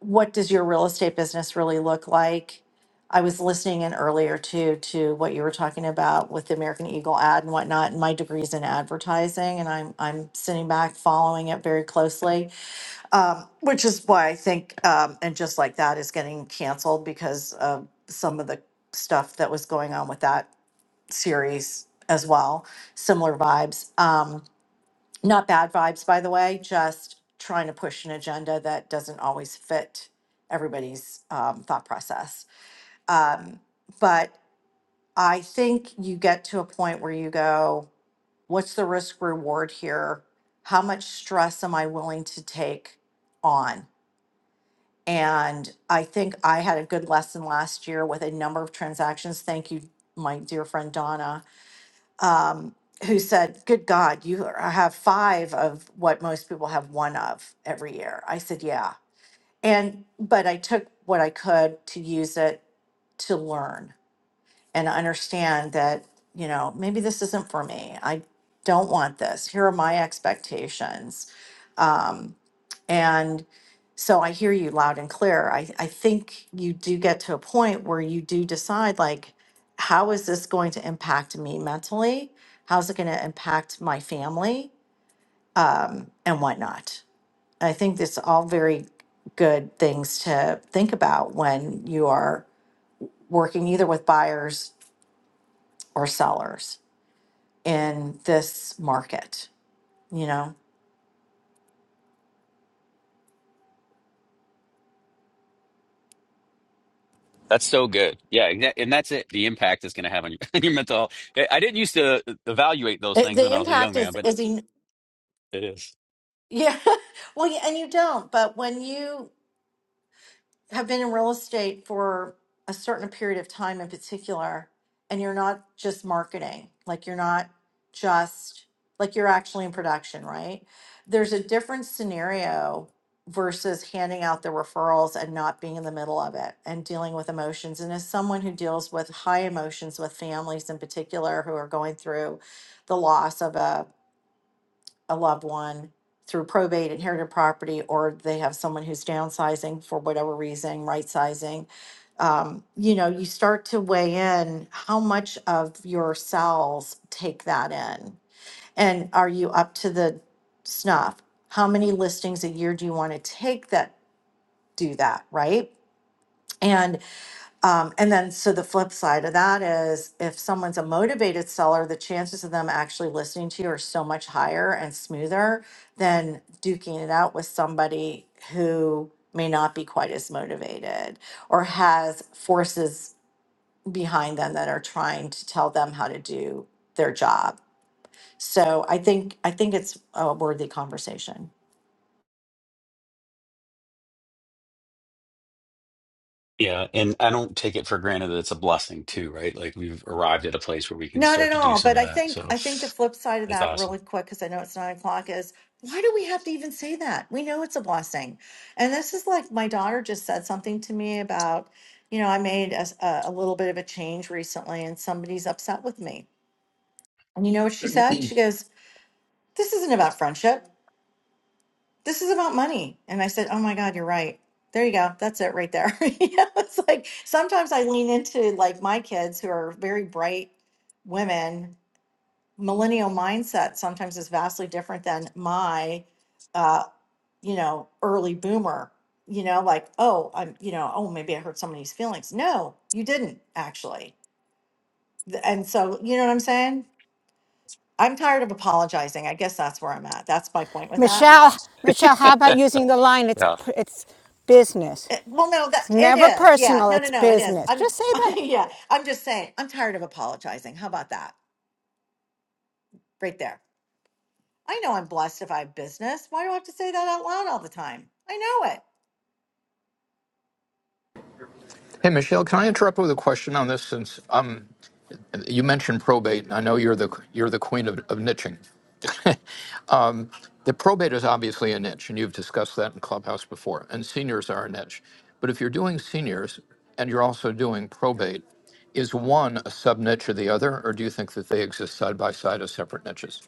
Speaker 12: what does your real estate business really look like? I was listening in earlier too to what you were talking about with the American Eagle ad and whatnot. And my degree's in advertising, and I'm I'm sitting back following it very closely, um, which is why I think um, and just like that is getting canceled because of some of the stuff that was going on with that series as well. Similar vibes. Um, not bad vibes, by the way, just trying to push an agenda that doesn't always fit everybody's um, thought process. Um, but I think you get to a point where you go, what's the risk reward here? How much stress am I willing to take on? And I think I had a good lesson last year with a number of transactions. Thank you, my dear friend Donna um, who said, "Good God, you are- I have five of what most people have one of every year." I said, "Yeah," and but I took what I could to use it to learn and understand that, you know, maybe this isn't for me. I don't want this. Here are my expectations. Um, and so I hear you loud and clear. I, I think you do get to a point where you do decide, like, how is this going to impact me mentally? How's it going to impact my family um, and whatnot? I think that's all very good things to think about when you are working either with buyers or sellers. in this market you know
Speaker 1: That's so good. Yeah, and that- and that's it. The impact is going to have on your, on your mental health. I I didn't used to evaluate those
Speaker 12: it,
Speaker 1: things when
Speaker 12: the
Speaker 1: I was a young
Speaker 12: impact
Speaker 1: man,
Speaker 12: is
Speaker 1: but
Speaker 12: is en-
Speaker 1: it is.
Speaker 12: yeah well yeah, and you don't but when you have been in real estate for a certain period of time in particular and you're not just marketing like you're not just like you're actually in production right there's a different scenario versus handing out the referrals and not being in the middle of it and dealing with emotions and as someone who deals with high emotions with families in particular who are going through the loss of a a loved one through probate, inherited property, or they have someone who's downsizing for whatever reason, right sizing, um, you know, you start to weigh in how much of your cells take that in. And are you up to the snuff? How many listings a year do you want to take that do that, right? and. Um, and then, so the flip side of that is if someone's a motivated seller, the chances of them actually listening to you are so much higher and smoother than duking it out with somebody who may not be quite as motivated or has forces behind them that are trying to tell them how to do their job. So I think I think it's a worthy conversation.
Speaker 1: Yeah, and I don't take it for granted that it's a blessing too, right? Like we've arrived at a place where we can
Speaker 12: Not
Speaker 1: start
Speaker 12: at
Speaker 1: to do
Speaker 12: all.
Speaker 1: some
Speaker 12: But
Speaker 1: of
Speaker 12: I
Speaker 1: that.
Speaker 12: think
Speaker 1: So
Speaker 12: I think the flip side of
Speaker 1: it's
Speaker 12: that,
Speaker 1: awesome.
Speaker 12: really quick, because I know it's nine o'clock, is why do we have to even say that? We know it's a blessing. And this is like my daughter just said something to me about, you know, I made a, s- a- a little bit of a change recently, and somebody's upset with me. And you know what she said? She goes, "This isn't about friendship. This is about money." And I said, "Oh my God, you're right." There you go. That's it right there. you know, it's like sometimes I lean into like my kids who are very bright women millennial mindset sometimes is vastly different than my uh you know early boomer you know like oh i'm you know oh maybe i hurt somebody's feelings no you didn't actually Th- and so you know what i'm saying i'm tired of apologizing i guess that's where i'm at that's my point with that
Speaker 7: Michelle, Michelle, how about using the line? It's, it's business.
Speaker 12: It- well no
Speaker 7: It's
Speaker 12: that it
Speaker 7: never
Speaker 12: is yeah
Speaker 7: personal.
Speaker 12: no no
Speaker 7: It's
Speaker 12: no it is
Speaker 7: business.
Speaker 12: i'm
Speaker 7: Just say that.
Speaker 12: yeah i'm just saying i'm tired of apologizing how about that right there i know i'm blessed if i have business why do i have to say that out loud all the time i know it
Speaker 13: Hey, Michelle, can I interrupt with a question on this? Since um, you mentioned probate, and I know you're the you're the queen of, of niching. um, the probate is obviously a niche, and you've discussed that in Clubhouse before. And seniors are a niche, but if you're doing seniors and you're also doing probate, is one a sub niche of the other, or do you think that they exist side by side as separate niches?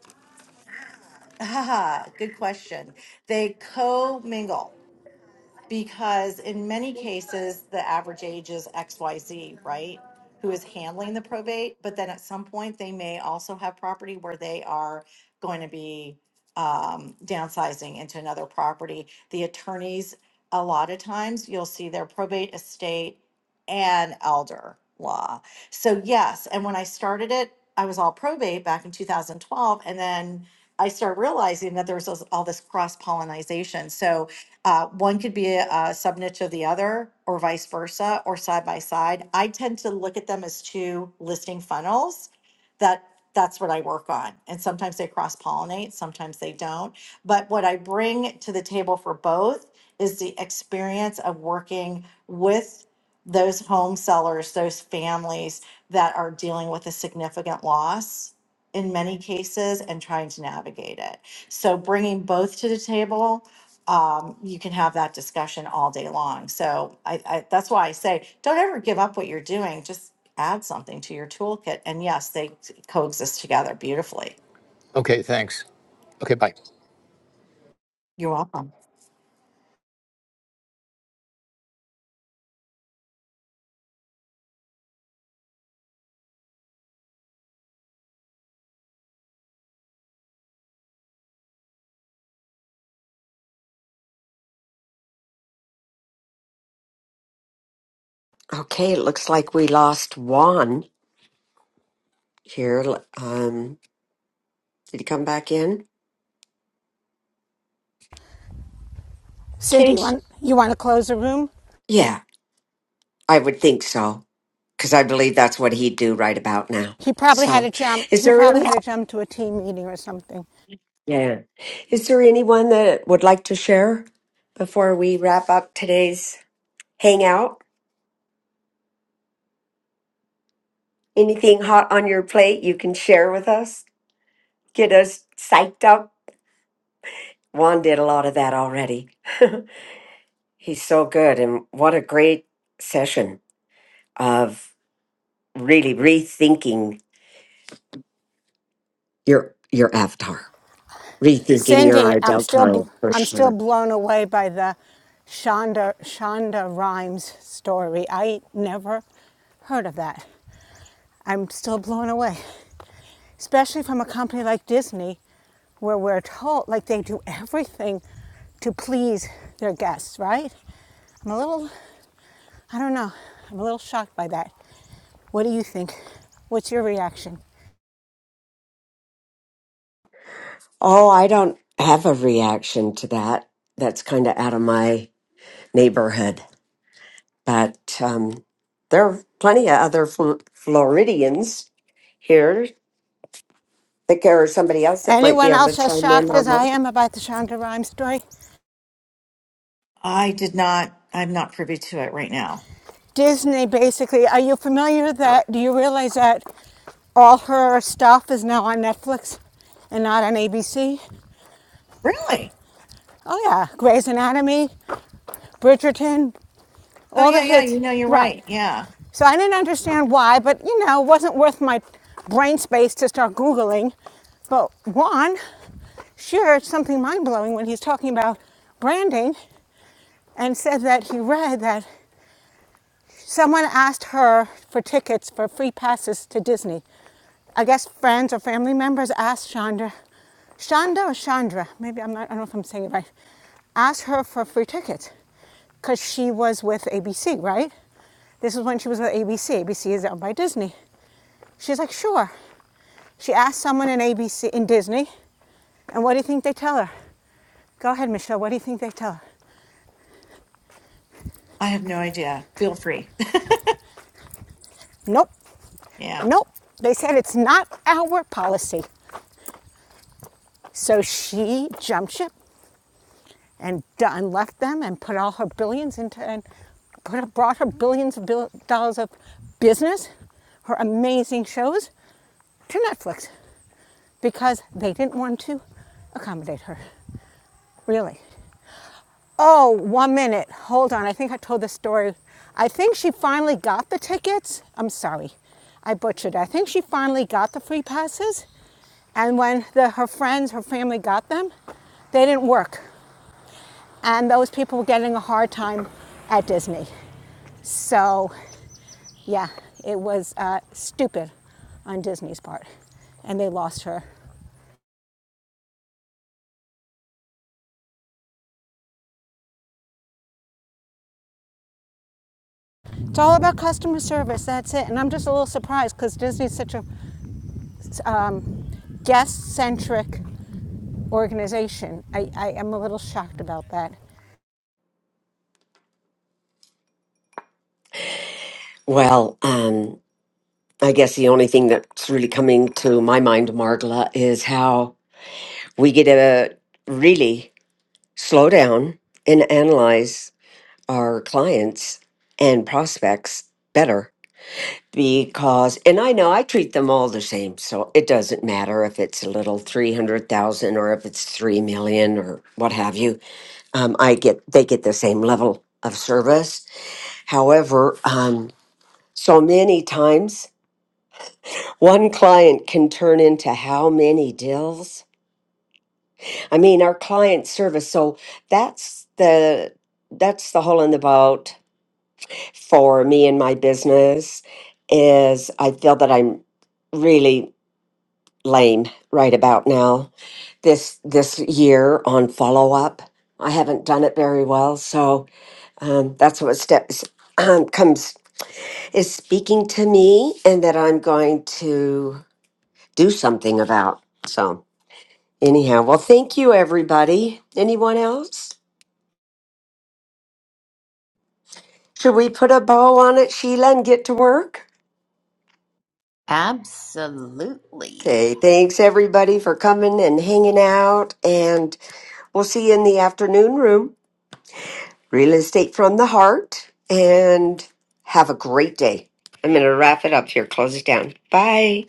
Speaker 12: Ah, good question. They co-mingle because in many cases the average age is xyz right who is handling the probate but then at some point they may also have property where they are going to be um, downsizing into another property the attorneys a lot of times you'll see their probate estate and elder law so yes and when i started it i was all probate back in 2012 and then i started realizing that there was all all this cross pollination so uh, one could be a, a niche of the other, or vice versa, or side by side. I tend to look at them as two listing funnels. That that's what I work on, and sometimes they cross pollinate, sometimes they don't. But what I bring to the table for both is the experience of working with those home sellers, those families that are dealing with a significant loss in many cases and trying to navigate it. So bringing both to the table um, you can have that discussion all day long. So I, I, that's why I say, don't ever give up what you're doing. Just add something to your toolkit. And yes, they coexist together beautifully.
Speaker 13: Okay, thanks. Okay, bye.
Speaker 12: You're welcome.
Speaker 3: Okay, it looks like we lost Juan. here. Um, did he come back in?
Speaker 7: Cindy, you
Speaker 3: Cage,
Speaker 7: want, you want to close the room?
Speaker 3: Yeah, I would think so, because I believe that's what he'd do right about now.
Speaker 7: He probably had
Speaker 3: So,
Speaker 7: to jump.
Speaker 3: is
Speaker 7: He
Speaker 3: there
Speaker 7: probably
Speaker 3: any,
Speaker 7: had to jump to a team meeting or something.
Speaker 3: yeah, is there anyone that would like to share before we wrap up today's hangout? Anything hot on your plate you can share with us? Get us psyched up. Juan did a lot of that already. He's so good, and what a great session of really rethinking your your avatar, rethinking your
Speaker 7: Cindy, I'm
Speaker 3: ideal
Speaker 7: still,
Speaker 3: client for
Speaker 7: I'm still
Speaker 3: sure.
Speaker 7: blown away by the Shonda, Shonda Rhimes story. I never heard of that. I'm still blown away, especially from a company like Disney, where we're told, like, they do everything to please their guests, right? I'm a little, I don't know, I'm a little shocked by that. What do you think? What's your reaction?
Speaker 3: Oh, I don't have a reaction to that. That's kind of out of my neighborhood. But um, there are plenty of other Fl- Floridians here. Think there's somebody else that might be
Speaker 7: Anyone
Speaker 3: able to
Speaker 7: else as
Speaker 3: chime in
Speaker 7: shocked
Speaker 3: on
Speaker 7: as I
Speaker 3: that.
Speaker 7: am about the Shonda Rhimes story?
Speaker 12: I did not, I'm not privy to it right now.
Speaker 7: Disney, basically, are you familiar with that, do you realize that all her stuff is now on Netflix and not on ABC?
Speaker 12: Really?
Speaker 7: Oh, yeah, Grey's Anatomy, Bridgerton,
Speaker 12: Oh,
Speaker 7: all the
Speaker 12: yeah, yeah.
Speaker 7: hits,
Speaker 12: You know, you're
Speaker 7: right.
Speaker 12: right. Yeah.
Speaker 7: So I didn't understand why, but you know, it wasn't worth my brain space to start Googling. But Juan shared something mind blowing when he's talking about branding and said that he read that someone asked her for tickets for free passes to Disney. I guess friends or family members asked Chandra, Shonda or Chandra, maybe I'm not, I don't know if I'm saying it right, asked her for free tickets because she was with ABC, right? This is when she was with ABC. ABC is owned by Disney. She's like, sure. She asked someone in ABC, in Disney, and what do you think they tell her? Go ahead, Michelle, what do you think they tell her?
Speaker 12: I have no idea. Feel free.
Speaker 7: Nope,
Speaker 12: Yeah.
Speaker 7: nope. They said it's not our policy. So she jumped ship and, and left them and put all her billions into and put, brought her billions of bill, dollars of business, her amazing shows, to Netflix because they didn't want to accommodate her. Really. Oh, one minute. Hold on. I think I told this story. I think she finally got the tickets. I'm sorry. I butchered. I think she finally got the free passes. And when the, her friends, her family got them, they didn't work. And those people were getting a hard time at Disney. So, yeah, it was uh, stupid on Disney's part. And they lost her. It's all about customer service, that's it. And I'm just a little surprised because Disney's such a um, guest centric organization. I, I am a little shocked about that.
Speaker 3: Well, um, I guess the only thing that's really coming to my mind, Margla, is how we get to really slow down and analyze our clients and prospects better. Because, and I know I treat them all the same, so it doesn't matter if it's a little 300,000 or if it's 3 million or what have you. Um, I get, they get the same level of service. However, um, so many times One client can turn into how many deals? I mean, our client service. So that's the that's the hole in the boat for me and my business is I feel that I'm really lame right about now. This this year on follow up, I haven't done it very well. So um, that's what steps um, comes is speaking to me, and that I'm going to do something about. So. Anyhow, well, thank you, everybody. Anyone else? Should we put a bow on it, Sheila, and get to work?
Speaker 2: Absolutely.
Speaker 3: Okay, thanks, everybody, for coming and hanging out. And we'll see you in the afternoon room, Real Estate from the Heart. And have a great day. I'm going to wrap it up here, close it down. Bye.